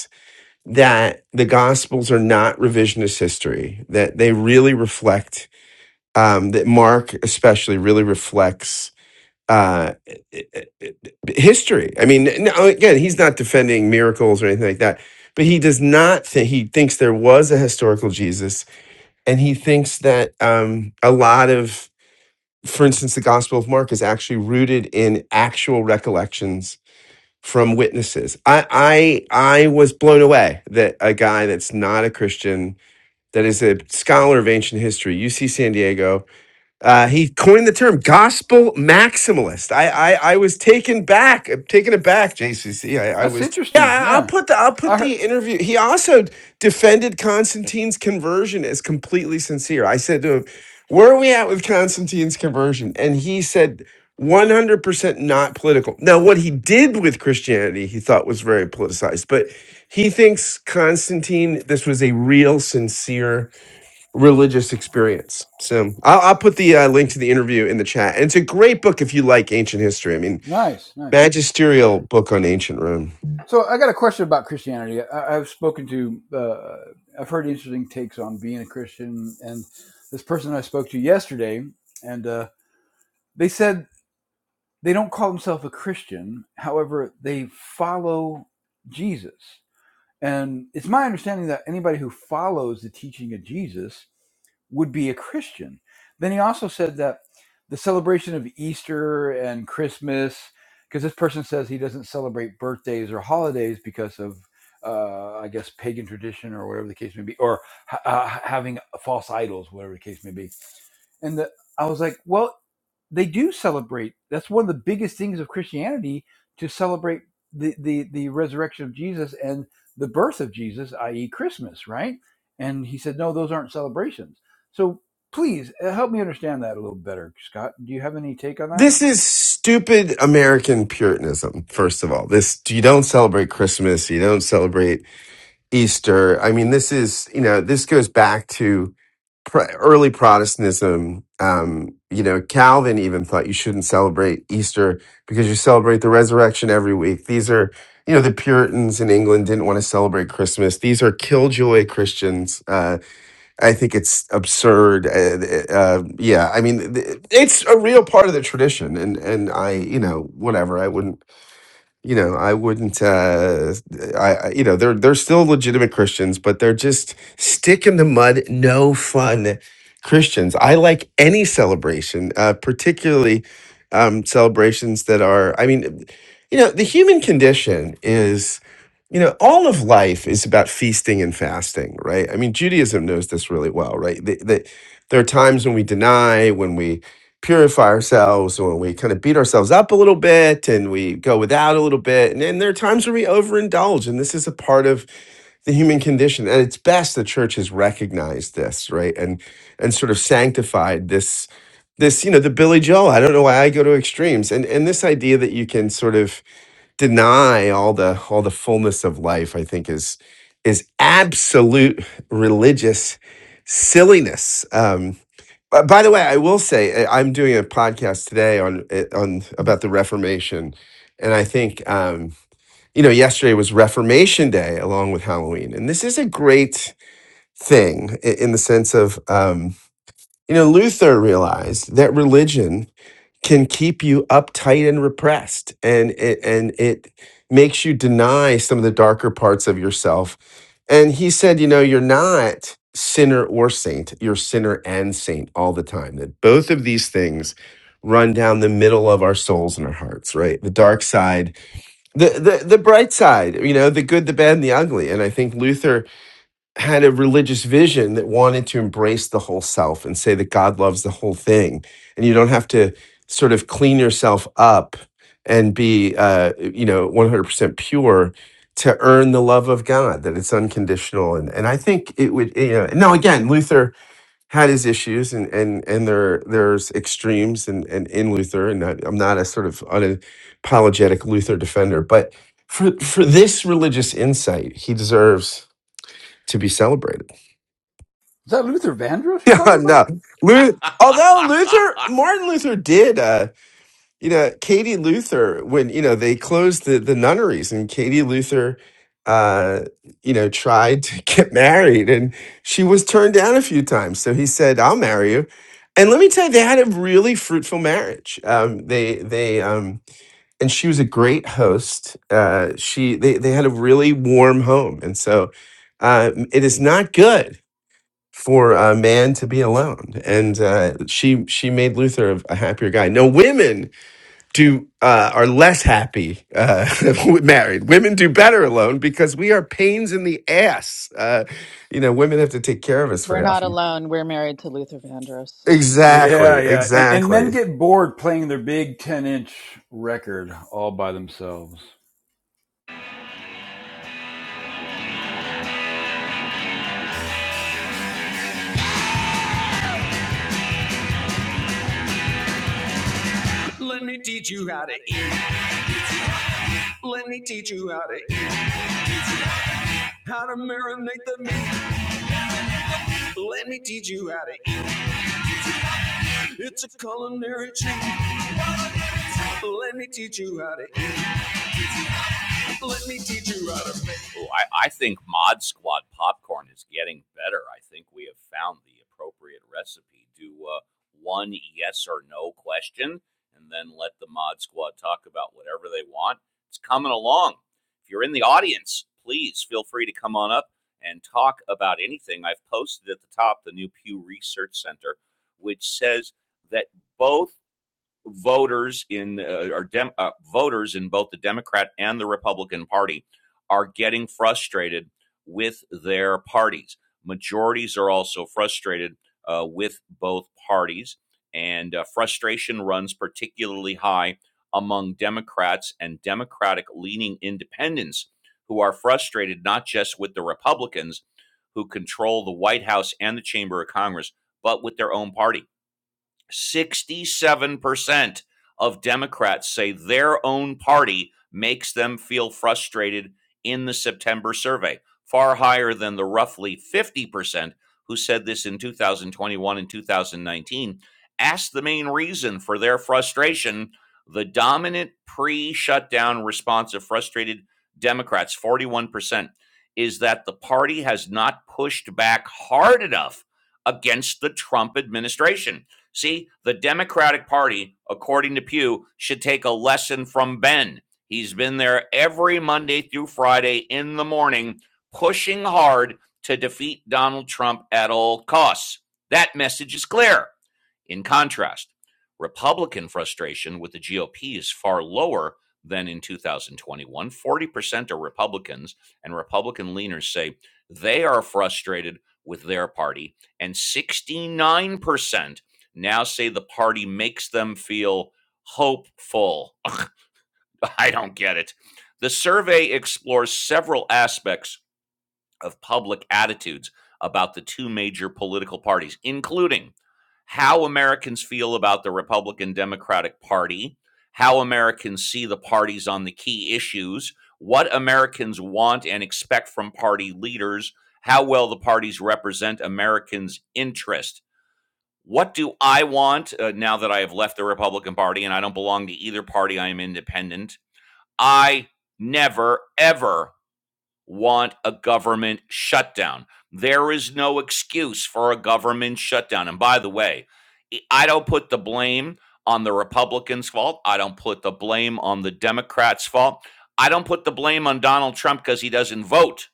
Speaker 7: that the Gospels are not revisionist history, that they really reflect, um, that Mark especially really reflects uh, history. I mean, no, again, he's not defending miracles or anything like that, but he does not think, he thinks there was a historical Jesus, and he thinks that um, a lot of, for instance, the Gospel of Mark is actually rooted in actual recollections from witnesses. I I I was blown away that a guy that's not a Christian, that is a scholar of ancient history, UC San Diego, uh, he coined the term gospel maximalist. I, I I was taken back, uh, taken aback, JCC. I, I
Speaker 6: That's
Speaker 7: was yeah.
Speaker 6: interesting.
Speaker 7: I- I'll
Speaker 6: Yeah,
Speaker 7: put the I'll put
Speaker 6: I
Speaker 7: the
Speaker 6: heard.
Speaker 7: interview. He also defended Constantine's conversion as completely sincere. I said to him, "Where are we at with Constantine's conversion?" And he said, "100% not political." Now, what he did with Christianity, he thought was very politicized, but he thinks Constantine. This was a real, sincere religious experience. So I'll, I'll put the uh, link to the interview in the chat. And it's a great book if you like ancient history. I mean,
Speaker 6: Nice, nice.
Speaker 7: magisterial book on ancient Rome.
Speaker 6: So I got a question about Christianity. I, I've spoken to, uh, I've heard interesting takes on being a Christian, and this person I spoke to yesterday, and uh, they said They don't call themselves a Christian. However, they follow Jesus. And it's my understanding that anybody who follows the teaching of Jesus would be a Christian. Then he also said that the celebration of Easter and Christmas, because this person says he doesn't celebrate birthdays or holidays because of, uh, I guess, pagan tradition or whatever the case may be, or ha- uh, having false idols, whatever the case may be and the, I was like, well, they do celebrate. That's one of the biggest things of Christianity to celebrate the the the resurrection of Jesus and the birth of Jesus, i.e., Christmas, right? And he said, no, those aren't celebrations. So please uh, help me understand that a little better, Scott. Do you have any take on that?
Speaker 7: This is stupid American Puritanism. First of all, this you don't celebrate Christmas. You don't celebrate Easter. I mean, this is, you know, this goes back to pr- early Protestantism. Um, you know, Calvin even thought you shouldn't celebrate Easter because you celebrate the resurrection every week. These are, you know, the Puritans in England didn't want to celebrate Christmas. These are killjoy Christians. Uh, I think it's absurd. Uh, uh, yeah, I mean, th- it's a real part of the tradition, and and I, you know, whatever. I wouldn't you know, I wouldn't. Uh, I, I you know, they're they're still legitimate Christians, but they're just stick in the mud, no fun Christians. I like any celebration, uh, particularly um, celebrations that are. I mean, you know, the human condition is. You know, all of life is about feasting and fasting, right? I mean, Judaism knows this really well, right? That that there are times when we deny, when we purify ourselves or we kind of beat ourselves up a little bit and we go without a little bit. And then there are times where we overindulge. And this is a part of the human condition. At its best, the church has recognized this, right? And and sort of sanctified this this, you know, the Billy Joel. I don't know why I go to extremes. And and this idea that you can sort of deny all the all the fullness of life, I think is is absolute religious silliness. Um uh, by the way, I will say uh, I'm doing a podcast today on uh, on about the Reformation, and I think um, you know yesterday was Reformation Day along with Halloween, and this is a great thing i- in the sense of um, you know Luther realized that religion can keep you uptight and repressed and it and it makes you deny some of the darker parts of yourself and he said you know you're not sinner or saint you're sinner and saint all the time that both of these things run down the middle of our souls and our hearts right the dark side the the, the bright side you know the good the bad and the ugly and i think luther had a religious vision that wanted to embrace the whole self and say that God loves the whole thing. And you don't have to sort of clean yourself up and be, uh, you know, 100% pure to earn the love of God, that it's unconditional. And, and I think it would, you know, now again, Luther had his issues and, and, and there, there's extremes and, and in Luther, and I- I'm not a sort of unapologetic Luther defender, but for, for this religious insight, he deserves to be celebrated.
Speaker 6: Is that Luther Vandross you're
Speaker 7: Yeah,
Speaker 6: talking about?
Speaker 7: no. Luther, although Luther, Martin Luther did, uh, you know, Katie Luther, when, you know, they closed the, the nunneries and Katie Luther, uh, you know, tried to get married and she was turned down a few times. So he said, I'll marry you. And let me tell you, they had a really fruitful marriage. Um, they, they, um, and she was a great host. Uh, she, they, they had a really warm home. And so, uh, it is not good for a man to be alone and uh, she she made luther a, a happier guy no women do uh, are less happy uh, with married women do better alone because we are pains in the ass uh, you know women have to take care of us
Speaker 14: We're
Speaker 7: very
Speaker 14: not
Speaker 7: often
Speaker 14: alone. We're married to Luther Vandross. So,
Speaker 6: Yeah,
Speaker 7: exactly
Speaker 6: yeah. And, and men
Speaker 7: exactly
Speaker 6: get bored playing their big 10 inch record all by themselves.
Speaker 1: Let me teach you how to eat. Let me teach you how to eat. How to marinate the meat. Let me teach you how to eat. It's a culinary treat. Let me teach you how to Let me teach you how to make. Ooh, I, I think Mod Squad popcorn is getting better. I think we have found the appropriate recipe. Do uh, one yes or no question, and then let the Mod Squad talk about whatever they want. It's coming along. If you're in the audience, please feel free to come on up and talk about anything. I've posted at the top the new Pew Research Center, which says that both voters in uh, or dem- uh, voters in both the Democrat and the Republican Party are getting frustrated with their parties. Majorities are also frustrated uh, with both parties, and uh, frustration runs particularly high among Democrats and Democratic leaning independents who are frustrated not just with the Republicans who control the White House and the Chamber of Congress, but with their own party 67% of Democrats say their own party makes them feel frustrated in the September survey, far higher than the roughly 50% who said this in 2021 and 2019. Asked the main reason for their frustration, the dominant pre shutdown response of frustrated Democrats, 41%, is that the party has not pushed back hard enough against the Trump administration See, the Democratic Party, according to Pew, should take a lesson from Ben. He's been there every Monday through Friday in the morning, pushing hard to defeat Donald Trump at all costs. That message is clear. In contrast, Republican frustration with the GOP is far lower than in 2021. 40% are Republicans, and Republican leaners say they are frustrated with their party, and 69% now say the party makes them feel hopeful. I don't get it. The survey explores several aspects of public attitudes about the two major political parties, including how Americans feel about the Republican Democratic Party, how Americans see the parties on the key issues, what Americans want and expect from party leaders, how well the parties represent Americans' interest. What do I want uh, now that I have left the Republican Party and I don't belong to either party? I am independent. I never, ever want a government shutdown. There is no excuse for a government shutdown. And by the way, I- I don't put the blame on the Republicans' fault. I don't put the blame on the Democrats' fault. I don't put the blame on Donald Trump because he doesn't vote.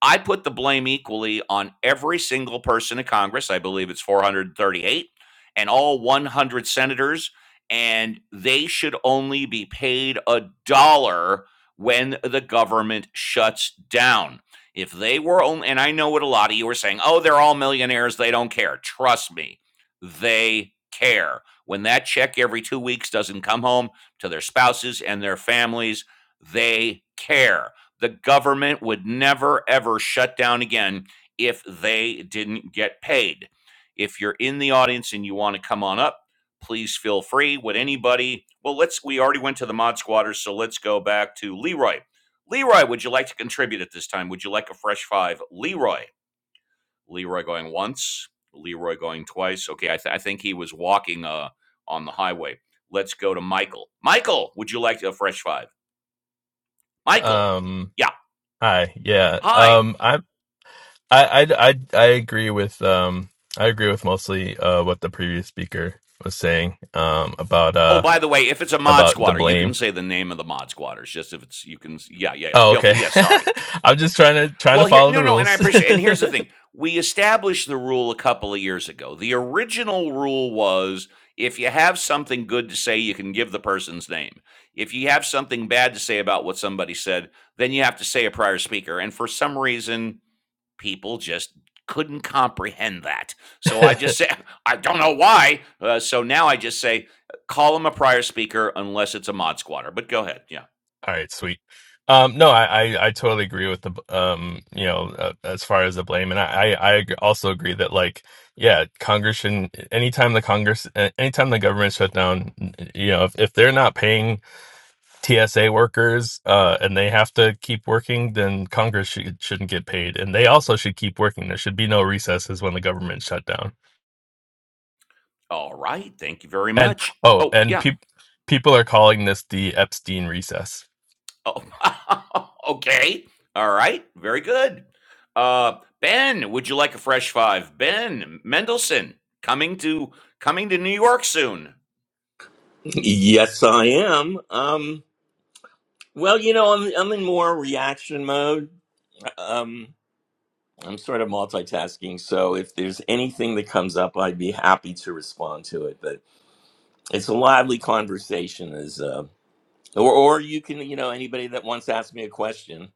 Speaker 1: I put the blame equally on every single person in Congress. I believe it's 438 and all 100 senators, and they should only be paid a dollar when the government shuts down. If they were only, and I know what a lot of you are saying, oh, they're all millionaires, they don't care. Trust me, they care. When that check every two weeks doesn't come home to their spouses and their families, they care the government would never ever shut down again if they didn't get paid. If you're in the audience and you want to come on up, please feel free. Would anybody? Well, let's. We already went to the mod squatters, so let's go back to Leroy. Leroy, would you like to contribute at this time? Would you like a fresh five, Leroy? Leroy going once. Leroy going twice. Okay, I, th- I think he was walking uh, on the highway. Let's go to Michael. Michael, would you like a fresh five? Michael,
Speaker 12: um
Speaker 1: yeah.
Speaker 12: Hi. Yeah.
Speaker 1: Hi.
Speaker 12: Um. I. I. I. I I agree with. Um. I agree with mostly uh what the previous speaker was saying. Um. About
Speaker 1: Oh,
Speaker 12: uh
Speaker 1: by the way, if it's a mod
Speaker 12: about the
Speaker 1: squatter, you can
Speaker 12: blame.
Speaker 1: say the name of the mod squatters. Just if it's you can, yeah, yeah, yeah.
Speaker 12: Oh.
Speaker 1: Feel
Speaker 12: Okay.
Speaker 1: yeah. Sorry.
Speaker 12: I'm just trying to trying to
Speaker 1: Well, here,
Speaker 12: follow
Speaker 1: no,
Speaker 12: the
Speaker 1: no, and I
Speaker 12: rules.
Speaker 1: appreciate. And here's the thing: we established the rule a couple of years ago. The original rule was if you have something good to say, you can give the person's name. If you have something bad to say about what somebody said, then you have to say a prior speaker. And for some reason, people just couldn't comprehend that. So I just
Speaker 12: All
Speaker 1: say, I don't know why. Uh, so now I just say, call him a prior speaker unless it's a mod squatter. But go ahead. Yeah.
Speaker 12: right. Sweet. Um. No. I. I. I totally agree with the. Um. You know. Uh, as far as the blame, and I. I. I ag- also agree that like. Yeah, Congress should Anytime the Congress, anytime the government shut down, you know, if, if they're not paying TSA workers uh, and they have to keep working, then Congress should, shouldn't get paid. And they also should keep working. There should be no recesses when the government shut down.
Speaker 1: All right. Thank you very
Speaker 12: And
Speaker 1: much.
Speaker 12: oh,
Speaker 1: Oh,
Speaker 12: and
Speaker 1: yeah.
Speaker 12: peop people are calling this the Epstein recess.
Speaker 1: Oh, okay. All right. Very good. Uh, ben, would you like a fresh five? Ben Mendelson coming to coming to New York soon.
Speaker 11: Yes, I am. Um, well, you know, I'm, I'm in more reaction mode. Um, I'm sort of multitasking, so if there's anything that comes up, I'd be happy to respond to it. But it's a lively conversation, as uh, or or you can, you know, anybody that wants to ask me a question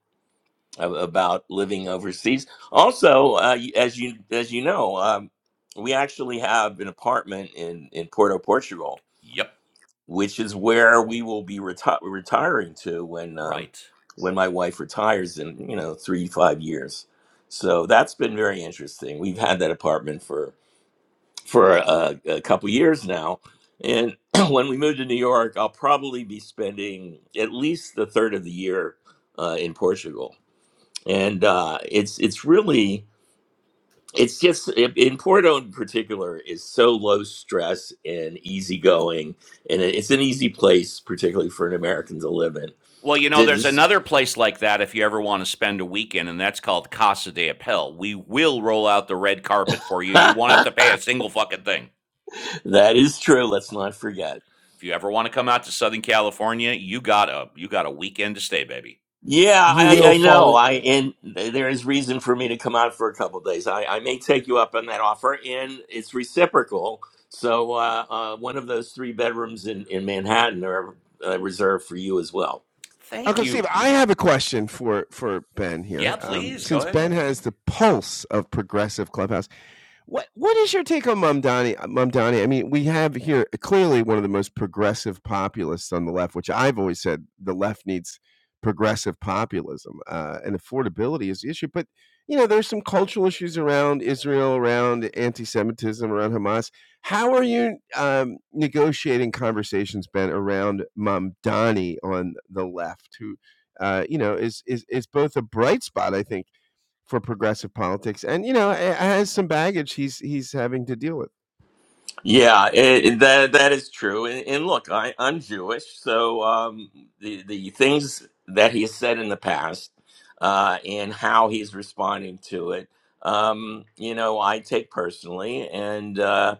Speaker 11: a- about living overseas. Also, uh, y- as you as you know, um, we actually have an apartment in in Porto, Portugal,
Speaker 1: Yep.
Speaker 11: which is where we will be reti- retiring to when um,
Speaker 1: Right.
Speaker 11: when my wife retires in you know three five years. So that's been very interesting. We've had that apartment for for a, a couple years now, and when we move to New York, I'll probably be spending at least the third of the year uh, in Portugal, and uh, it's it's really it's just i- in Porto in particular is so low stress and easygoing, and it- it's an easy place, particularly for an American to live in.
Speaker 1: Well, you know,
Speaker 11: Did
Speaker 1: there's
Speaker 11: this?
Speaker 1: another place like that if you ever want to spend a weekend, and that's called Casa de Appel. We will roll out the red carpet for you. You won't have to
Speaker 11: that
Speaker 1: pay a single fucking thing.
Speaker 11: is true. Let's not forget.
Speaker 1: If you ever want to come out to Southern California, you got a you got a weekend to stay, baby.
Speaker 11: Yeah,
Speaker 6: You
Speaker 11: I,
Speaker 6: will
Speaker 11: I
Speaker 6: fall.
Speaker 11: know. I and there is reason for me to come out for a couple of days. I, I may take you up on that offer, and it's reciprocal. So uh, uh, one of those three bedrooms in in Manhattan are uh, reserved for you as well.
Speaker 1: Thank
Speaker 7: Uncle Steve,
Speaker 1: you.
Speaker 7: I have a question for for Ben here.
Speaker 1: Yeah,
Speaker 7: Um,
Speaker 1: please go
Speaker 7: since
Speaker 1: ahead.
Speaker 7: Ben
Speaker 1: Yeah.
Speaker 7: has the pulse of progressive clubhouse, What what is your take on Mamdani? Mamdani. I mean, we have here clearly one of the most progressive populists on the left, which I've always said the left needs progressive populism, uh, and affordability is the issue. But you know, there's some cultural issues around Israel, around anti-Semitism, around Hamas. How are you um, negotiating conversations, Ben, around Mamdani on the left, who uh, you know is is is both a bright spot, I think for progressive politics, and you know, it has some baggage he's he's having to deal with.
Speaker 11: Yeah, it, that that is true. And, and look, I, I'm Jewish, so um, the the things that he has said in the past uh, and how he's responding to it, um, you know, I take personally, and uh,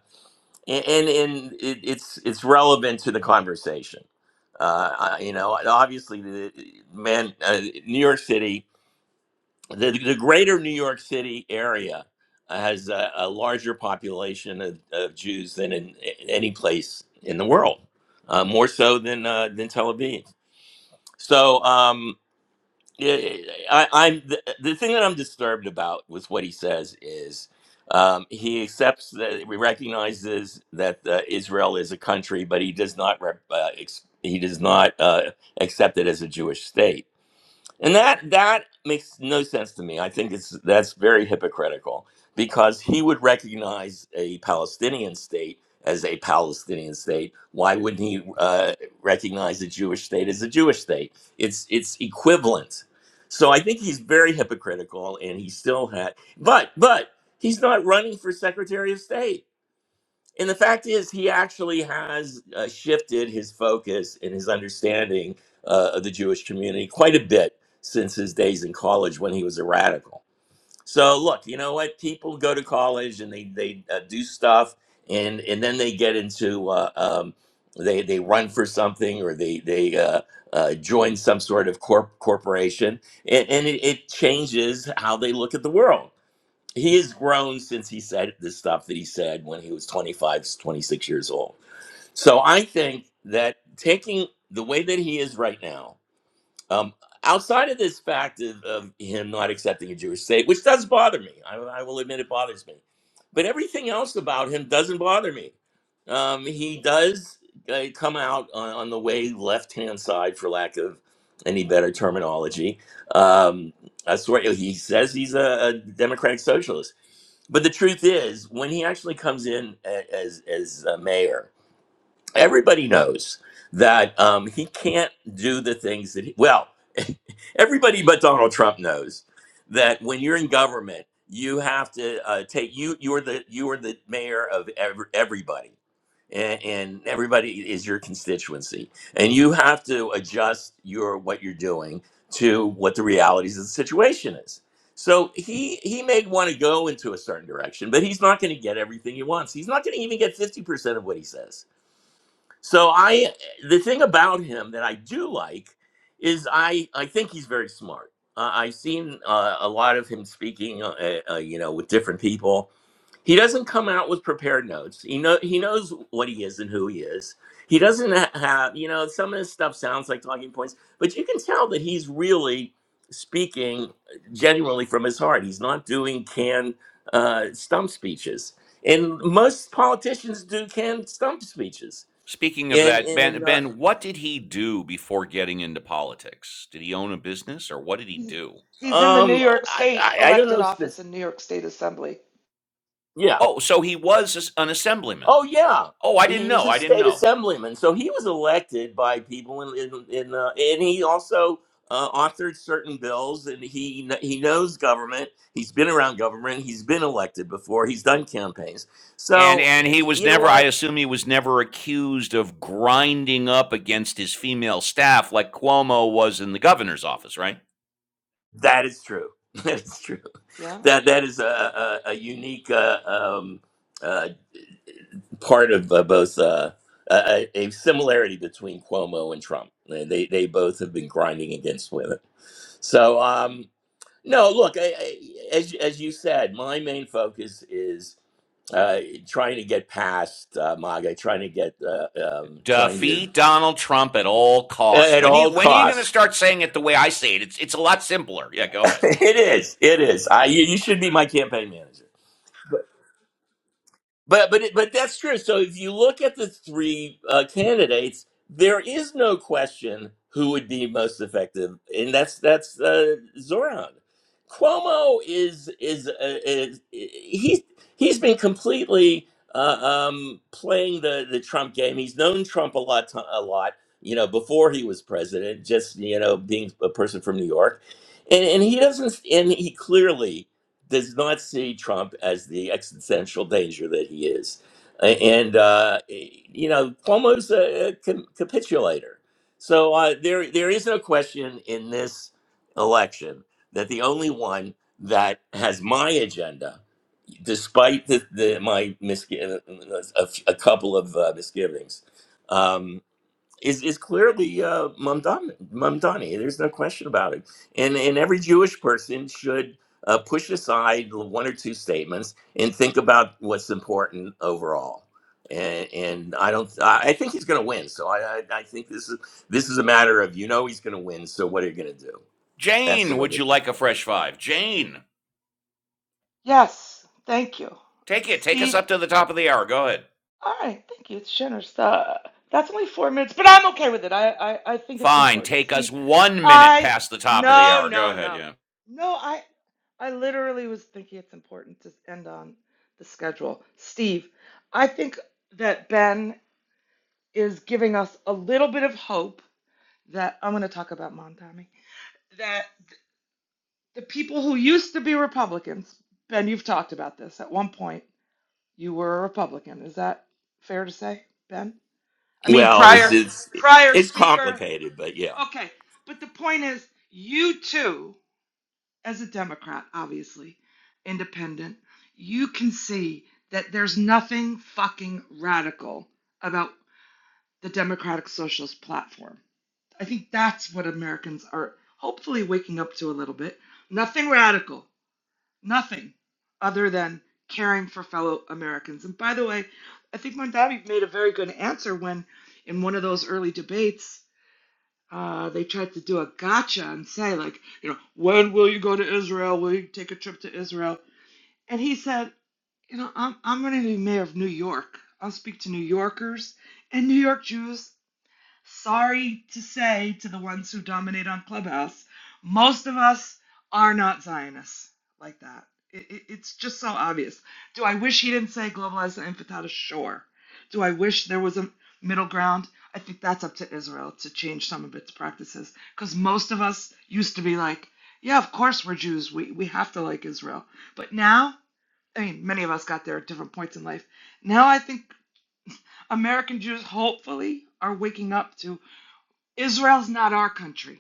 Speaker 11: and and and it, it's it's relevant to the conversation. Uh, I- you know, obviously, the man, uh, New York City the, the greater New York City area uh, has a, a larger population of, of Jews than in any place in the world, uh, more so than uh, than Tel Aviv. So um, I- I'm the, the thing that I'm disturbed about with what he says is um, he accepts that he recognizes that uh, Israel is a country, but he does not rep, uh, ex, he does not uh, accept it as a Jewish state and that that makes no sense to me. I think it's that's very hypocritical because he would recognize a Palestinian state as a Palestinian state. Why wouldn't he uh, recognize a Jewish state as a Jewish state? It's it's equivalent. So I think he's very hypocritical, and he still had, but but he's not running for Secretary of State and the fact is he actually has uh, shifted his focus and his understanding uh, of the jewish community quite a bit since his days in college when he was a radical so look you know what people go to college and they they uh, do stuff and and then they get into uh, um, they they run for something or they they uh, uh, join some sort of corp- corporation and, and it, it changes how they look at the world he has grown since he said the stuff that he said when he was 25, 26 years old so i think that taking the way that he is right now um, outside of this fact of, of him not accepting a jewish state which does bother me I, I will admit it bothers me but everything else about him doesn't bother me um, he does uh, come out on, on the way left hand side for lack of any better terminology um, I swear he says he's a, a democratic socialist but the truth is, when he actually comes in a- as as a mayor, everybody knows that um, he can't do the things that he, well everybody but donald trump knows that when you're in government you have to uh, take you you're the you're the mayor of every, everybody and, and everybody is your constituency and you have to adjust your what you're doing to what the realities of the situation is so he he may want to go into a certain direction but he's not going to get everything he wants he's not going to even get 50% of what he says so I the thing about him that I do like is I I think he's very smart. Uh, I've seen uh, a lot of him speaking, uh, eh, uh, you know, with different people. He doesn't come out with prepared notes. He know he knows what he is and who he is. He doesn't ha- have, you know, some of his stuff sounds like talking points, but you can tell that he's really speaking genuinely from his heart. He's not doing canned uh, stump speeches, and most politicians do canned stump speeches
Speaker 1: Speaking of
Speaker 11: and
Speaker 1: that, Ben,
Speaker 11: and uh,
Speaker 1: Ben, what did he do before getting into politics? Did he own a business, or what did he
Speaker 15: He's,
Speaker 1: do?
Speaker 15: he's in the New
Speaker 11: um,
Speaker 15: York
Speaker 11: I,
Speaker 15: State
Speaker 11: I I don't
Speaker 15: elected
Speaker 11: know
Speaker 15: office
Speaker 11: this.
Speaker 15: in New York State Assembly.
Speaker 11: Yeah.
Speaker 1: Oh, so he was an assemblyman.
Speaker 11: Oh yeah.
Speaker 1: Oh, I didn't
Speaker 11: He was
Speaker 1: know.
Speaker 11: a
Speaker 1: I didn't
Speaker 11: state
Speaker 1: know.
Speaker 11: assemblyman, so he was elected by people in in, in uh, and he also uh, authored certain bills, and he kn- he knows government. He's been around government. He's been elected before. He's done campaigns.
Speaker 1: And
Speaker 11: So
Speaker 1: and he
Speaker 11: y-
Speaker 1: was
Speaker 11: you know
Speaker 1: never, I
Speaker 11: what?
Speaker 1: assume he was never accused of grinding up against his female staff like Cuomo was in the governor's office, right?
Speaker 11: That is true. That is true.
Speaker 15: Yeah.
Speaker 11: That that is a a, a unique uh, um, uh, part of uh, both uh, a, a similarity between Cuomo and Trump. They they they both have been grinding against women. So um, no, look, I, I, as as you said, my main focus is uh, trying to get past uh, MAGA, trying to get uh, um, trying to
Speaker 1: Defeat Donald Trump at all costs.
Speaker 11: at
Speaker 1: When you
Speaker 11: all
Speaker 1: when are you gonna
Speaker 11: costs.
Speaker 1: start saying it the way I say it? It's it's a lot simpler. Yeah, go ahead.
Speaker 11: it is, it is. I you, you should be my campaign manager. But but it, but that's true. So if you look at the three uh, candidates, there is no question who would be most effective, and that's that's uh, Zoran. Cuomo is is, uh, is he's he's been completely uh, um, playing the the Trump game. He's known Trump a lot to- a lot, you know, before he was president. Just you know, being a person from New York, and and he doesn't, and he clearly does not see Trump as the existential danger that he is. A- And, uh, eh, you know, Cuomo's a, a com- capitulator. So uh, there, there is no question in this election that the only one that has my agenda, despite the, the, my misgi- uh, uh, a, a couple of uh, misgivings, um, is is clearly uh, Mamdani. Mamdani. There's no question about it. And and every Jewish person should uh, push aside one or two statements and think about what's important overall. And, and I don't. I I think he's going to win. So I, I I think this is this is a matter of you know he's going to win. So what are you going to do? That's the
Speaker 1: Jane,
Speaker 11: way
Speaker 1: would you
Speaker 11: this.
Speaker 1: like a fresh five? Jane,
Speaker 15: Yes. Thank you,
Speaker 1: take it. Take us
Speaker 15: Steve.
Speaker 1: up to the top of the hour. Go ahead.
Speaker 15: All right, thank you. It's generous. Uh, that's only four minutes, but I'm okay with it. I, I, I think it's
Speaker 1: Fine,
Speaker 15: important.
Speaker 1: take us
Speaker 15: Steve,
Speaker 1: one minute
Speaker 15: I,
Speaker 1: past the top of the
Speaker 15: no,
Speaker 1: hour. Go
Speaker 15: no,
Speaker 1: ahead,
Speaker 15: no.
Speaker 1: yeah.
Speaker 15: No, I, I literally was thinking it's important to end on the schedule. Steve, I think that Ben is giving us a little bit of hope that I'm going to talk about Montami. That the people who used to be Republicans, Ben, you've talked about this. At one point, you were a Republican. Is that fair to say, Ben? I mean,
Speaker 11: Well, it's
Speaker 15: prior
Speaker 11: it's,
Speaker 15: prior
Speaker 11: it's
Speaker 15: speaker.
Speaker 11: complicated, but yeah,
Speaker 15: Okay, but the point is, you too, as a Democrat, obviously, independent, you can see that there's nothing fucking radical about the Democratic Socialist platform. I think that's what Americans are hopefully waking up to a little bit. Nothing radical, nothing other than caring for fellow Americans. And by the way, I think Mondavi made a very good answer when, in one of those early debates, uh, they tried to do a gotcha and say, like, you know, when will you go to Israel? Will you take a trip to Israel? And he said, you know, I'm, I'm going to be mayor of New York. I'll speak to New Yorkers and New York Jews Sorry to say to the ones who dominate on Clubhouse, most of us are not Zionists like that. It, it, it's just so obvious. Do I wish he didn't say globalized and infantile? Sure. Do I wish there was a middle ground? I think that's up to Israel to change some of its practices because most of us used to be like, yeah, of course we're Jews. We, we have to like Israel. But now, I mean, many of us got there at different points in life. Now I think American Jews hopefully are waking up to Israel's not our country.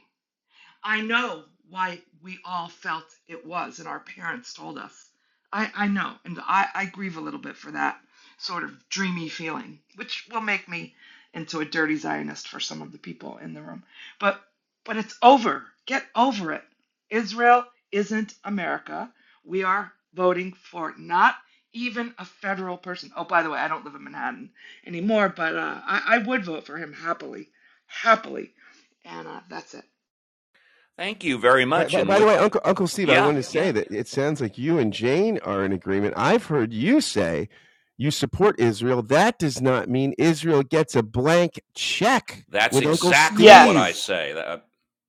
Speaker 15: I know why we all felt it was, and our parents told us. I, I know, and I, I grieve a little bit for that sort of dreamy feeling, which will make me into a dirty Zionist for some of the people in the room. But but it's over. Get over it. Israel isn't America. We are voting for not even a federal person. Oh, by the way, I don't live in Manhattan anymore, but uh, I, I would vote for him happily, happily. And uh, that's it.
Speaker 1: Thank you very
Speaker 7: By,
Speaker 1: much.
Speaker 7: by,
Speaker 1: And
Speaker 7: by the
Speaker 1: with
Speaker 7: way, Uncle Uncle Steve, I
Speaker 1: yeah,
Speaker 7: want to
Speaker 1: yeah.
Speaker 7: say that it sounds like you and Jane are in agreement. I've heard you say you support Israel. That does not mean Israel gets a blank check
Speaker 1: That's
Speaker 7: with Uncle
Speaker 1: exactly what I
Speaker 7: Steve.
Speaker 15: Yes.
Speaker 1: say. That,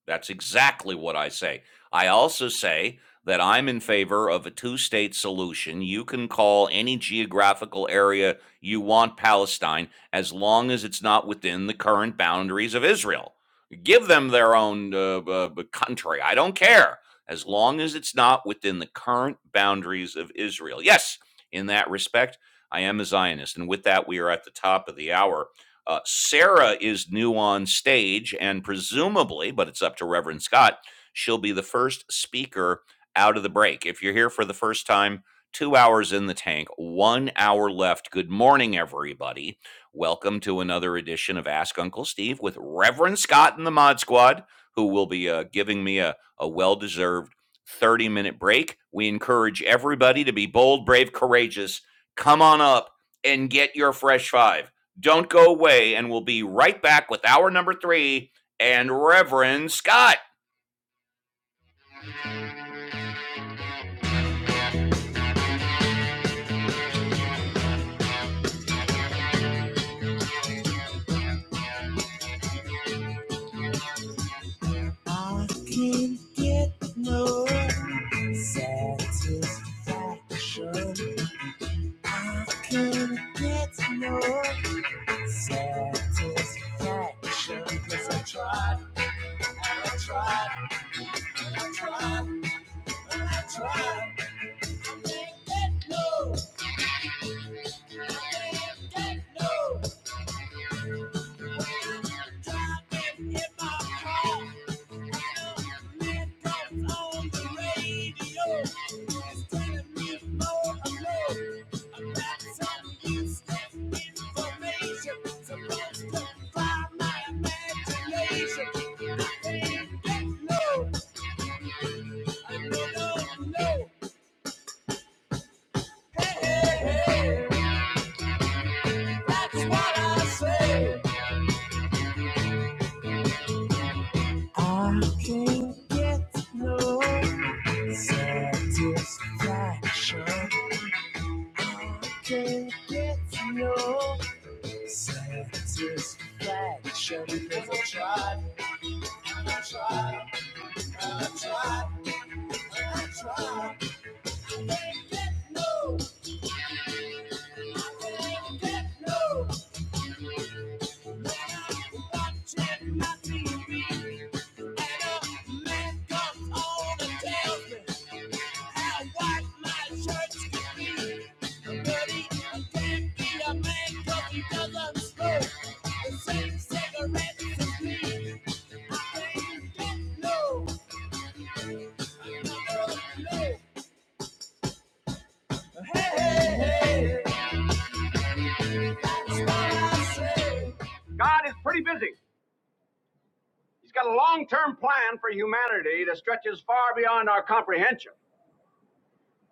Speaker 1: that's exactly what I say. I also say that I'm in favor of a two state solution. You can call any geographical area you want Palestine as long as it's not within the current boundaries of Israel. Give them their own uh, uh, country. I don't care. As long as it's not within the current boundaries of Israel. Yes, in that respect, I am a Zionist. And with that, we are at the top of the hour. Uh, Sarah is new on stage, and presumably, but it's up to Reverend Scott, she'll be the first speaker out of the break. If you're here for the first time, two hours in the tank, one hour left. Good morning, everybody. Welcome to another edition of Ask Uncle Steve with Reverend Scott and the Mod Squad, who will be uh, giving me a, a well deserved 30 minute break. We encourage everybody to be bold, brave, courageous. Come on up and get your fresh five. Don't go away, and we'll be right back with hour number three and Reverend Scott. I can get no satisfaction. I can get no satisfaction. Cause I tried, I tried, I tried, I tried. I can't get no, I can't get no Driving in my car. Man comes on the radio. It's telling me more alone. About some useless information. Supposed to fly my imagination. I can't get no. I don't know. Hey, hey, hey. That's what I say. I can't get no satisfaction. I can't get no satisfaction. Try, try, try. Can't get no. I can't get no. When I watch it, my TV. no, no, no. Hey, hey, hey, God is pretty busy. He's got a long term plan for humanity that stretches far beyond our comprehension.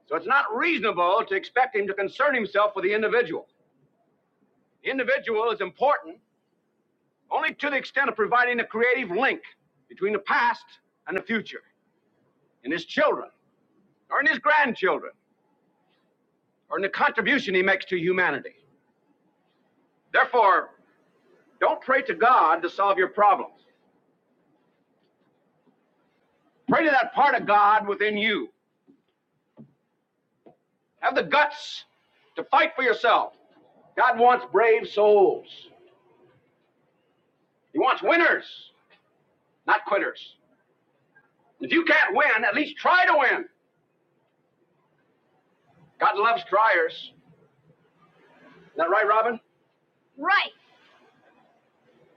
Speaker 1: So it's not reasonable to expect him to concern himself with the individual. The individual is important only to the extent of providing a creative link between the past and the future in his children or in his grandchildren or in the contribution he makes to humanity. Therefore, don't pray to God to solve your problems. Pray to that part of God within you. Have the guts to fight for yourself. God wants brave souls. He wants winners, not quitters. If you can't win, at least try to win. God loves dryers. Is that right, Robin?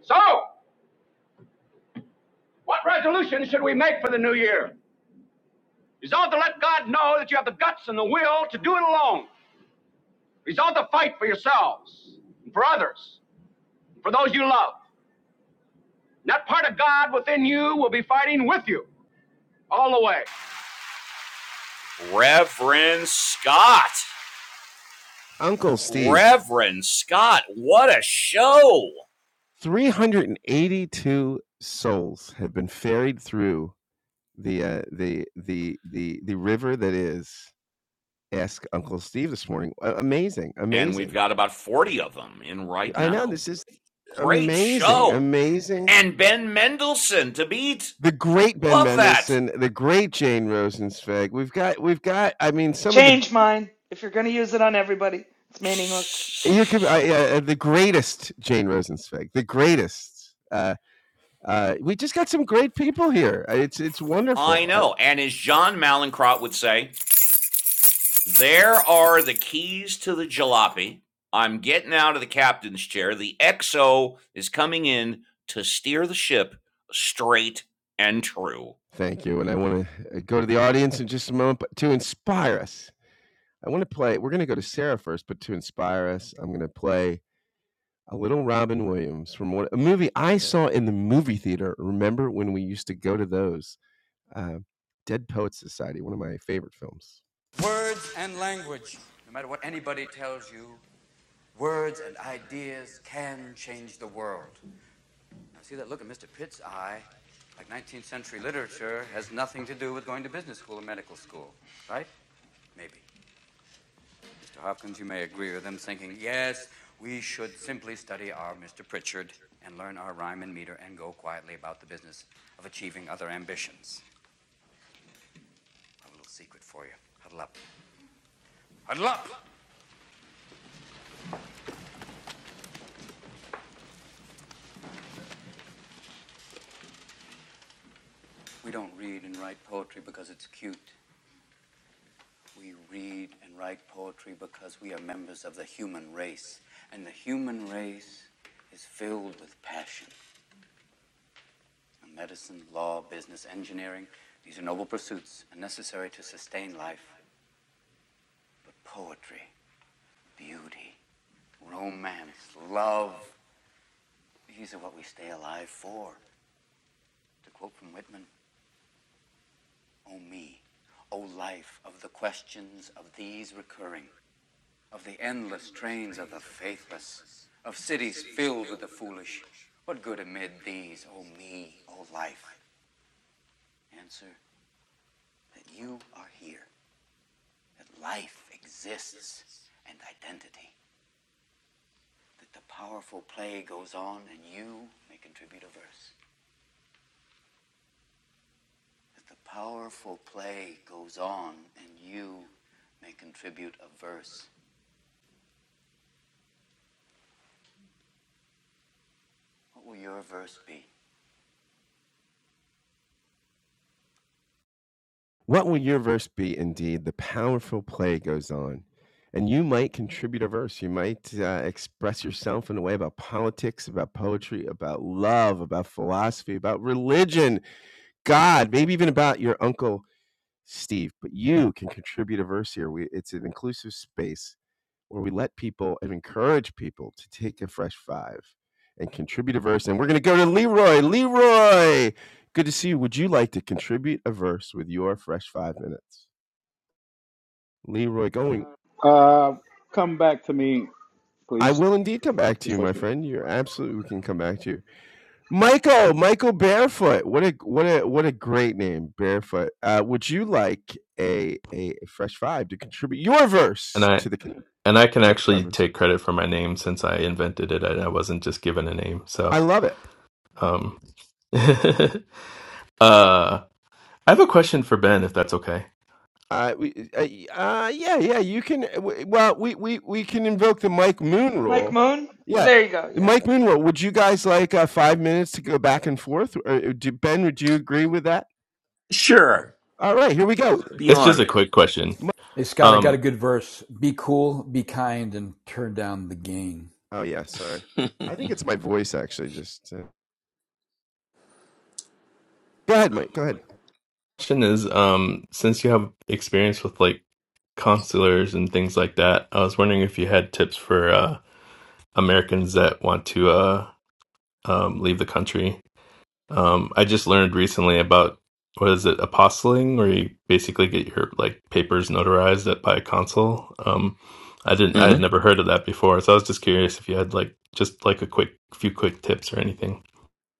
Speaker 1: So, what resolution should we make for the new year? Resolve to let God know that you have the guts and the will to do it alone. Resolve to fight for yourselves, and for others, and for those you love. And that part of God within you will be fighting with you all the way. Reverend Scott.
Speaker 7: Uncle Steve,
Speaker 1: Reverend Scott, what a show!
Speaker 7: three hundred and eighty-two souls have been ferried through the uh, the the the the river that is Ask Uncle Steve this morning. Amazing,
Speaker 1: And we've
Speaker 7: amazing.
Speaker 1: got about 40 of them in right
Speaker 7: I know
Speaker 1: now.
Speaker 7: this is
Speaker 1: Great
Speaker 7: amazing,
Speaker 1: show.
Speaker 7: amazing.
Speaker 1: And Ben Mendelsohn to beat.
Speaker 7: The great Ben
Speaker 1: Love that.
Speaker 7: Mendelsohn, the great Jane Rosenzweig. We've got, we've got. I mean, some of the
Speaker 15: Change mine. If you're going to use it on everybody, it's meaningless.
Speaker 7: you could I, uh, the greatest Jane Rosenzweig, the greatest. Uh, uh, we just got some great people here. Uh, It's it's
Speaker 1: I
Speaker 7: wonderful. I,
Speaker 1: know. And as John Malincrot would say, there are the keys to the jalopy. I'm getting out of the captain's chair. The XO is coming in to steer the ship straight and true.
Speaker 7: thank you, and I want to go to the audience in just a moment, but to inspire us, I want to play. We're going to go to Sarah first, but to inspire us, I'm going to play A Little Robin Williams from what a movie I saw in the movie theater. Remember when we used to go to those? Uh, Dead Poets Society, one of my favorite films. What will your verse be? Indeed, the powerful play goes on, and you might contribute a verse. You might uh, express yourself in a way about politics, about poetry, about love, about philosophy, about religion, God, maybe even about your uncle Steve. But you can contribute a verse here. We, it's an inclusive space where we let people and encourage people to take a fresh five and contribute a verse. And we're going to go to Leroy. Leroy, good to see you. Would you like to contribute a verse with your fresh five minutes? Leroy going.
Speaker 10: Uh, come back to me,
Speaker 7: I
Speaker 10: please.
Speaker 7: will indeed come back to
Speaker 10: Just
Speaker 7: you,
Speaker 10: for a
Speaker 7: my
Speaker 10: second.
Speaker 7: friend. You're absolutely we can come back to you. Michael, Michael Barefoot. What a what a what a great name, Barefoot. Uh, would you like a, a fresh five to contribute your
Speaker 12: And
Speaker 7: verse
Speaker 12: I
Speaker 7: to the
Speaker 12: and I can actually
Speaker 7: conversation?
Speaker 12: take credit for my name since I invented it. I, I wasn't just given a name.
Speaker 7: I
Speaker 12: So
Speaker 7: love it.
Speaker 12: um, uh, I have a question for Ben, if that's okay.
Speaker 7: Uh, we, uh, y- uh, yeah, yeah, you can. uh, w- Well, we, we, we can invoke the Mike Moon
Speaker 15: Mike
Speaker 7: rule.
Speaker 15: Moon?
Speaker 7: Yeah,
Speaker 15: There you go.
Speaker 7: the
Speaker 15: Yeah.
Speaker 7: Mike Moon rule. Would you guys like uh, five minutes to go back and forth? Or, uh, do, ben, would you agree with that?
Speaker 11: sure.
Speaker 7: All right, here we go.
Speaker 11: Be
Speaker 12: It's just a
Speaker 11: honored.
Speaker 12: quick question.
Speaker 7: Mi-
Speaker 6: Hey Scott, I
Speaker 12: Um,
Speaker 6: got a good verse. Be cool, be kind, and turn down the gain.
Speaker 7: Oh, yeah, sorry. I think it's my voice, actually. Just uh, go ahead, Mike. Go ahead.
Speaker 12: question is, um, since you have experience with like consulars and things like that, I was wondering if you had tips for uh, Americans that want to uh, um, leave the country. Um, I just learned recently about what is it, apostling, where you basically get your like papers notarized at by a consul. Um, I didn't, I had never heard of that before, so I was just curious if you had like just like a quick few quick tips or anything.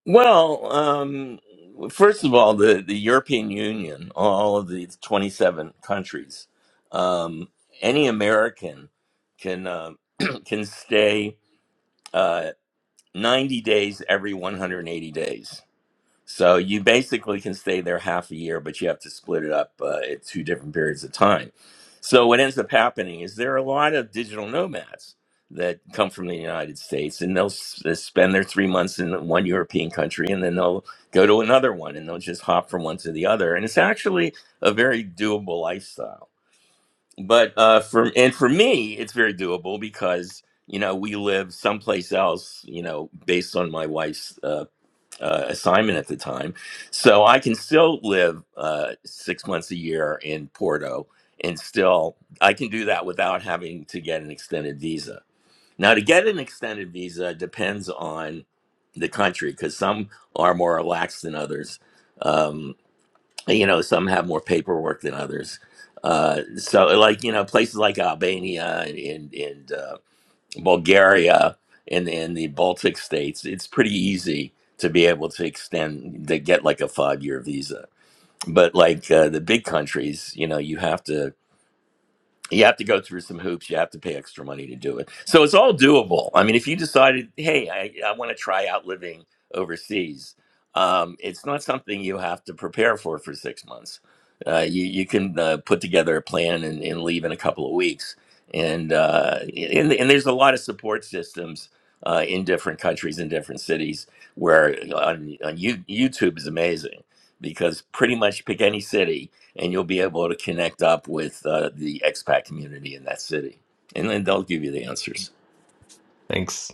Speaker 11: Well, um, first of all, the, the European Union, all of the 27 countries, um, any American can uh, can stay uh, 90 days every 180 days. So you basically can stay there half a year, but you have to split it up uh, at two different periods of time. So what ends up happening is there are a lot of digital nomads that come from the United States, and they'll s- uh, spend their three months in one European country, and then they'll go to another one, and they'll just hop from one to the other. And it's actually a very doable lifestyle. But uh, for and for me, it's very doable because you know we live someplace else. You know, based on my wife's uh, uh, assignment at the time. So I can still live uh, six months a year in Porto and still I can do that without having to get an extended visa. Now, to get an extended visa depends on the country because some are more relaxed than others. Um, you know, some have more paperwork than others. Uh, so, like, you know, places like Albania and, and, and uh, Bulgaria and in the Baltic states, it's pretty easy to be able to extend to get like a five year visa. But like uh, the big countries, you know, you have to you have to go through some hoops. You have to pay extra money to do it. So it's all doable. I mean, if you decided, hey, I, I want to try out living overseas, um, it's not something you have to prepare for for six months. Uh, you, you can uh, put together a plan and, and leave in a couple of weeks. And, uh, and, and there's a lot of support systems uh, in different countries and different cities where uh, on, on you, YouTube is amazing because pretty much pick any city and you'll be able to connect up with uh, the expat community in that city, and then they'll give you the answers.
Speaker 12: Thanks.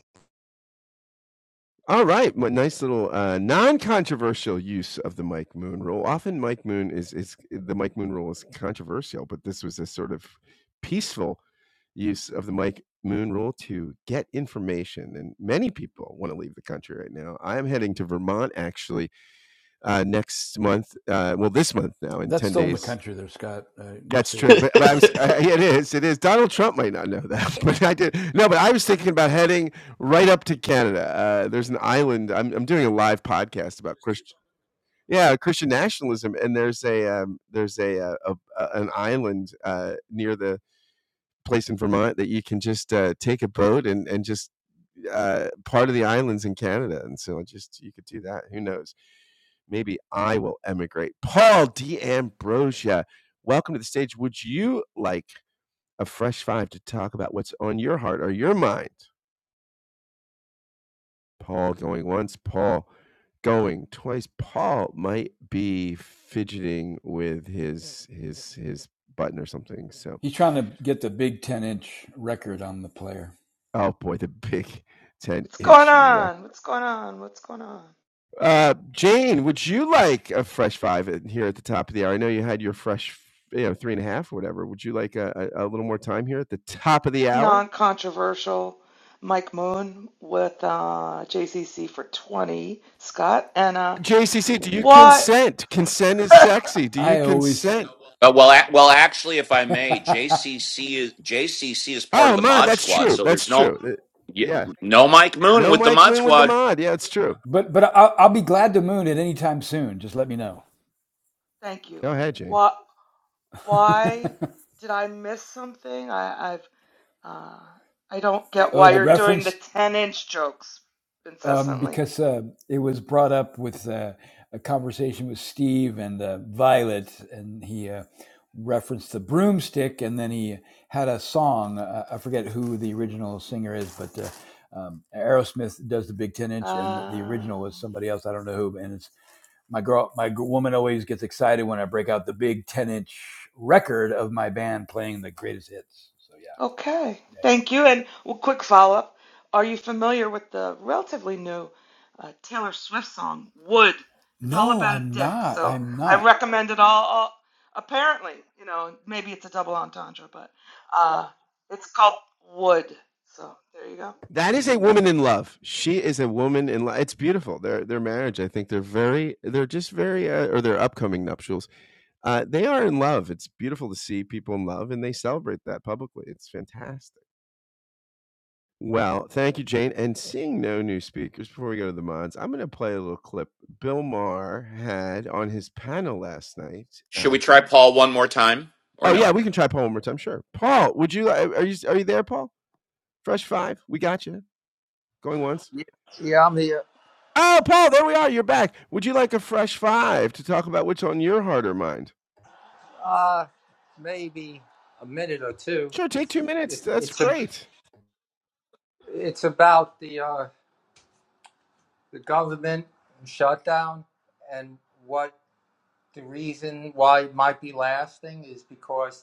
Speaker 7: All right, my nice little uh, non-controversial use of the Mike Moon rule. Often, Mike Moon is is the Mike Moon rule is controversial, but this was a sort of peaceful use of the Mike Moon rule to get information. And many people want to leave the country right now. I am heading to Vermont actually uh, next month. Uh, well, this month now in
Speaker 6: That's
Speaker 7: 10
Speaker 6: still in the
Speaker 7: days.
Speaker 6: country there, Scott. Uh, just
Speaker 7: That's
Speaker 6: so you
Speaker 7: true,
Speaker 12: Let-
Speaker 6: know,
Speaker 7: but, but I'm, s- I, it is. It is. Donald Trump might not know that, but I did. No, but I was thinking about heading right up to Canada. Uh, there's an island. I'm, I'm doing a live podcast about Christian, yeah, Christian nationalism, and there's a um, there's a, uh a, a an island uh, near the place in Vermont that you can just uh, take a boat and and just uh, part of the islands in Canada, and so just you could do that. Who knows? Maybe I will emigrate. Paul D'Ambrósia, welcome to the stage. Would you like a fresh five to talk about what's on your heart or your mind? Paul going once. Paul going twice. Paul might be fidgeting with his his his button or something. So,
Speaker 6: he's trying to get the big ten-inch record on the player.
Speaker 7: oh boy, the big ten
Speaker 15: What's going
Speaker 7: inch
Speaker 15: on? What's going on? What's going on?
Speaker 7: Uh, Jane, would you like a fresh five in- here at the top of the hour? I know you had your fresh, you know, three and a half or whatever. Would you like a, a, little more time here at the top of the hour?
Speaker 15: Non controversial Mike Moon with uh, JCC for 20, Scott. And uh,
Speaker 7: JCC, do you
Speaker 15: what?
Speaker 7: consent? Consent is sexy. Do you
Speaker 6: I always,
Speaker 7: consent?
Speaker 1: Uh, well, ac well, actually, if I may,
Speaker 6: but
Speaker 1: JCC is JCC is part of
Speaker 7: Oh,
Speaker 1: the
Speaker 7: mod,
Speaker 1: Mod
Speaker 7: that's
Speaker 1: Squad,
Speaker 7: true.
Speaker 1: so
Speaker 7: That's
Speaker 1: there's no
Speaker 7: true. Uh, Yeah.
Speaker 1: no Mike Moon
Speaker 7: No
Speaker 1: with the
Speaker 7: Mike
Speaker 1: Mod
Speaker 7: Moon with the
Speaker 1: Squad.
Speaker 7: mod. Yeah, it's true.
Speaker 6: but I'll, I'll be glad to moon at any time soon. Just let me know.
Speaker 15: Thank you.
Speaker 7: Go ahead, Jane.
Speaker 15: What? Why did I miss something? I, I've uh, I don't get
Speaker 6: Oh,
Speaker 15: why
Speaker 6: the
Speaker 15: you're doing the
Speaker 6: reference
Speaker 15: 10 inch jokes
Speaker 6: um,
Speaker 15: incessantly.
Speaker 6: because uh, it was brought up with uh, a conversation with Steve and uh, Violet, and he uh, referenced the broomstick, and then he had a song. Uh, I forget who the original singer is, but uh, um, Aerosmith does the Big Ten Inch, and the
Speaker 15: Uh,
Speaker 6: original was somebody else. I don't know who, and it's my girl. My g- woman always gets excited when I break out the Big Ten Inch record of my band playing the greatest hits. So yeah,
Speaker 15: okay.
Speaker 6: yeah, yeah.
Speaker 15: Thank you. And well, quick follow up. Are you familiar with the relatively new uh, Taylor Swift song, Wood? It's all
Speaker 6: No,
Speaker 15: about a
Speaker 6: I'm
Speaker 15: dick.
Speaker 6: not.
Speaker 15: So
Speaker 6: I'm
Speaker 15: I
Speaker 6: not.
Speaker 15: recommend it all, all. Apparently, you know, maybe it's a double entendre, but uh, it's called Wood. So there you go.
Speaker 7: That is a woman in love. She is a woman in love. It's beautiful. Their their marriage, I think they're very they're just very uh, or their upcoming nuptials Uh, they are in love. It's beautiful to see people in love, and they celebrate that publicly. It's fantastic. Well, thank you, Jane. And seeing no new speakers before we go to the mods, I'm going to play a little clip Bill Maher had on his panel last night.
Speaker 1: Should
Speaker 7: Uh,
Speaker 1: we try Paul one more time or
Speaker 7: oh
Speaker 1: no?
Speaker 7: yeah, we can try Paul one more time. Sure, Paul. Would you? li- Are you? Are you there, Paul? Fresh five. We got you. Going once.
Speaker 17: Yeah, yeah, I'm here.
Speaker 7: Oh, Paul, there we are. You're back. Would you like a fresh five to talk about what's on your heart or mind?
Speaker 17: Uh, maybe a minute or two.
Speaker 7: Sure, take two minutes.
Speaker 17: It's
Speaker 7: That's
Speaker 17: it's a,
Speaker 7: great.
Speaker 17: it's about the uh, the government shutdown and what the reason why it might be lasting is because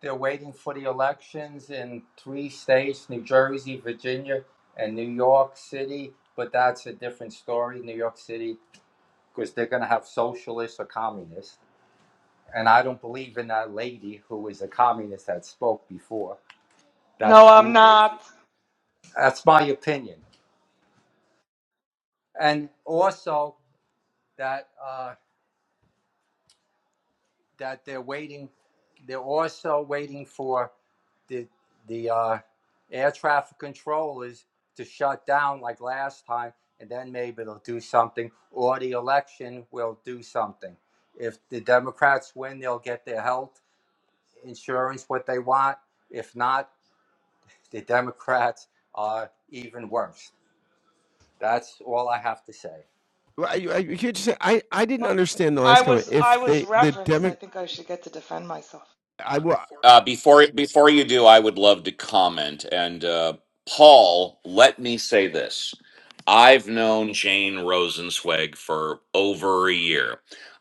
Speaker 17: they're waiting for the elections in three states: New Jersey, Virginia, and New York City. But that's a different story. New York City, because they're going to have socialists or communists. And I don't believe in that lady who was a communist that spoke before.
Speaker 15: No,
Speaker 17: That's
Speaker 15: I'm
Speaker 17: stupid.
Speaker 15: not.
Speaker 17: That's my opinion. And also that uh, that they're waiting. They're also waiting for the the uh, air traffic controllers to shut down like last time, and then maybe they'll do something, or the election will do something. If the Democrats win, they'll get their health insurance what they want. If not, the Democrats are even worse. That's all I have to say.
Speaker 7: Well, I, I, just say I, I didn't
Speaker 15: My,
Speaker 7: understand the
Speaker 15: I
Speaker 7: last comment.
Speaker 15: was I
Speaker 7: If
Speaker 15: was
Speaker 7: they the
Speaker 15: referenced.
Speaker 7: demo,
Speaker 15: I think I should get to defend myself.
Speaker 7: I will.
Speaker 1: Uh, before before you do, I would love to comment. And uh, Paul, let me say this: I've known Jane Rosenzweig for over a year.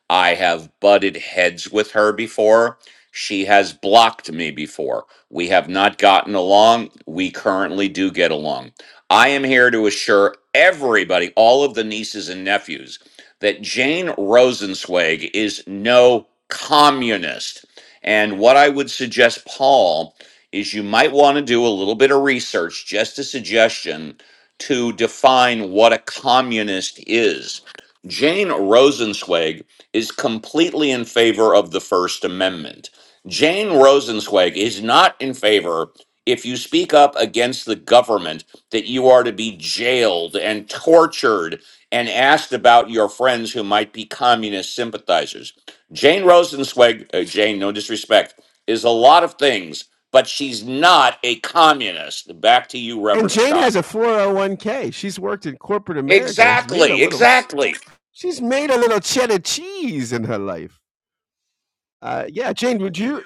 Speaker 1: I have butted heads with her before. She has blocked me before. We have not gotten along. We currently do get along. I am here to assure everybody, all of the nieces and nephews, that Jane Rosenzweig is no communist. And what I would suggest, Paul, is you might want to do a little bit of research, just a suggestion, to define what a communist is. Jane Rosenzweig is completely in favor of the First Amendment. Jane Rosenzweig is not in favor, if you speak up against the government, that you are to be jailed and tortured and asked about your friends who might be communist sympathizers. Jane Rosenzweig, uh, Jane, no disrespect, is a lot of things, but she's not a communist. Back to you,
Speaker 7: And
Speaker 1: Reverend
Speaker 7: Jane
Speaker 1: Scott.
Speaker 7: has a four hundred one k. She's worked in corporate America. Has made a
Speaker 1: Exactly,
Speaker 7: little.
Speaker 1: exactly.
Speaker 7: She's made a little cheddar cheese in her life. Uh, yeah, Jane, would you?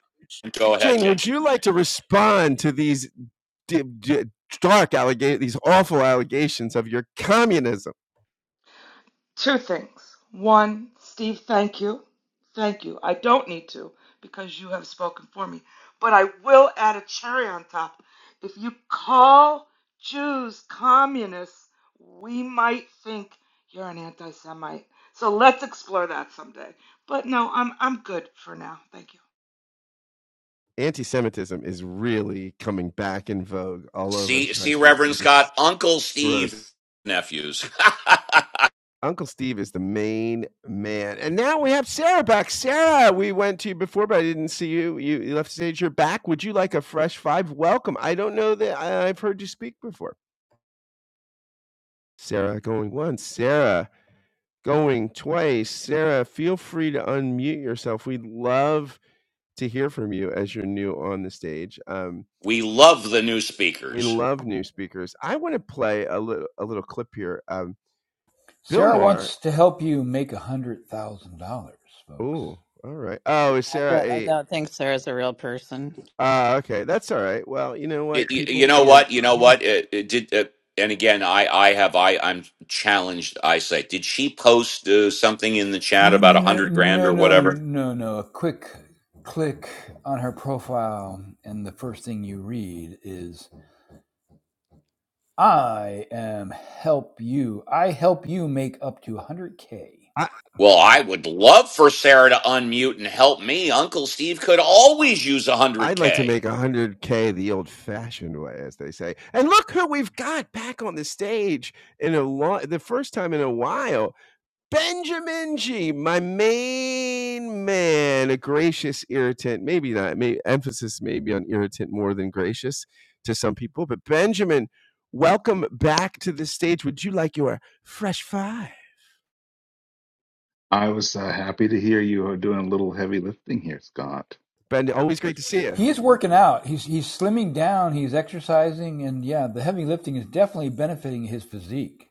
Speaker 1: Go ahead,
Speaker 7: Jane,
Speaker 1: Jane.
Speaker 7: would you like to respond to these d- d- dark allegations, these awful allegations of your communism?
Speaker 15: Two things. One, Steve, thank you. Thank you. I don't need to because you have spoken for me. But I will add a cherry on top. If you call Jews communists, we might think you're an anti Semite. So let's explore that someday. But no, I'm I'm good for now. Thank you.
Speaker 7: Anti-Semitism is really coming back in vogue all over the
Speaker 1: See, see,
Speaker 7: country.
Speaker 1: Reverend
Speaker 7: It is
Speaker 1: Scott, Uncle Steve,
Speaker 7: gross.
Speaker 1: nephews.
Speaker 7: Uncle Steve is the main man. And now we have Sarah back. Sarah, we went to you before, but I didn't see you. You, you left stage. You're back. Would you like a fresh five? Welcome. I don't know that I- I've heard you speak before. Sarah going once. Sarah going twice. Sarah, feel free to unmute yourself. We'd love to hear from you as you're new on the stage. Um,
Speaker 1: we love the new
Speaker 7: we
Speaker 1: speakers.
Speaker 7: love new speakers. I want to play a little a little clip here. Um, Bill
Speaker 6: Sarah
Speaker 7: Maher.
Speaker 6: wants to help you make a hundred thousand dollars, folks.
Speaker 7: Oh, all right. Oh, is
Speaker 14: I
Speaker 7: Sarah
Speaker 14: don't, I
Speaker 7: a
Speaker 14: don't think Sarah's a real person.
Speaker 7: Ah, okay, that's all right. Well, you know
Speaker 1: Y-
Speaker 7: what,
Speaker 1: y- You,
Speaker 7: people,
Speaker 1: know
Speaker 7: you know,
Speaker 1: what? You know
Speaker 7: people.
Speaker 1: what? It, it did. Uh, and again, I, I have, I, I'm challenged. I say, did she post uh, something in the chat about a hundred
Speaker 6: N-
Speaker 1: grand
Speaker 6: No,
Speaker 1: or
Speaker 6: no,
Speaker 1: whatever?
Speaker 6: no, no. A quick click on her profile, and the first thing you read is, "I am help you. I help you make up to one hundred k."
Speaker 7: I
Speaker 1: Well, I would love for Sarah to unmute and help me. Uncle Steve could always use
Speaker 7: I'd like to
Speaker 1: 100K.
Speaker 7: make hundred k the old-fashioned way, as they say. And look who we've got back on the stage in a long, the first time in a while. Benjamin G, my main man, a gracious irritant. Maybe not. May emphasis maybe on irritant more than gracious to some people. But Benjamin, welcome back to the stage. Would you like your fresh five?
Speaker 18: I was uh, happy to hear you are doing a little heavy lifting here, Scott.
Speaker 7: Ben, always great to see you.
Speaker 6: He is working out. He's he's slimming down. He's exercising, and yeah, the heavy lifting is definitely benefiting his physique.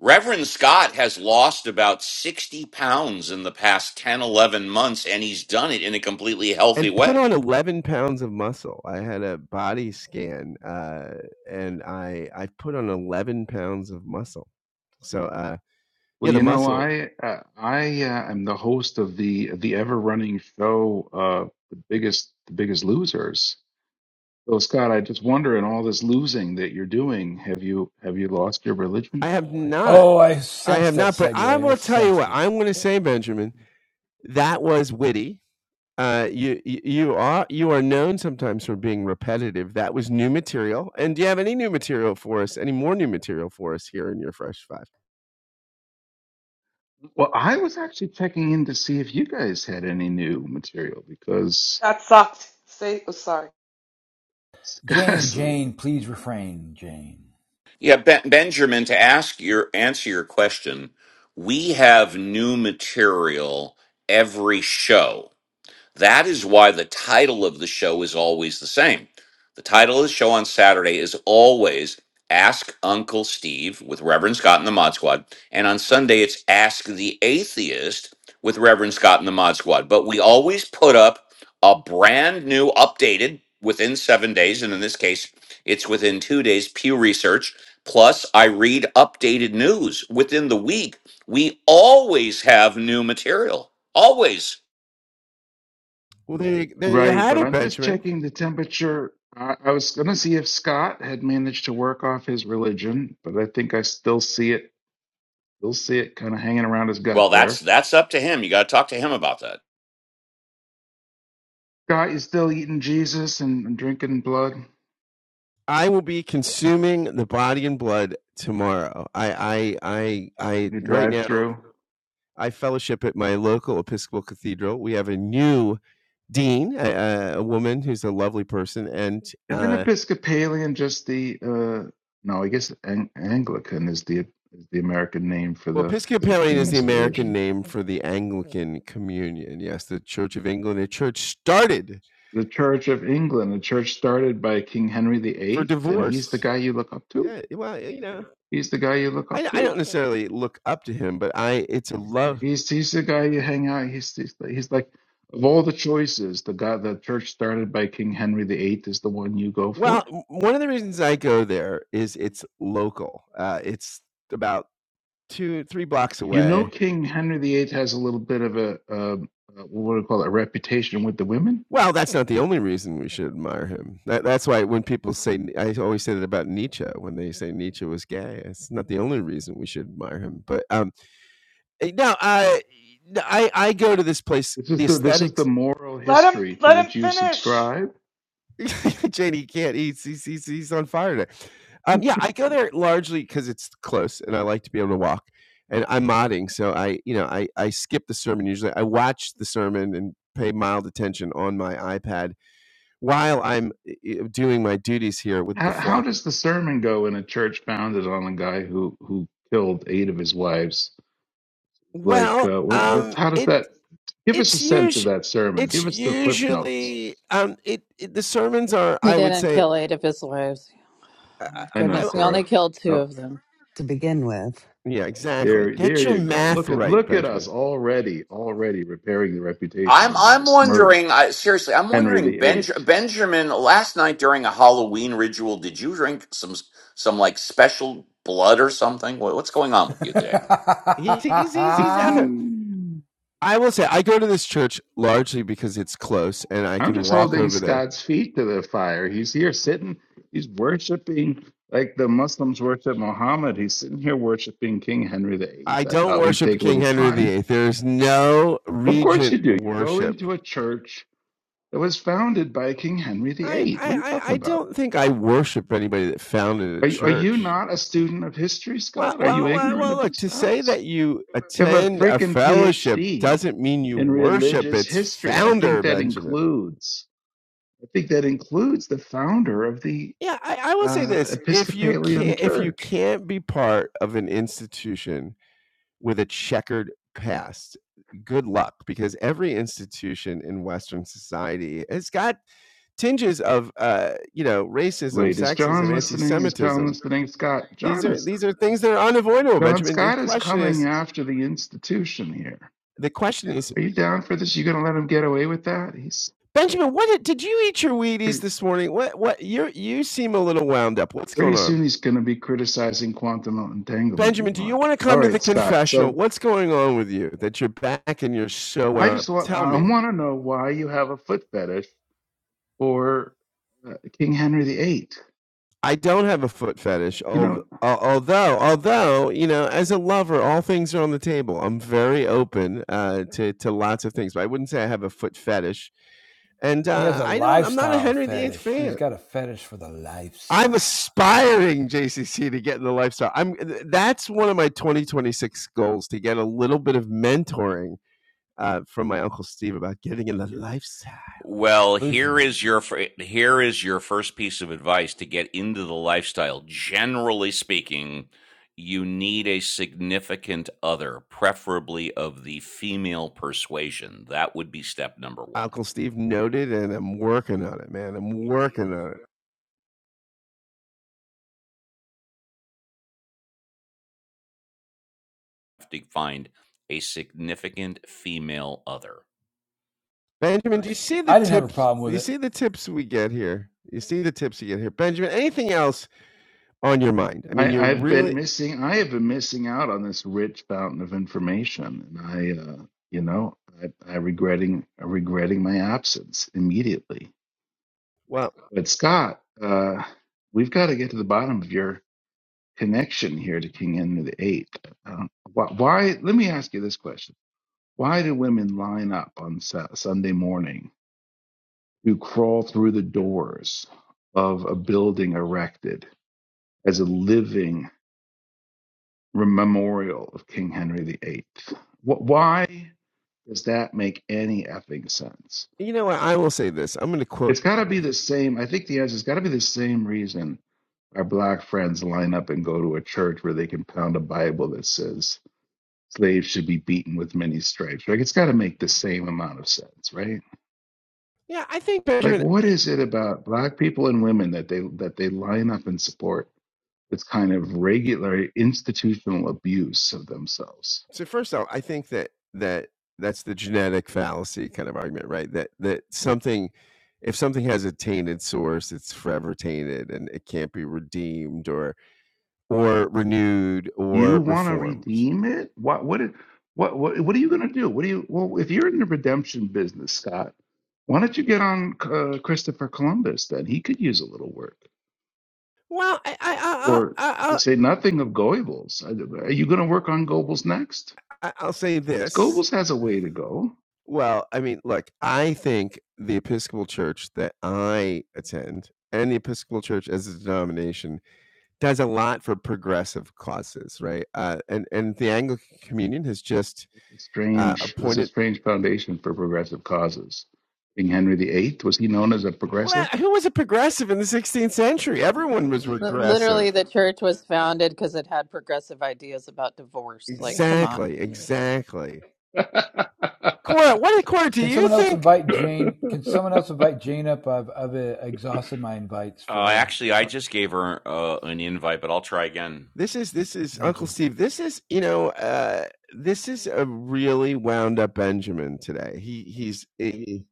Speaker 1: Reverend Scott has lost about 60 pounds in the past 10, 11 months, and he's done it in a completely healthy
Speaker 7: And put
Speaker 1: way.
Speaker 7: on 11 pounds of muscle. I had a body scan, uh, and I I put on 11 pounds of muscle. So, uh, yeah,
Speaker 18: Well,
Speaker 7: the
Speaker 18: you know,
Speaker 7: muscle
Speaker 18: I uh, I uh, am the host of the the ever running show, uh, the biggest the biggest losers. So, Scott, I just wonder, in all this losing that you're doing, have you have you lost your
Speaker 7: I
Speaker 18: religion?
Speaker 7: have not.
Speaker 6: Oh, I
Speaker 7: I have
Speaker 6: sensed that
Speaker 7: not, but I
Speaker 6: segue. I
Speaker 7: will tell you
Speaker 6: sensed
Speaker 7: what
Speaker 6: it.
Speaker 7: I'm going to say, Benjamin. That was witty. Uh, you you you are you are known sometimes for being repetitive. That was new material. And do you have any new material for us? Any more new material for us here in your Fresh Five?
Speaker 18: Well, I was actually checking in to see if you guys had any new material because
Speaker 15: That sucked. Say oh, sorry.
Speaker 6: Jane, Jane, please refrain, Jane.
Speaker 1: Yeah, ben- Benjamin, to ask your answer your question, we have new material every show. That is why the title of the show is always the same. The title of the show on Saturday is always Ask Uncle Steve with Reverend Scott and the Mod Squad. And on Sunday, it's Ask the Atheist with Reverend Scott and the Mod Squad. But we always put up a brand new, updated within seven days. And in this case, it's within two days, Pew Research. Plus, I read updated news within the week. We always have new material. Always.
Speaker 7: Well, there you, there you
Speaker 18: Right,
Speaker 7: had
Speaker 18: but
Speaker 7: it,
Speaker 18: I'm just
Speaker 7: Benjamin.
Speaker 18: checking the temperature. I, I was going to see if Scott had managed to work off his religion, but I think I still see it, still see it kind of hanging around his gut
Speaker 1: Well, that's
Speaker 18: there.
Speaker 1: that's up to him. You got to talk to him about that.
Speaker 18: Scott, you still eating Jesus and, and drinking blood?
Speaker 7: I will be consuming the body and blood tomorrow. I, I, I, I.
Speaker 18: You
Speaker 7: Right
Speaker 18: drive
Speaker 7: now,
Speaker 18: through.
Speaker 7: I fellowship at my local Episcopal cathedral. We have a new dean, a, a woman who's a lovely person, and
Speaker 18: Isn't
Speaker 7: uh,
Speaker 18: Episcopalian just the uh no, I guess Ang Anglican is the is the American name for
Speaker 7: well,
Speaker 18: the for the
Speaker 7: Episcopalian is the
Speaker 18: king's
Speaker 7: American
Speaker 18: religion.
Speaker 7: name for the Anglican Communion. Yes, the Church of England, a church started
Speaker 18: The Church of England, a church started by King Henry the
Speaker 7: for
Speaker 18: Eighth, and he's the
Speaker 7: divorce.
Speaker 18: guy you look up to.
Speaker 7: Yeah, well, you know,
Speaker 18: He's the guy you look
Speaker 7: I,
Speaker 18: up
Speaker 7: I don't
Speaker 18: to.
Speaker 7: necessarily look up to him, but I, it's a love.
Speaker 18: He's he's the guy you hang out. He's he's, he's like of all the choices, the guy the church started by King Henry the Eighth is the one you go
Speaker 7: Well,
Speaker 18: for.
Speaker 7: m- one of the reasons I go there is it's local. Uh, it's about 2, 3 blocks
Speaker 18: You know,
Speaker 7: away.
Speaker 18: King Henry the Eighth has a little bit of a, um uh what do you call it, a reputation with the women.
Speaker 7: Well, that's not the only reason we should admire him. That that's why when people say I always say that about Nietzsche, when they say Nietzsche was gay, it's not the only reason we should admire him. But, um, eh, no, I I I go to this place,
Speaker 18: This
Speaker 7: the
Speaker 18: is the this is
Speaker 7: aesthetics
Speaker 18: the moral
Speaker 15: Let him
Speaker 18: history to
Speaker 15: let him
Speaker 18: which you
Speaker 15: finish.
Speaker 18: subscribe.
Speaker 7: Janie he can't. He's, he's he's he's on fire today. Um, yeah, I go there largely because it's close, and I like to be able to walk. And I'm modding, so I you know I I skip the sermon usually. I watch the sermon and pay mild attention on my iPad while I'm doing my duties here with the
Speaker 18: How how
Speaker 7: flock.
Speaker 18: does the sermon go in a church founded on a guy who who killed eight of his wives? Like,
Speaker 7: Well,
Speaker 18: uh, what what?
Speaker 7: um,
Speaker 18: How does
Speaker 7: it
Speaker 18: that? Give us a
Speaker 7: it's
Speaker 18: sense of
Speaker 7: usually
Speaker 18: that sermon.
Speaker 7: it's
Speaker 18: Give us the clip notes.
Speaker 7: usually um it, it the sermons are
Speaker 14: He
Speaker 7: I would
Speaker 14: didn't
Speaker 7: say
Speaker 14: kill eight of his wives.
Speaker 7: I,
Speaker 14: Oh my
Speaker 18: I
Speaker 7: I,
Speaker 18: know,
Speaker 14: goodness. He
Speaker 7: I
Speaker 18: Cora.
Speaker 14: only killed two
Speaker 18: Oh.
Speaker 14: of them.
Speaker 5: to begin with.
Speaker 7: yeah exactly
Speaker 18: There,
Speaker 7: get
Speaker 18: there
Speaker 7: your
Speaker 18: you go.
Speaker 7: math
Speaker 18: Look at
Speaker 7: right
Speaker 18: look at
Speaker 7: Benjamin
Speaker 18: us already, already repairing the reputation
Speaker 1: I'm
Speaker 18: of the
Speaker 1: I'm
Speaker 18: besmirched
Speaker 1: wondering. I, seriously, I'm
Speaker 18: Henry
Speaker 1: wondering,
Speaker 18: VIII.
Speaker 1: Benj- Benjamin. Last night during a Halloween ritual, did you drink some some like special blood or something? What, what's going on with you today?
Speaker 7: He's, he's, he's, he's out there. I will say, I go to this church largely because it's close and I
Speaker 18: I'm
Speaker 7: can
Speaker 18: just
Speaker 7: walk
Speaker 18: holding
Speaker 7: over there.
Speaker 18: Scott's feet to the fire. He's here sitting, he's worshiping like the Muslims worship Muhammad. He's sitting here worshiping King Henry VIII.
Speaker 7: I
Speaker 18: I
Speaker 7: don't
Speaker 18: thought we'd
Speaker 7: worship
Speaker 18: take a
Speaker 7: King
Speaker 18: little
Speaker 7: Henry
Speaker 18: time.
Speaker 7: VIII. There's no
Speaker 18: Of course
Speaker 7: regent
Speaker 18: you do. You go
Speaker 7: worship.
Speaker 18: into a church that was founded by King Henry
Speaker 7: I,
Speaker 18: VIII. What
Speaker 7: I,
Speaker 18: are you
Speaker 7: I-
Speaker 18: talking
Speaker 7: I
Speaker 18: about?
Speaker 7: don't think I worship anybody that founded a
Speaker 18: Are you, are you
Speaker 7: church.
Speaker 18: not a student of history,
Speaker 7: Well,
Speaker 18: Scott? Are you
Speaker 7: well, well,
Speaker 18: ignorant
Speaker 7: well,
Speaker 18: of
Speaker 7: look,
Speaker 18: these
Speaker 7: to say
Speaker 18: facts?
Speaker 7: that you
Speaker 18: You have a
Speaker 7: attend a
Speaker 18: freaking
Speaker 7: fellowship
Speaker 18: PhD
Speaker 7: doesn't mean you
Speaker 18: in
Speaker 7: worship
Speaker 18: religious
Speaker 7: its
Speaker 18: history. I
Speaker 7: founder,
Speaker 18: think that
Speaker 7: Benjamin.
Speaker 18: includes. I think that includes the founder of the
Speaker 7: Yeah, I, I will say
Speaker 18: uh,
Speaker 7: this. If you
Speaker 18: Episcopalian
Speaker 7: can't if you
Speaker 18: Church.
Speaker 7: can't be part of an institution with a checkered past. Good luck, because every institution in Western society has got tinges of, uh, you know, racism,
Speaker 18: Wait, is
Speaker 7: sexism,
Speaker 18: John listening? Is John
Speaker 7: anti-Semitism.
Speaker 18: listening? Scott,
Speaker 7: These
Speaker 18: John
Speaker 7: are
Speaker 18: is.
Speaker 7: these are things that are unavoidable,
Speaker 18: John
Speaker 7: Benjamin. The
Speaker 18: Scott is
Speaker 7: question
Speaker 18: coming
Speaker 7: is,
Speaker 18: after the institution here.
Speaker 7: the question is,
Speaker 18: Are you down for this? You gonna let him get away with that? He's
Speaker 7: Benjamin, what did, did you eat your Wheaties
Speaker 18: pretty,
Speaker 7: this morning? What what you you seem a little wound up. What's
Speaker 18: pretty
Speaker 7: going on,
Speaker 18: soon. He's gonna be criticizing quantum entanglement. You
Speaker 7: Benjamin? Do you
Speaker 18: want?
Speaker 7: want to
Speaker 18: All
Speaker 7: come to the
Speaker 18: right, Scott.
Speaker 7: confessional?
Speaker 18: So
Speaker 7: What's going on with you that you're back and you're so
Speaker 18: I
Speaker 7: wound up?
Speaker 18: just want
Speaker 7: Tell
Speaker 18: I
Speaker 7: me.
Speaker 18: want to know why you have a foot fetish or uh, King Henry the Eighth.
Speaker 7: I don't have a foot fetish,
Speaker 18: You
Speaker 7: al-
Speaker 18: know,
Speaker 7: al- although although you know, as a lover, all things are on the table. I'm very open uh, to to lots of things, but I wouldn't say I have a foot fetish. And
Speaker 6: he has
Speaker 7: uh,
Speaker 6: a
Speaker 7: I don't. I'm not a
Speaker 6: lifestyle
Speaker 7: Henry the Eighth
Speaker 6: fetish. He's
Speaker 7: fan.
Speaker 6: got a fetish for the lifestyle.
Speaker 7: I'm aspiring JCC to get in the lifestyle. I'm. That's one of my 2026 goals to get a little bit of mentoring uh, from my uncle Steve about getting in the lifestyle.
Speaker 1: Well, here
Speaker 6: Lucian,
Speaker 1: is your fir- here is your first piece of advice to get into the lifestyle. Generally speaking, you need a significant other, preferably of the female persuasion. That would be step number 1.
Speaker 7: Uncle Steve noted, and I'm working on it, man. I'm working on it.
Speaker 1: to find a significant female other.
Speaker 7: Benjamin, do you see the
Speaker 6: I didn't have a
Speaker 7: tips?
Speaker 6: problem
Speaker 7: Do
Speaker 6: with
Speaker 7: you
Speaker 6: it.
Speaker 7: see the tips we get here? You see the tips you get here, Benjamin. Anything else on your mind? I mean,
Speaker 18: I,
Speaker 7: you're
Speaker 18: I've been
Speaker 7: really
Speaker 18: missing. I have been missing out on this rich fountain of information, and I, uh, you know, I, I regretting I regretting my absence immediately.
Speaker 7: well.
Speaker 18: But Scott, uh, we've got to get to the bottom of your connection here to King Henry VIII. Uh, why, why? Let me ask you this question: Why do women line up on Sa- Sunday morning to crawl through the doors of a building erected? as a living memorial of King Henry VIII. Wh- Why does that make any effing sense?
Speaker 7: You know what? I will say this. I'm going to
Speaker 18: It's
Speaker 7: quote
Speaker 18: got to be the same. I think the answer has got to be the same reason our black friends line up and go to a church where they can pound a Bible that says slaves should be beaten with many stripes. Like it's got to make the same amount of sense, right?
Speaker 7: Yeah, I think
Speaker 18: Like
Speaker 7: Benjamin.
Speaker 18: what
Speaker 7: I-
Speaker 18: is it about black people and women that they that they line up and support this kind of regular institutional abuse of themselves?
Speaker 7: So first off, I think that that that's the genetic fallacy kind of argument, right? That that something, if something has a tainted source, it's forever tainted and it can't be redeemed or or renewed
Speaker 18: You
Speaker 7: or
Speaker 18: want to
Speaker 7: reformed.
Speaker 18: redeem it? What what what what what are you going to do? What do you well if you're in the redemption business, Scott? Why don't you get on uh, Christopher Columbus then? He could use a little work.
Speaker 7: Well, I I I
Speaker 18: Or
Speaker 7: I
Speaker 18: to
Speaker 7: I'll,
Speaker 18: say nothing of Goebbels. Are you going to work on Goebbels next?
Speaker 7: I- I'll say this.
Speaker 18: Goebbels has a way to go.
Speaker 7: Well, I mean, look, I think the Episcopal Church that I attend and the Episcopal Church as a denomination does a lot for progressive causes, right? Uh, and and the Anglican Communion has just
Speaker 18: It's
Speaker 7: uh,
Speaker 18: strange. There's a
Speaker 7: appointed.
Speaker 18: strange foundation for progressive causes. King Henry VIII was he known as a
Speaker 7: Well,
Speaker 18: progressive?
Speaker 7: who was a progressive in the 16th century? Everyone was
Speaker 14: L-
Speaker 7: regressive.
Speaker 14: Literally, the church was founded because it had progressive ideas about divorce. Like, come on.
Speaker 7: Exactly, exactly. Cora, what Cora? Do
Speaker 6: Can
Speaker 7: you
Speaker 6: someone else
Speaker 7: think
Speaker 6: invite Jane? Can someone else invite Jane up? I've, I've uh, exhausted my invites for
Speaker 1: Uh,
Speaker 6: her.
Speaker 1: actually, I just gave her uh, an invite, but I'll try again.
Speaker 7: this is this is
Speaker 6: Thank
Speaker 7: Uncle
Speaker 6: you.
Speaker 7: Steve? This is you know uh, this is a really wound up Benjamin today. He he's. he-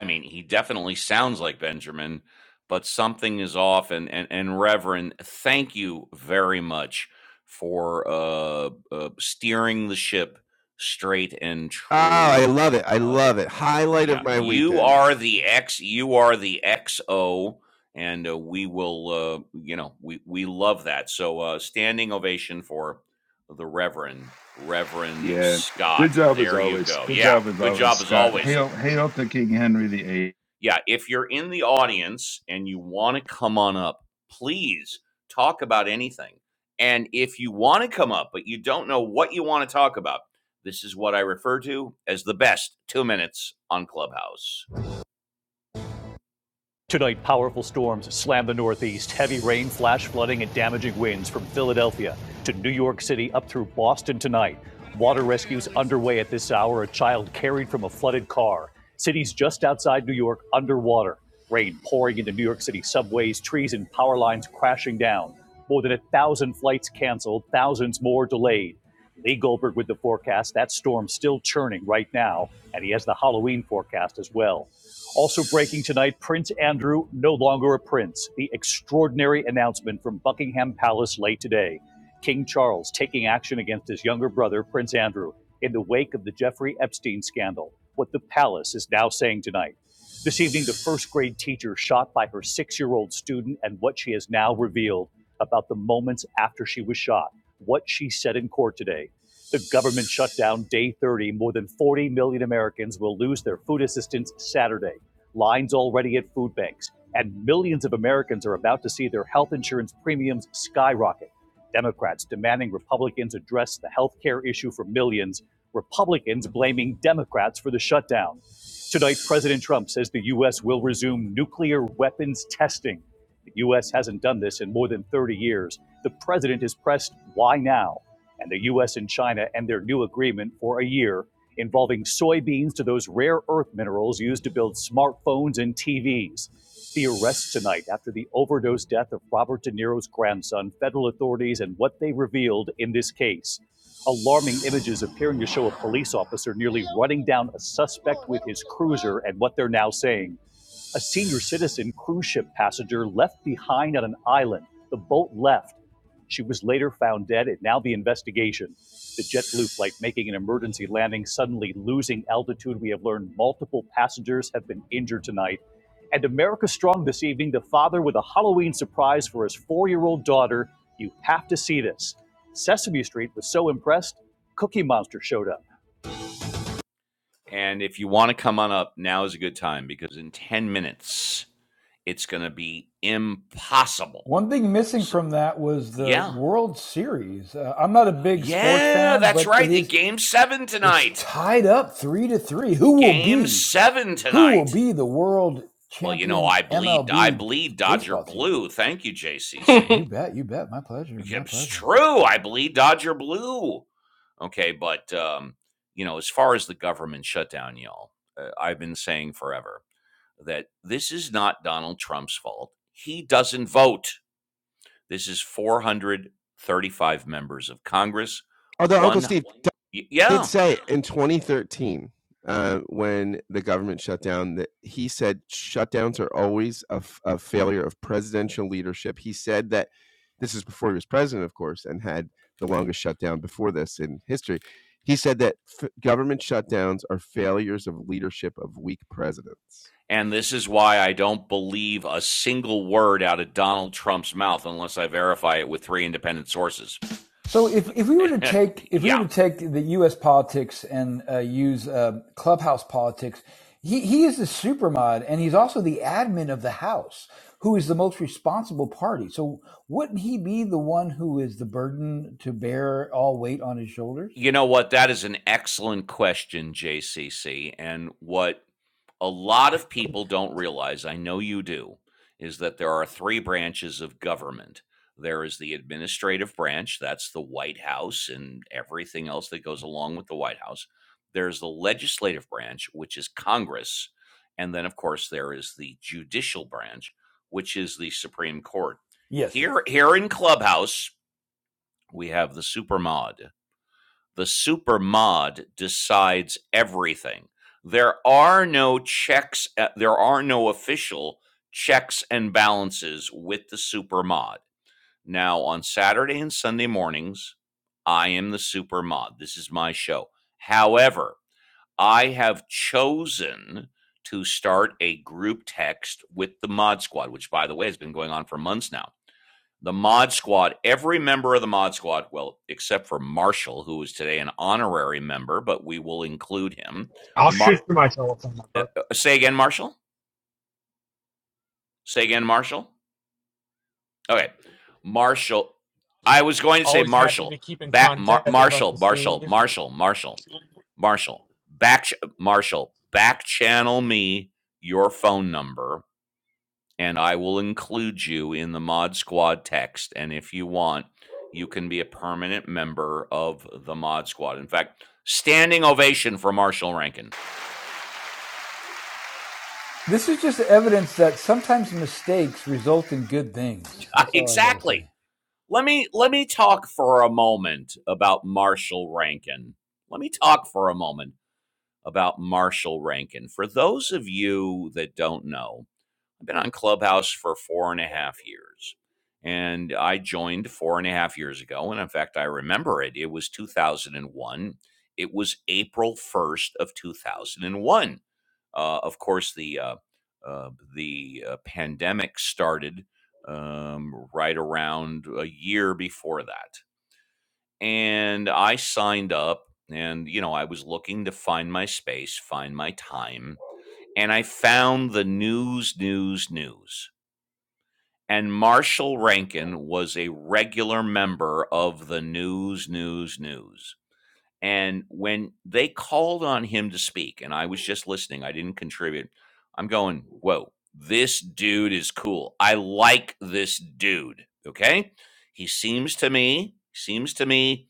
Speaker 1: I mean, he definitely sounds like Benjamin, but something is off. And and, and Reverend, thank you very much for uh, uh, steering the ship straight and
Speaker 7: oh, I
Speaker 1: true.
Speaker 7: love it! I
Speaker 1: Uh,
Speaker 7: love it. Highlight of
Speaker 1: Yeah,
Speaker 7: my
Speaker 1: you
Speaker 7: weekends.
Speaker 1: are the X. You are the XO, and uh, we will. Uh, you know, we we love that. So, uh, standing ovation for the Reverend Reverend
Speaker 18: Yeah, good
Speaker 1: Scott.
Speaker 18: job as
Speaker 1: There you
Speaker 18: always.
Speaker 1: go.
Speaker 18: Good
Speaker 1: Yeah,
Speaker 18: job as
Speaker 1: good
Speaker 18: always,
Speaker 1: job as
Speaker 18: Scott.
Speaker 1: always.
Speaker 18: Hail, hail to King Henry the Eighth.
Speaker 1: Yeah, if you're in the audience and you want to come on up, please talk about anything. And if you want to come up but you don't know what you want to talk about, this is what I refer to as the best two minutes on Clubhouse. Tonight, powerful storms slam the Northeast. Heavy rain, flash flooding, and damaging winds from Philadelphia to New York City up through Boston tonight. Water rescues underway at this hour. A child carried from a flooded car. Cities just outside New York underwater. Rain pouring into New York City subways, trees and power lines crashing down. More than a thousand flights canceled, thousands more delayed. Lee Goldberg with the forecast. That storm still churning right now, and he has the Halloween forecast as well. Also breaking tonight, Prince Andrew no longer a prince. The extraordinary announcement from Buckingham Palace late today. King Charles taking action against his younger brother, Prince Andrew, in the wake of the Jeffrey Epstein scandal. What the palace is now saying tonight. This evening, the first grade teacher shot by her six year old student and what she has now revealed about the moments after she was shot, what she said in court today. The government shutdown, day 30, more than 40 million Americans will lose their food assistance Saturday lines already at food banks, and millions of Americans are about to see their health insurance premiums skyrocket. Democrats demanding Republicans address the health care issue for millions, Republicans blaming Democrats for the shutdown. Tonight, President Trump says the U.S. will resume nuclear weapons testing. The U.S. hasn't done this in more than 30 years. The president is pressed, why now? And the U.S. and China end their new agreement for a year involving soybeans to those rare earth minerals used to build smartphones and TVs. The arrest tonight after the overdose death of Robert De Niro's grandson, federal authorities, and what they revealed in this case. Alarming images appearing to show a police officer nearly running down a suspect with his cruiser, and what they're now saying. A senior citizen cruise ship passenger left behind on an island. The boat left. She was later found dead, and now the investigation. The JetBlue flight making an emergency landing, suddenly losing altitude. We have learned multiple passengers have been injured tonight. And America Strong this evening, the father with a Halloween surprise for his four year old daughter. You have to see this. Sesame Street was so impressed, Cookie Monster showed up. And if you want to come on up, now is a good time because in 10 minutes it's going to be impossible.
Speaker 6: One thing missing
Speaker 1: So,
Speaker 6: from that was the
Speaker 1: yeah.
Speaker 6: World Series. Uh, I'm not a big sports
Speaker 1: Yeah,
Speaker 6: fan,
Speaker 1: that's
Speaker 6: but it
Speaker 1: right. The
Speaker 6: is
Speaker 1: Game 7
Speaker 6: it's
Speaker 1: tonight.
Speaker 6: tied up three to three. Who will
Speaker 1: Game
Speaker 6: be
Speaker 1: 7
Speaker 6: who will
Speaker 1: tonight.
Speaker 6: be the world
Speaker 1: Well, you know,
Speaker 6: champion
Speaker 1: I bleed I
Speaker 6: MLB
Speaker 1: bleed Dodger
Speaker 6: baseball team?
Speaker 1: blue. Thank you,
Speaker 6: You
Speaker 1: JCC.
Speaker 6: bet, you bet. My pleasure, my
Speaker 1: It's
Speaker 6: pleasure.
Speaker 1: true. I bleed Dodger blue. Okay, but um, you know, as far as the government shutdown, y'all, uh, I've been saying forever that this is not Donald Trump's fault. He doesn't vote. This is 435 members of Congress.
Speaker 7: Although Uncle
Speaker 1: One,
Speaker 7: Steve, did
Speaker 1: yeah.
Speaker 7: say in 2013 uh, when the government shut down that he said shutdowns are always a, f- a failure of presidential leadership. He said that this is before he was president, of course, and had the longest shutdown before this in history. He said that f- government shutdowns are failures of leadership of weak presidents.
Speaker 1: And this is why I don't believe a single word out of Donald Trump's mouth unless I verify it with three independent sources.
Speaker 6: So if, if we were to take if we were
Speaker 1: yeah.
Speaker 6: to take the U.S. politics and uh, use uh, clubhouse politics, he, he is the supermod and he's also the admin of the House, who is the most responsible party. So wouldn't he be the one who is the burden to bear all weight on his shoulders?
Speaker 1: You know what? That is an excellent question, JCC. And what a lot of people don't realize, I know you do, is that there are three branches of government. There is the administrative branch, that's the White House and everything else that goes along with the White House. There's the legislative branch, which is Congress. And then, of course, there is the judicial branch, which is the Supreme Court.
Speaker 6: Yes, yes.
Speaker 1: Here, here in Clubhouse, we have the supermod the super mod decides everything. There are no checks, uh, there are no official checks and balances with the super mod. Now, on Saturday and Sunday mornings, I am the super mod. This is my show. However, I have chosen to start a group text with the mod squad, which, by the way, has been going on for months now the Mod Squad, every member of the Mod Squad, well, except for Marshall, who is today an honorary member, but we will include him.
Speaker 8: I'll
Speaker 1: Mar-
Speaker 8: shoot you my telephone
Speaker 1: uh,
Speaker 8: number.
Speaker 1: uh, say again, Marshall? Say again, Marshall? Okay. Marshall. I was going to say
Speaker 8: Always happy
Speaker 1: Marshall.
Speaker 8: to keep in
Speaker 1: Back Mar-
Speaker 8: contact with
Speaker 1: Marshall,
Speaker 8: Uncle
Speaker 1: Marshall,
Speaker 8: Steve.
Speaker 1: Marshall, Marshall, Marshall. Back Marshall, back channel me your phone number and I will include you in the Mod Squad text. And if you want, you can be a permanent member of the Mod Squad. In fact, standing ovation for Marshall Rankin.
Speaker 6: This is just evidence that sometimes mistakes result in good things. That's all I got to
Speaker 1: exactly.
Speaker 6: say.
Speaker 1: Let me let me talk for a moment about Marshall Rankin. Let me talk for a moment about Marshall Rankin. For those of you that don't know, I've been on Clubhouse for four and a half years. And I joined four and a half years ago. And in fact, I remember it. It was 2001. It was April 1st of 2001. Uh, of course, the uh, uh, the uh, pandemic started um, right around a year before that. And I signed up and, you know, I was looking to find my space, find my time. And I found the news, news, news and Marshall Rankin was a regular member of the News, News, News. And when they called on him to speak, and I was just listening, I didn't contribute. I'm going, whoa, this dude is cool. I like this dude. Okay. He seems to me, seems to me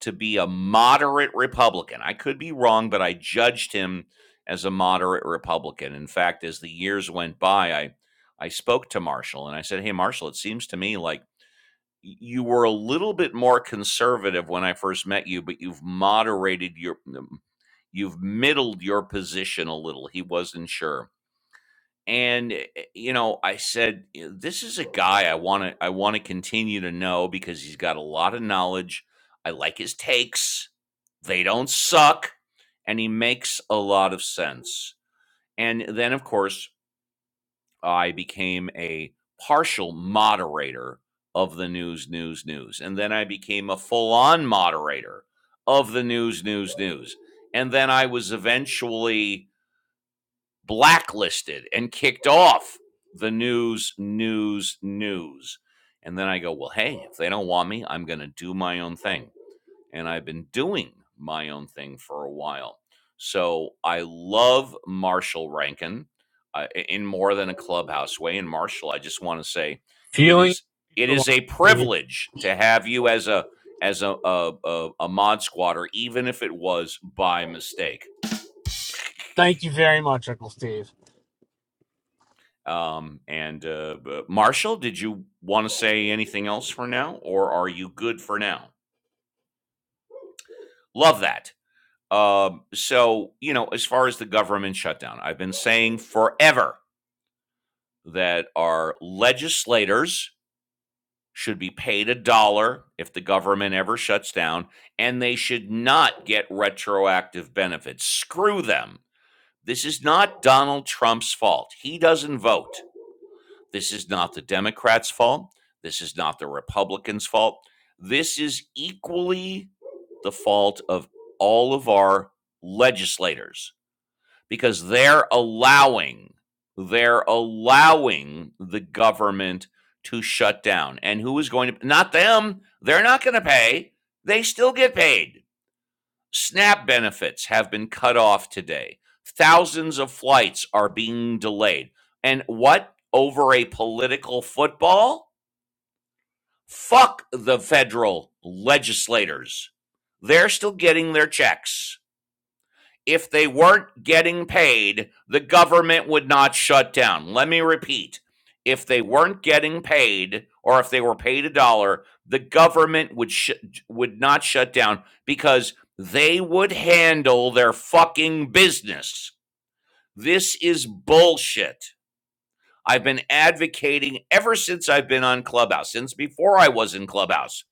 Speaker 1: to be a moderate Republican. I could be wrong, but I judged him as a moderate Republican. In fact, as the years went by, I I spoke to Marshall and I said, "Hey Marshall, it seems to me like you were a little bit more conservative when I first met you, but you've moderated your um, you've middled your position a little." He wasn't sure and eh, eh, you know i said "You know, this is a guy i want to i want to continue to know because he's got a lot of knowledge i like his takes they don't suck and he makes a lot of sense and then of course i became a partial moderator of the news news news and then i became a full-on moderator of the news news news and then i was eventually blacklisted and kicked off the news, news, news. And then I go, well, hey, if they don't want me, I'm going to do my own thing. And I've been doing my own thing for a while. So I love Marshall Rankin uh, in more than a clubhouse way. And Marshall, I just want to say it
Speaker 8: Feeling
Speaker 1: is it
Speaker 8: for
Speaker 1: is
Speaker 8: Uncle
Speaker 1: a
Speaker 8: Steve.
Speaker 1: privilege to have you as a as a, a, a, a mod squatter, even if it was by mistake.
Speaker 8: Thank you very much, Uncle Steve.
Speaker 1: Um, and uh, b- Marshall, did you want to say anything else for now, or are you good for now? Love that. Um, so, you know, as far as the government shutdown, I've been saying forever that our legislators should be paid a dollar if the government ever shuts down, and they should not get retroactive benefits. Screw them. This is not Donald Trump's fault. He doesn't vote. This is not the Democrats' fault. This is not the Republicans' fault. This is equally the fault of all of our legislators because they're allowing they're allowing the government to shut down. And who is going to not them, they're not going to pay. They still get paid. SNAP benefits have been cut off today. Thousands of flights are being delayed. And what? Over a political football? Fuck the federal legislators. They're still getting their checks if they weren't getting paid, the government would not shut down. Let me repeat if they weren't getting paid or if they were paid a dollar, the government would sh- would not shut down because they would handle their fucking business. This is bullshit. I've been advocating ever since I've been on Clubhouse, since before I was in Clubhouse,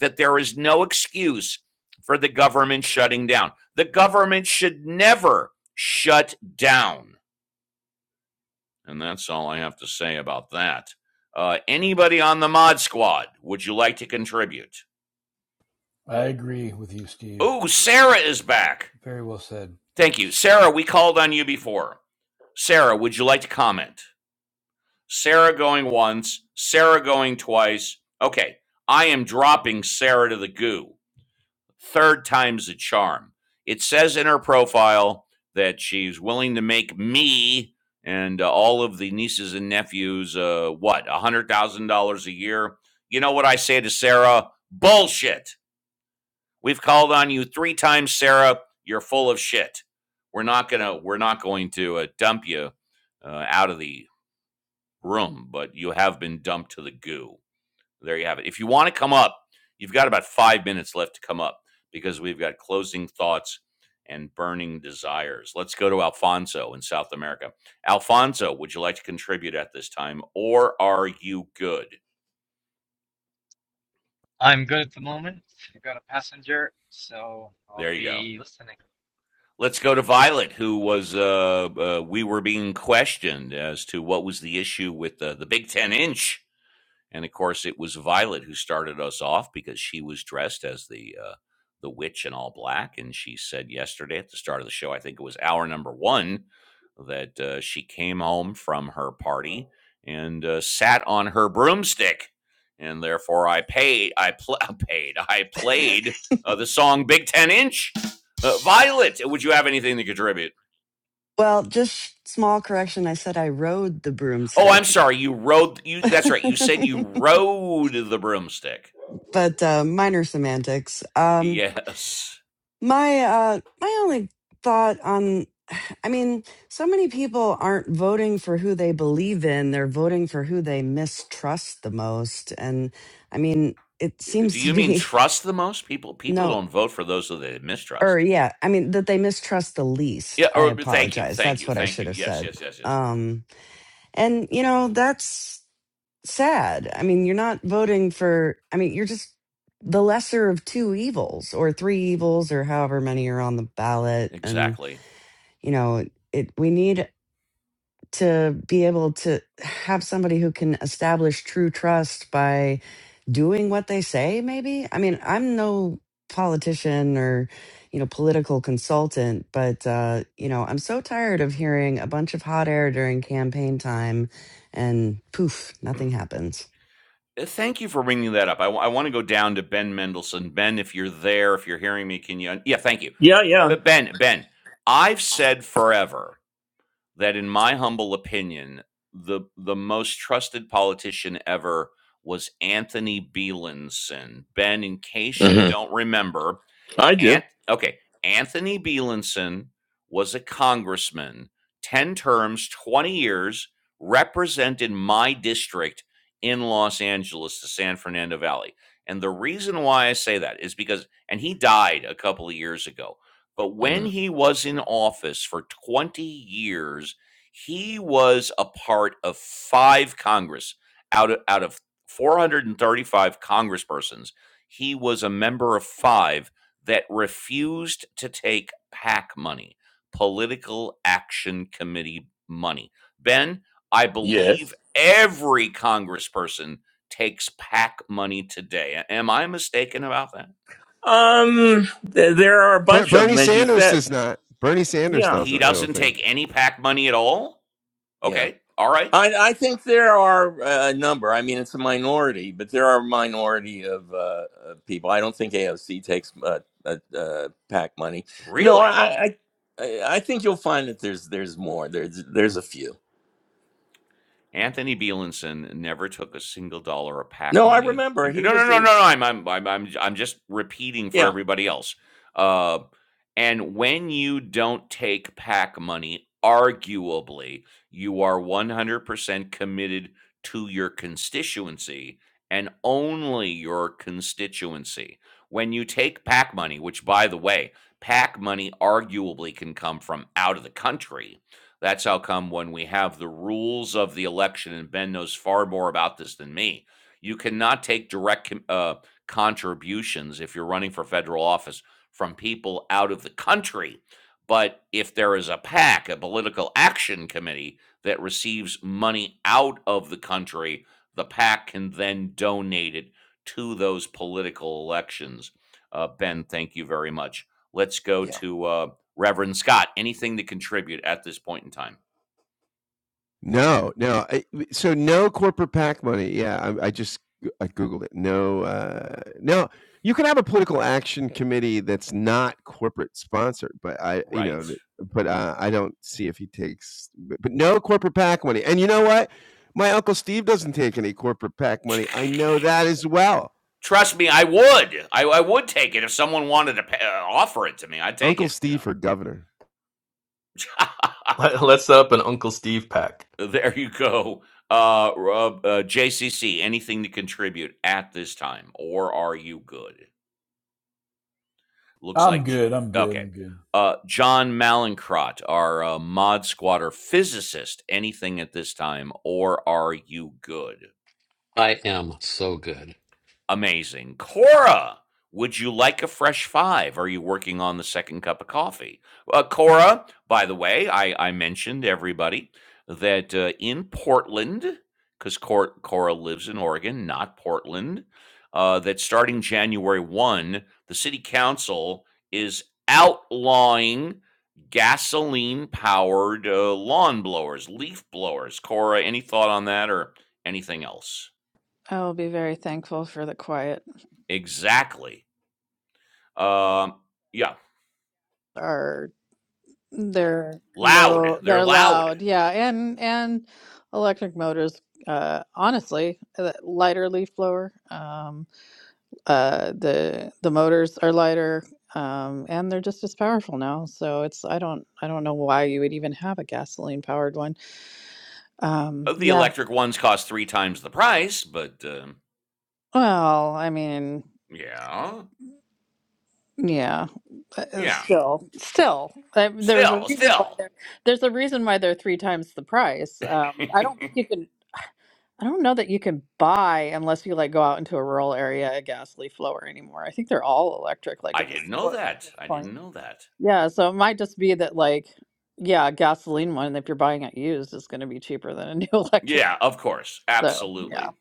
Speaker 1: that there is no excuse for the government shutting down. The government should never shut down. And that's all I have to say about that. Uh, anybody on the mod squad, would you like to contribute?
Speaker 6: I agree with you, Steve.
Speaker 1: Ooh, Sarah is back.
Speaker 6: Very well said.
Speaker 1: Thank you. Sarah, we called on you before. Sarah, would you like to comment? Sarah going once, Sarah going twice. Okay, I am dropping Sarah to the goo. Third time's a charm. It says in her profile that she's willing to make me and uh, all of the nieces and nephews, uh, what, $100,000 a year? You know what I say to Sarah? Bullshit. We've called on you three times, Sarah. You're full of shit. We're not gonna. We're not going to uh, dump you uh, out of the room, but you have been dumped to the goo. There you have it. If you want to come up, you've got about five minutes left to come up because we've got closing thoughts and burning desires. Let's go to Alfonso in South America. Alfonso, would you like to contribute at this time, or are you good?
Speaker 4: I'm good at the moment. I got a passenger, so I'll
Speaker 1: There you go.
Speaker 4: be listening.
Speaker 1: Let's go to Violet, who was uh, uh, we were being questioned as to what was the issue with the, the Big Ten inch And of course, it was Violet who started us off because she was dressed as the uh, the witch in all black, and she said yesterday at the start of the show, I think it was hour number one, that uh, she came home from her party and uh, sat on her broomstick, and therefore I paid, I pl- paid, I played uh, the song Big Ten Inch. Uh, Violet, would you have anything to contribute?
Speaker 5: Well, just small correction. I said I rode the
Speaker 1: Oh, I'm
Speaker 5: broomstick.
Speaker 1: sorry. You rode. You that's right. You said you rode the broomstick.
Speaker 5: but uh, minor semantics. Um,
Speaker 1: Yes.
Speaker 5: my uh, my only thought on, I mean, so many people aren't voting for who they believe in; they're voting for who they mistrust the most. And I mean, it seems
Speaker 1: Do
Speaker 5: to
Speaker 1: you mean
Speaker 5: be
Speaker 1: trust the most people? People
Speaker 5: no,
Speaker 1: don't vote for those that they
Speaker 5: or
Speaker 1: mistrust.
Speaker 5: yeah, I mean that they mistrust the least.
Speaker 1: Yeah.
Speaker 5: I
Speaker 1: Or thank you,
Speaker 5: apologize.
Speaker 1: thank
Speaker 5: That's
Speaker 1: you,
Speaker 5: what I
Speaker 1: thank
Speaker 5: should
Speaker 1: you.
Speaker 5: have
Speaker 1: Yes,
Speaker 5: said.
Speaker 1: yes, yes, yes.
Speaker 5: Um, and you know, that's sad. I mean, you're not voting for, I mean, you're just the lesser of two evils or three evils or however many are on the ballot. And,
Speaker 1: Exactly.
Speaker 5: you know, it, we need to be able to have somebody who can establish true trust by doing what they say, maybe. I mean, I'm no politician or, you know, political consultant, but, uh, you know, I'm so tired of hearing a bunch of hot air during campaign time and poof, nothing happens.
Speaker 1: Uh, Thank you for bringing that up. I w- I want to go down to Ben Mendelsohn. Ben, if you're there, if you're hearing me, can you? un- Yeah, thank you.
Speaker 11: Yeah, yeah.
Speaker 1: But Ben, Ben, I've said forever that, in my humble opinion, the the most trusted politician ever was Anthony Bielenson. Ben, in case you
Speaker 11: hmm
Speaker 1: don't remember,
Speaker 11: I do.
Speaker 1: Ant okay, Anthony Bielenson was a congressman, 10 terms, 20 years, represented my district in Los Angeles, the San Fernando Valley. And the reason why I say that is because, and he died a couple of years ago, but when
Speaker 11: hmm
Speaker 1: he was in office for 20 years, he was a part of five Congress out of, out of 435 congresspersons. He was a member of five that refused to take PAC money, Political Action Committee money. Ben, I believe
Speaker 11: Yes.
Speaker 1: every congressperson takes PAC money today. Am I mistaken about that?
Speaker 11: Um, th- there are a
Speaker 7: Ber-
Speaker 11: bunch of
Speaker 7: Bernie
Speaker 11: them, as you
Speaker 7: Sanders
Speaker 11: said.
Speaker 7: does not. Bernie Sanders
Speaker 11: Yeah.
Speaker 1: He
Speaker 7: doesn't. I don't
Speaker 1: doesn't
Speaker 7: think.
Speaker 1: take any PAC money at all?
Speaker 11: Yeah.
Speaker 1: Okay. All right.
Speaker 11: I, I think there are uh, a number. I mean, it's a minority, but there are a minority of, uh, of people. I don't think AOC takes uh, uh, uh, PAC money. No, I,
Speaker 1: Really?
Speaker 11: I I I think you'll find that there's there's more. There's there's a few.
Speaker 1: Anthony Bielenson never took a single dollar of PAC
Speaker 11: No, I
Speaker 1: money.
Speaker 11: remember
Speaker 1: No,
Speaker 11: he
Speaker 1: no,
Speaker 11: was
Speaker 1: no, no,
Speaker 11: a
Speaker 1: no. I'm, I'm, I'm, I'm, I'm just repeating for
Speaker 11: Yeah.
Speaker 1: everybody else. Uh, and when you don't take PAC money, arguably, you are 100% committed to your constituency and only your constituency. When you take PAC money, which, by the way, PAC money arguably can come from out of the country that's how come when we have the rules of the election, and Ben knows far more about this than me, you cannot take direct com- uh, contributions if you're running for federal office from people out of the country. But if there is a PAC, a political action committee, that receives money out of the country, the PAC can then donate it to those political elections. Uh, ben, thank you very much. Let's go
Speaker 11: Yeah.
Speaker 1: to uh, Reverend Scott, anything to contribute at this point in time?
Speaker 7: No, no. I, so no corporate PAC money. Yeah, I, I just I googled it. No, uh, no. You can have a political action committee that's not corporate sponsored, but I, you
Speaker 1: Right.
Speaker 7: know, th- but uh, I don't see if he takes, but, but no corporate PAC money. And you know what? My uncle Steve doesn't take any corporate PAC money. I know that as well.
Speaker 1: Trust me, I would. I, I would take it if someone wanted to pay, uh, offer it to me. I'd take
Speaker 7: Uncle
Speaker 1: it, you
Speaker 7: Steve
Speaker 1: know.
Speaker 7: for governor.
Speaker 12: Let's set up an Uncle Steve pack.
Speaker 1: there you go. Uh, Rob- uh, JCC, anything to contribute at this time, or are you good? Looks
Speaker 6: I'm
Speaker 1: like,
Speaker 6: good. I'm good. I'm
Speaker 1: okay.
Speaker 6: good.
Speaker 1: Uh, John Malincrot, our uh, mod squatter physicist, anything at this time, or are you good?
Speaker 13: I am so good.
Speaker 1: Amazing. Cora, would you like a fresh five? Are you working on the second cup of coffee? Uh, Cora, by the way, I, I mentioned to everybody that uh, in Portland, because Cora, Cora lives in Oregon, not Portland, uh, that starting January 1, the city council is outlawing gasoline powered uh, lawn blowers, leaf blowers. Cora, any thought on that or anything else?
Speaker 14: I will be very thankful for the quiet
Speaker 1: Exactly. Um, yeah,
Speaker 14: They're
Speaker 1: loud.
Speaker 14: no,
Speaker 1: They're
Speaker 14: they're
Speaker 1: loud.
Speaker 14: loud. Yeah, and and electric motors. Uh, honestly, uh, lighter leaf blower. Um, uh, the the motors are lighter, um, and they're just as powerful now. So it's I don't I don't know why you would even have a gasoline powered one. Um,
Speaker 1: Uh, The
Speaker 14: yeah.
Speaker 1: electric ones cost three times the price, but um,
Speaker 14: Well, I mean,
Speaker 1: yeah,
Speaker 14: yeah. but, uh,
Speaker 1: yeah.
Speaker 14: Still, still, I, there's a
Speaker 1: Still,
Speaker 14: reason why
Speaker 1: still.
Speaker 14: they're there's a reason why they're three times the price. Um, I don't think you can. I don't know that you can buy unless you like go out into a rural area a gas leaf blower anymore. I think they're all electric, like
Speaker 1: I
Speaker 14: at the
Speaker 1: didn't know
Speaker 14: store at
Speaker 1: that.
Speaker 14: this
Speaker 1: I
Speaker 14: point.
Speaker 1: didn't know that.
Speaker 14: Yeah, so it might just be that like, yeah, a gasoline one, if you're buying it used, is going to be cheaper than a new electric.
Speaker 1: Yeah,
Speaker 14: one.
Speaker 1: of course,
Speaker 14: So yeah.
Speaker 1: absolutely.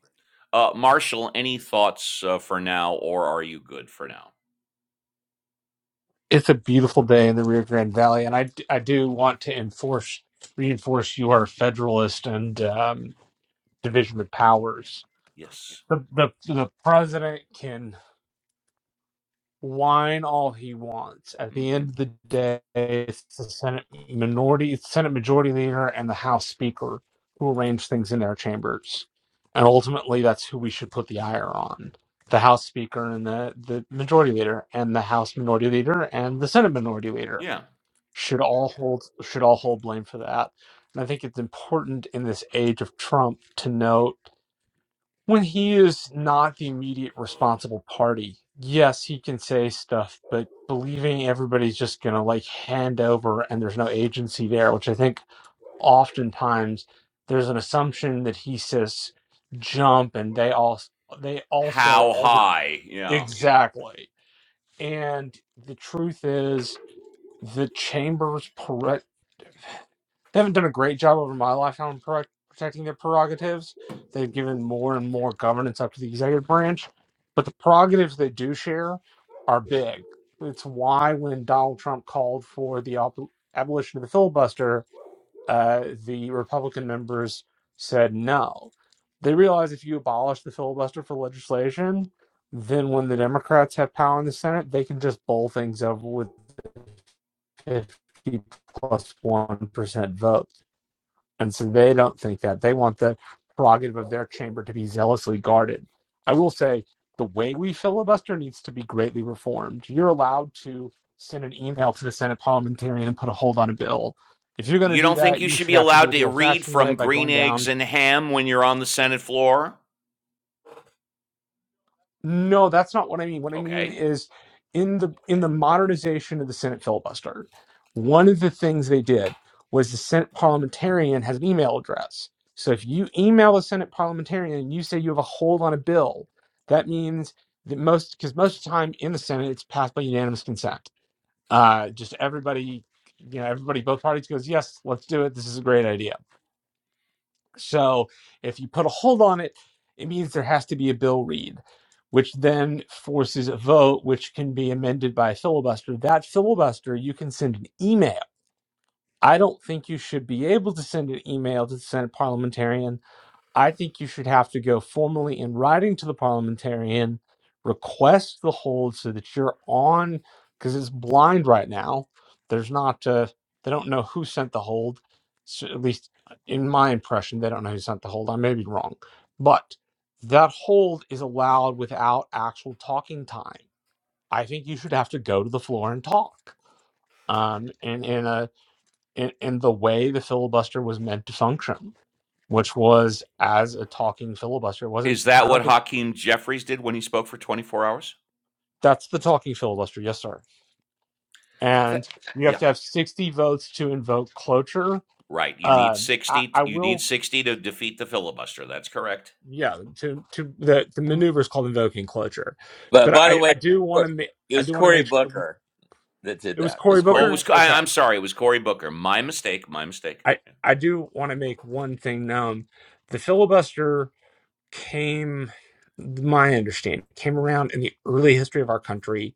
Speaker 1: Uh, Marshall, any thoughts uh, for now, or are you good for now?
Speaker 8: It's a beautiful day in the Rio Grande Valley, and I, d- I do want to enforce reinforce your federalist and um, division of powers
Speaker 1: Yes.
Speaker 8: the, the the president can whine all he wants. At the
Speaker 1: Mm-hmm.
Speaker 8: end of the day, it's the Senate minority, it's Senate Majority Leader, and the House Speaker who arrange things in their chambers, and ultimately, that's who we should put the ire on: the House Speaker and the the Majority Leader, and the House Minority Leader and the Senate Minority Leader
Speaker 1: Yeah.
Speaker 8: should all hold should all hold blame for that. And I think it's important in this age of Trump to note when he is not the immediate responsible party, yes, he can say stuff, but believing everybody's just going to like hand over and there's no agency there, which I think oftentimes there's an assumption that he says jump and they all they all say
Speaker 1: How
Speaker 8: all the
Speaker 1: high? Yeah.
Speaker 8: exactly. And the truth is the chamber's they haven't done a great job over my lifetime protecting their prerogatives. They've given more and more governance up to the executive branch, but the prerogatives they do share are big. It's why when Donald Trump called for the op- abolition of the filibuster, uh, the Republican members said no. They realize if you abolish the filibuster for legislation, then when the Democrats have power in the Senate, they can just bowl things over with 50 1% votes and so they don't think that. They want the prerogative of their chamber to be zealously guarded. I will say the way we filibuster needs to be greatly reformed. You're allowed to send an email to the Senate parliamentarian and put a hold on a bill. If you're going to
Speaker 1: You
Speaker 8: do
Speaker 1: don't think
Speaker 8: that,
Speaker 1: you
Speaker 8: you
Speaker 1: should be
Speaker 8: should have to do
Speaker 1: allowed
Speaker 8: it the
Speaker 1: to
Speaker 8: old
Speaker 1: read
Speaker 8: fashioned way
Speaker 1: from
Speaker 8: by
Speaker 1: green
Speaker 8: going down
Speaker 1: eggs and ham when you're on the Senate floor?
Speaker 8: No, that's not what I mean. What I mean
Speaker 1: Okay.
Speaker 8: is in the in the modernization of the Senate filibuster, one of the things they did was the Senate parliamentarian has an email address. So if you email a Senate parliamentarian and you say you have a hold on a bill, that means that most because most of the time in the Senate it's passed by unanimous consent. Uh, just everybody, you know, everybody, both parties goes, yes, let's do it. This is a great idea so if you put a hold on it, it means there has to be a bill read, which then forces a vote, which can be amended by a filibuster. That filibuster, you can send an email. I don't think you should be able to send an email to the Senate parliamentarian I think you should have to go formally in writing to the parliamentarian, request the hold so that you're on, because it's blind right now. There's not, uh, they don't know who sent the hold. So at least uh, in my impression, they don't know who sent the hold. I may be wrong, but that hold is allowed without actual talking time. I think you should have to go to the floor and talk. Um, and in a in, in the way the filibuster was meant to function which was as a talking filibuster. It wasn't,
Speaker 1: Is that
Speaker 8: I don't
Speaker 1: what
Speaker 8: think
Speaker 1: Hakeem Jeffries did when he spoke for 24 hours?
Speaker 8: that's the talking filibuster. Yes, sir.
Speaker 1: Th-
Speaker 8: And you have
Speaker 1: Yeah.
Speaker 8: to have 60 votes to invoke cloture.
Speaker 1: Right. You need
Speaker 8: Uh, I,
Speaker 1: 60
Speaker 8: I
Speaker 1: to, you need
Speaker 8: will,
Speaker 1: 60 to defeat the filibuster. That's correct.
Speaker 8: yeah, to, to the, the maneuver is called invoking cloture,
Speaker 11: But
Speaker 8: but
Speaker 11: by the
Speaker 8: I,
Speaker 11: way,
Speaker 8: I do want to make,
Speaker 11: it
Speaker 8: I
Speaker 11: was
Speaker 8: do want to
Speaker 11: Cory
Speaker 8: make sure
Speaker 11: Booker that did
Speaker 8: it was
Speaker 11: that. It
Speaker 8: Cory
Speaker 11: was Cory
Speaker 1: Oh, it
Speaker 8: Booker.
Speaker 11: Booker.
Speaker 1: was Co- I,
Speaker 8: Okay.
Speaker 1: am sorry. It was Cory Booker. My mistake. My mistake.
Speaker 8: I, I do want to make one thing known. The filibuster came, my understanding, came around in the early history of our country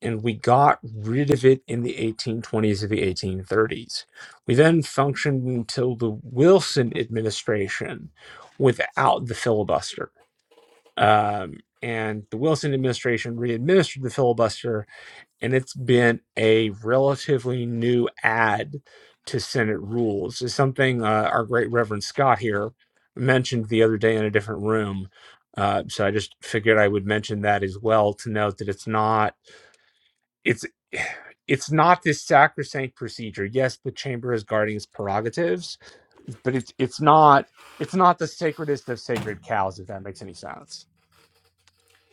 Speaker 8: and we got rid of it in the 1820s and the 1830s. We then functioned until the Wilson administration without the filibuster. Um, and the Wilson administration readministered the filibuster, and it's been a relatively new add to Senate rules. It's something uh, our great Reverend Scott here mentioned the other day in a different room. Uh, so I just figured I would mention that as well to note that it's not it's it's not this sacrosanct procedure. Yes, the chamber is guarding its prerogatives, but it's it's not it's not the sacredest of sacred cows, if that makes any sense.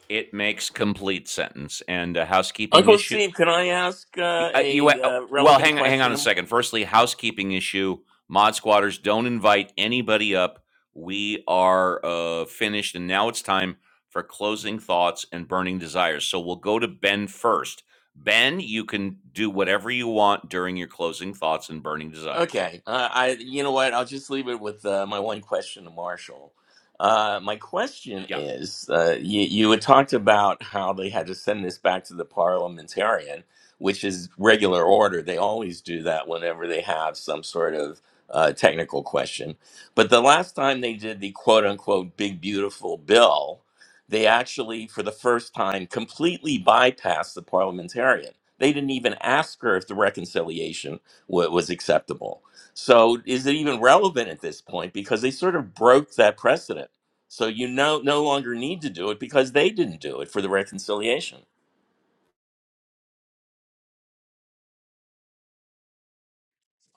Speaker 1: It makes complete sentence and a housekeeping
Speaker 11: Uncle
Speaker 1: issue.
Speaker 11: Steve, can I ask uh,
Speaker 1: uh, you
Speaker 11: a
Speaker 1: uh,
Speaker 11: uh,
Speaker 1: well
Speaker 11: relevant
Speaker 1: hang hang on a
Speaker 11: question?
Speaker 1: second firstly housekeeping issue mod squatters don't invite anybody up we are uh finished and now it's time for closing thoughts and burning desires so we'll go to ben first ben you can do whatever you want during your closing thoughts and burning desires
Speaker 11: Okay. Uh, I, you know what? I'll just leave it with uh, my one question to Marshall. Uh, my question
Speaker 1: yeah
Speaker 11: is, uh, you, you had talked about how they had to send this back to the parliamentarian, which is regular order. They always do that whenever they have some sort of uh, technical question. But the last time they did the quote unquote big beautiful bill, they actually, for the first time, completely bypassed the parliamentarian. They didn't even ask her if the reconciliation wa- was acceptable. So is it even relevant at this point? Because they sort of broke that precedent. So you no no longer need to do it because they didn't do it for the reconciliation.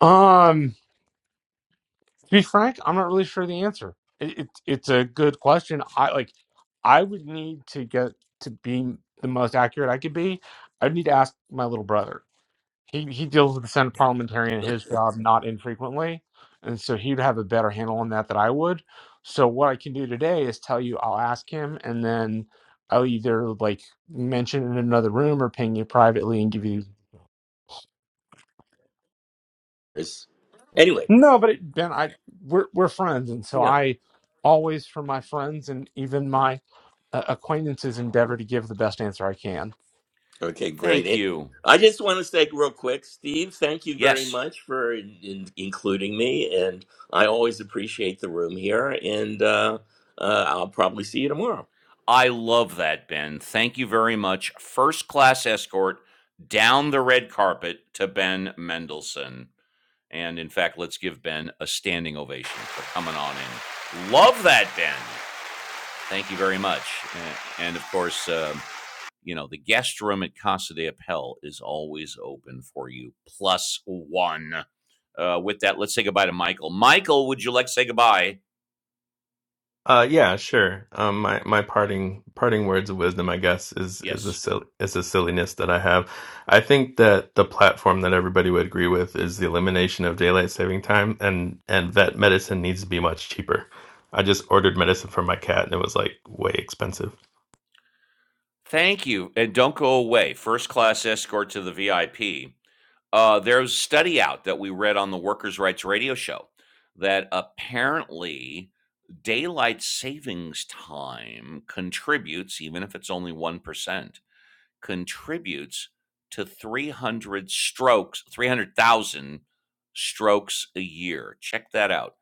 Speaker 8: Um to be frank, I'm not really sure the answer. It, it, it's a good question. I like. I would need to get to be the most accurate I could be. I'd need to ask my little brother. He he deals with the Senate parliamentarian in his job not infrequently, and so he'd have a better handle on that than I would. So what I can do today is tell you I'll ask him, and then I'll either like mention it in another room or ping you privately and give you
Speaker 11: It's- anyway,
Speaker 8: No, but it, Ben, I we're we're friends, and so
Speaker 11: yeah.
Speaker 8: I always, for my friends and even my uh, acquaintances, endeavor to give the best answer I can.
Speaker 11: Okay, great.
Speaker 1: thank
Speaker 11: It,
Speaker 1: you
Speaker 11: I just want to say real quick, Steve, thank you very
Speaker 1: yes
Speaker 11: much for in, in- including me. And I always appreciate the room here. And uh, uh, I'll probably see you tomorrow.
Speaker 1: i love that ben thank you very much first class escort down the red carpet to ben mendelsohn And in fact, let's give Ben a standing ovation for coming on in. Love that, Ben. Thank you very much. And of course, um, you know, the guest room at Casa de Appel is always open for you. Plus one. Uh, with that, let's say goodbye to Michael. Michael, would you like to say goodbye?
Speaker 12: Uh, yeah, sure. Um, my my parting parting words of wisdom, I guess, is is a
Speaker 1: Yes.
Speaker 12: silly, is a silliness that I have. I think that the platform that everybody would agree with is the elimination of daylight saving time, and and that medicine needs to be much cheaper. I just ordered medicine for my cat, and it was like way expensive.
Speaker 1: Thank you, and don't go away. First class escort to the VIP. Uh, there's a study out that we read on the Workers' Rights Radio Show that apparently daylight savings time contributes, even if it's only 1%, contributes to 300 strokes, 300,000 strokes a year. Check that out.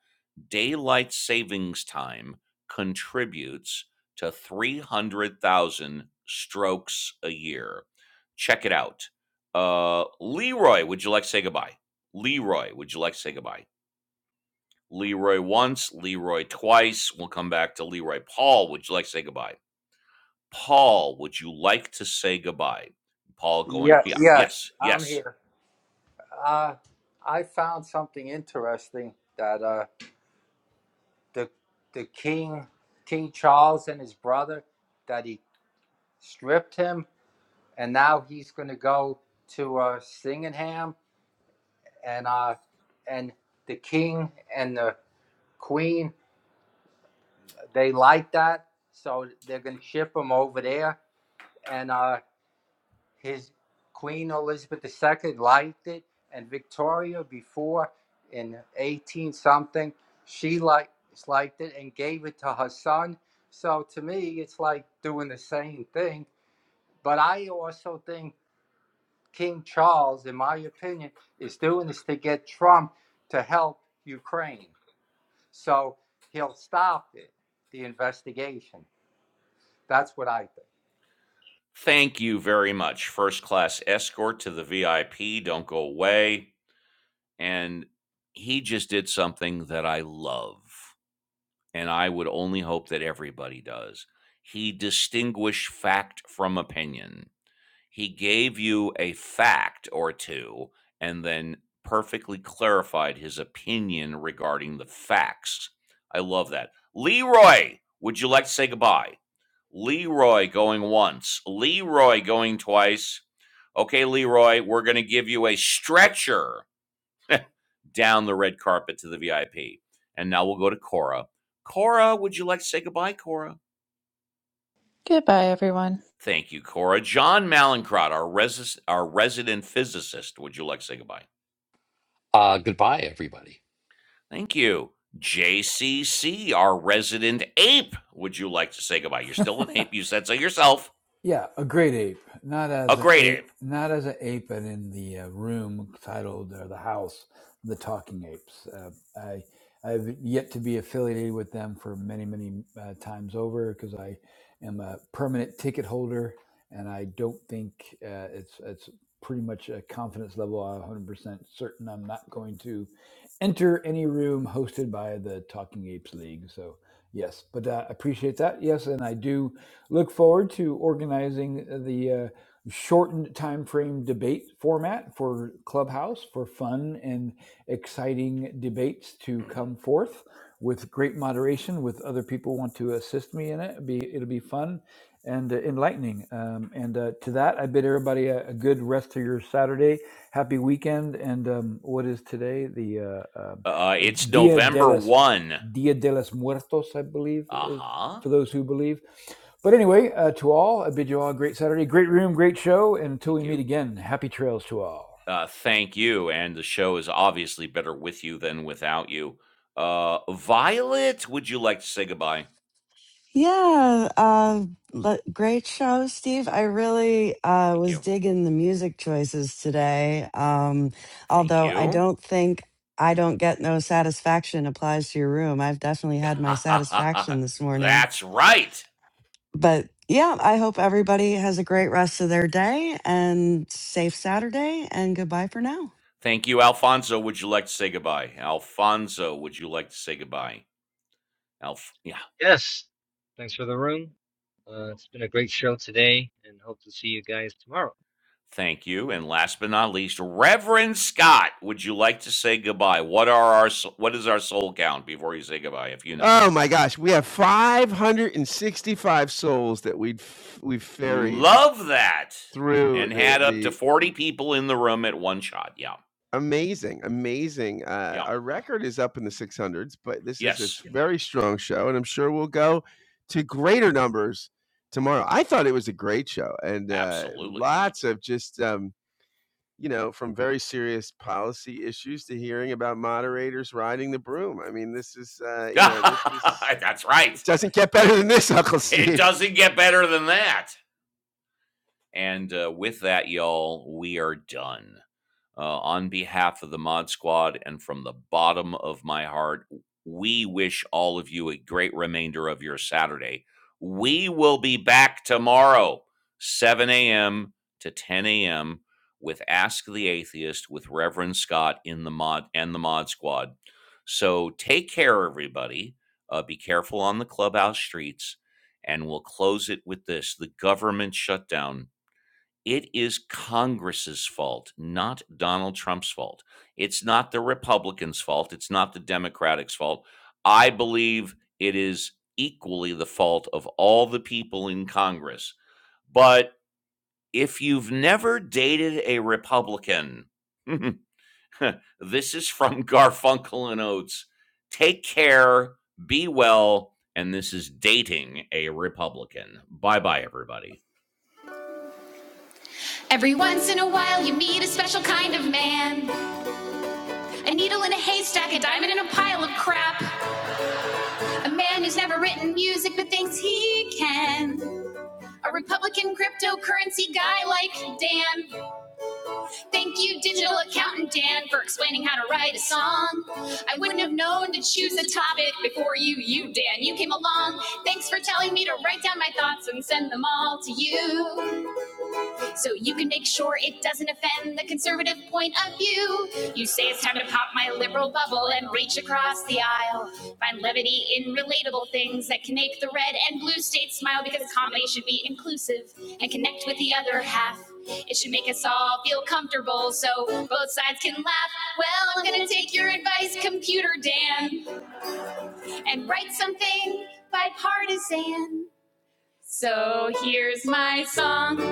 Speaker 1: Daylight savings time contributes to 300,000 strokes a year. Check it out. Uh, Leroy, would you like to say goodbye? Leroy, would you like to say goodbye? Leroy once, Leroy twice. We'll come back to Leroy. Paul, would you like to say goodbye? Paul, would you like to say goodbye? Paul going,
Speaker 17: Yeah,
Speaker 1: yeah,
Speaker 17: yes,
Speaker 1: yes,
Speaker 17: I'm
Speaker 1: yes.
Speaker 17: here. Uh, I found something interesting that uh, the the king, King Charles and his brother, that he stripped him, and now he's going to go to uh, Singenham, and uh, and the king and the queen they like that, so they're going to ship him over there, and uh, his Queen Elizabeth II liked it, and Victoria before in 18 something, she liked liked it and gave it to her son. So to me, it's like doing the same thing. But I also think King Charles, in my opinion, is doing this to get Trump to help Ukraine. So he'll stop it, the investigation. That's what I think.
Speaker 1: Thank you very much. First class escort to the VIP. Don't go away. and he just did something that I love, and I would only hope that everybody does. He distinguished fact from opinion. He gave you a fact or two and then perfectly clarified his opinion regarding the facts. I love that. Leroy, would you like to say goodbye? Leroy going once, Leroy going twice. Okay, Leroy, we're going to give you a stretcher down the red carpet to the VIP. And now we'll go to Cora. Cora, would you like to say goodbye, Cora?
Speaker 14: Goodbye, everyone.
Speaker 1: Thank you, Cora. John Malincrot, our, resi- our resident physicist, would you like to say goodbye?
Speaker 13: Uh, goodbye, everybody.
Speaker 1: Thank you. JCC, our resident ape, would you like to say goodbye? You're still an ape. You said so yourself.
Speaker 6: Yeah, a great ape. Not
Speaker 1: A
Speaker 6: as an
Speaker 1: great
Speaker 6: ape,
Speaker 1: ape.
Speaker 6: not as an ape, but in the uh, room titled or the house, of the talking apes. Uh, I I've yet to be affiliated with them for many many uh, times over because I am a permanent ticket holder, and I don't think uh, it's it's pretty much a confidence level. I'm 100% certain I'm not going to enter any room hosted by the Talking Apes League. So, yes, but uh, appreciate that. Yes, and I do look forward to organizing the uh, shortened time frame debate format for Clubhouse for fun and exciting debates to come forth with great moderation with other people want to assist me in it. It'll be, it'll be fun and uh, enlightening. Um, and uh, to that, I bid everybody a, a good rest of your Saturday. Happy weekend. And um, what is today? The uh, um,
Speaker 1: Uh, uh,
Speaker 6: uh,
Speaker 1: it's
Speaker 6: Dia de
Speaker 1: November
Speaker 6: los
Speaker 1: 1.
Speaker 6: Dia de los Muertos, I believe,
Speaker 1: Uh
Speaker 6: is
Speaker 1: huh.
Speaker 6: for those who believe. But anyway, uh, to all, I bid you all a great Saturday, great room, great show. And until
Speaker 1: Thank
Speaker 6: we meet
Speaker 1: you.
Speaker 6: again, happy trails to all.
Speaker 1: Uh, thank you, and the show is obviously better with you than without you. Uh, Violet, would you like to say goodbye?
Speaker 5: Yeah, uh, le- great show, Steve. I really uh,
Speaker 1: Thank
Speaker 5: was
Speaker 1: you.
Speaker 5: digging the music choices today. Um,
Speaker 1: Thank
Speaker 5: although I
Speaker 1: you.
Speaker 5: don't think I don't get no satisfaction applies to your room. I've definitely had my satisfaction this morning.
Speaker 1: That's right.
Speaker 5: But yeah, I hope everybody has a great rest of their day and safe Saturday and goodbye for now.
Speaker 1: Thank you, Alfonso. Would you like to say goodbye? Alfonso, would you like to say goodbye? Alf, yeah.
Speaker 4: Yes, thanks for the room. Uh, it's been a great show today, and hope to see you guys tomorrow.
Speaker 1: Thank you, and last but not least, Reverend Scott. Would you like to say goodbye? What are our s- what is our soul count before you say goodbye? If you know.
Speaker 7: Oh my gosh, we have 565 souls that we've we've ferried
Speaker 1: Love that.
Speaker 7: through
Speaker 1: And
Speaker 7: the
Speaker 1: had up to
Speaker 7: the
Speaker 1: 40 people in the room at one shot. Yeah.
Speaker 7: Amazing, amazing. Uh,
Speaker 1: Yeah.
Speaker 7: our record is up in the 600s, but this is a
Speaker 1: Yes.
Speaker 7: s- Yeah. very strong show, and I'm sure we'll go to greater numbers tomorrow. I thought it was a great show, and uh,
Speaker 1: Absolutely.
Speaker 7: lots of just, um, you know, from very serious policy issues to hearing about moderators riding the broom. I mean, this is, uh, you know, this is,
Speaker 1: That's
Speaker 7: it
Speaker 1: right.
Speaker 7: doesn't get better than this, Uncle
Speaker 1: It
Speaker 7: Steve.
Speaker 1: doesn't get better than that. And uh, with that, y'all, we are done. Uh, on behalf of the Mod Squad and from the bottom of my heart, we wish all of you a great remainder of your Saturday. We will be back tomorrow, 7 a.m. to 10 a.m. with Ask the Atheist with Reverend Scott in the Mod and the Mod Squad. So take care, everybody. Uh, be careful on the clubhouse streets. And we'll close it with this the government shutdown it is Congress's fault, not Donald Trump's fault. It's not the Republicans' fault. It's not the Democrats' fault. I believe it is equally the fault of all the people in Congress. But if you've never dated a Republican, this is from Garfunkel and Oates. Take care, be well, and this is dating a Republican. Bye bye, everybody. Every once in a while, you meet a special kind of man. A needle in a haystack, a diamond in a pile of crap. A man who's never written music but thinks he can. A Republican cryptocurrency guy like Dan. Thank you, digital accountant Dan, for explaining how to write a song. I wouldn't have known to choose a topic before you, you, Dan. You came along. Thanks for telling me to write down my thoughts and send them all to you. so you can make sure it doesn't offend the conservative point of view. You say it's time to pop my liberal bubble and reach across the aisle. Find levity in relatable things that can make the red and blue states smile because comedy should be inclusive and connect with the other half. It should make us all feel comfortable so both sides can laugh. Well, I'm gonna take your advice, computer Dan, and write something bipartisan. So here's my song.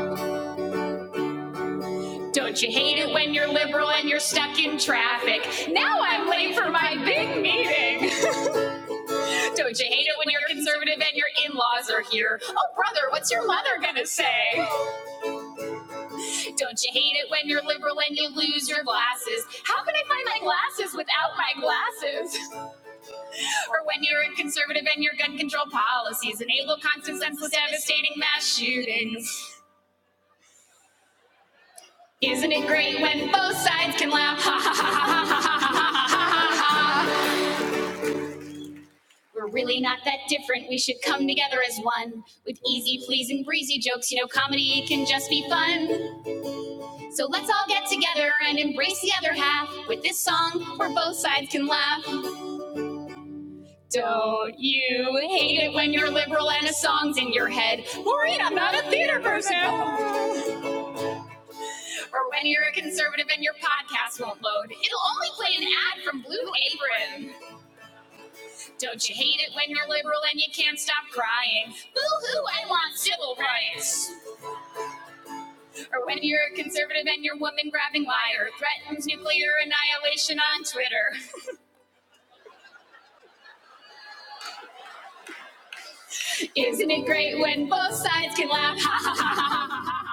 Speaker 1: Don't you hate it when you're liberal and you're stuck in traffic? Now I'm late for my big meeting. Don't you hate it when you're conservative and your in laws are here? Oh, brother, what's your mother gonna say? Don't you hate it when you're liberal and you lose your glasses? How can I find my glasses without my glasses? or when you're a conservative and your gun control policies enable constant, senseless, devastating mass shootings. Isn't it great when both sides can laugh? Ha ha ha ha ha ha ha ha ha ha ha. We're really not that different. We should come together as one with easy, pleasing, breezy jokes. You know, comedy can just be fun. So let's all get together and embrace the other half with this song where both sides can laugh. Don't you hate it when you're liberal and a song's in your head? Maureen, I'm not a theater person or when you're a conservative and your podcast won't load. It'll only play an ad from Blue Apron. Don't you hate it when you're liberal and you can't stop crying? Boo hoo, I want civil rights. Or when you're a conservative and your woman grabbing liar threatens nuclear annihilation on Twitter. Isn't it great when both sides can laugh? Ha ha ha ha ha ha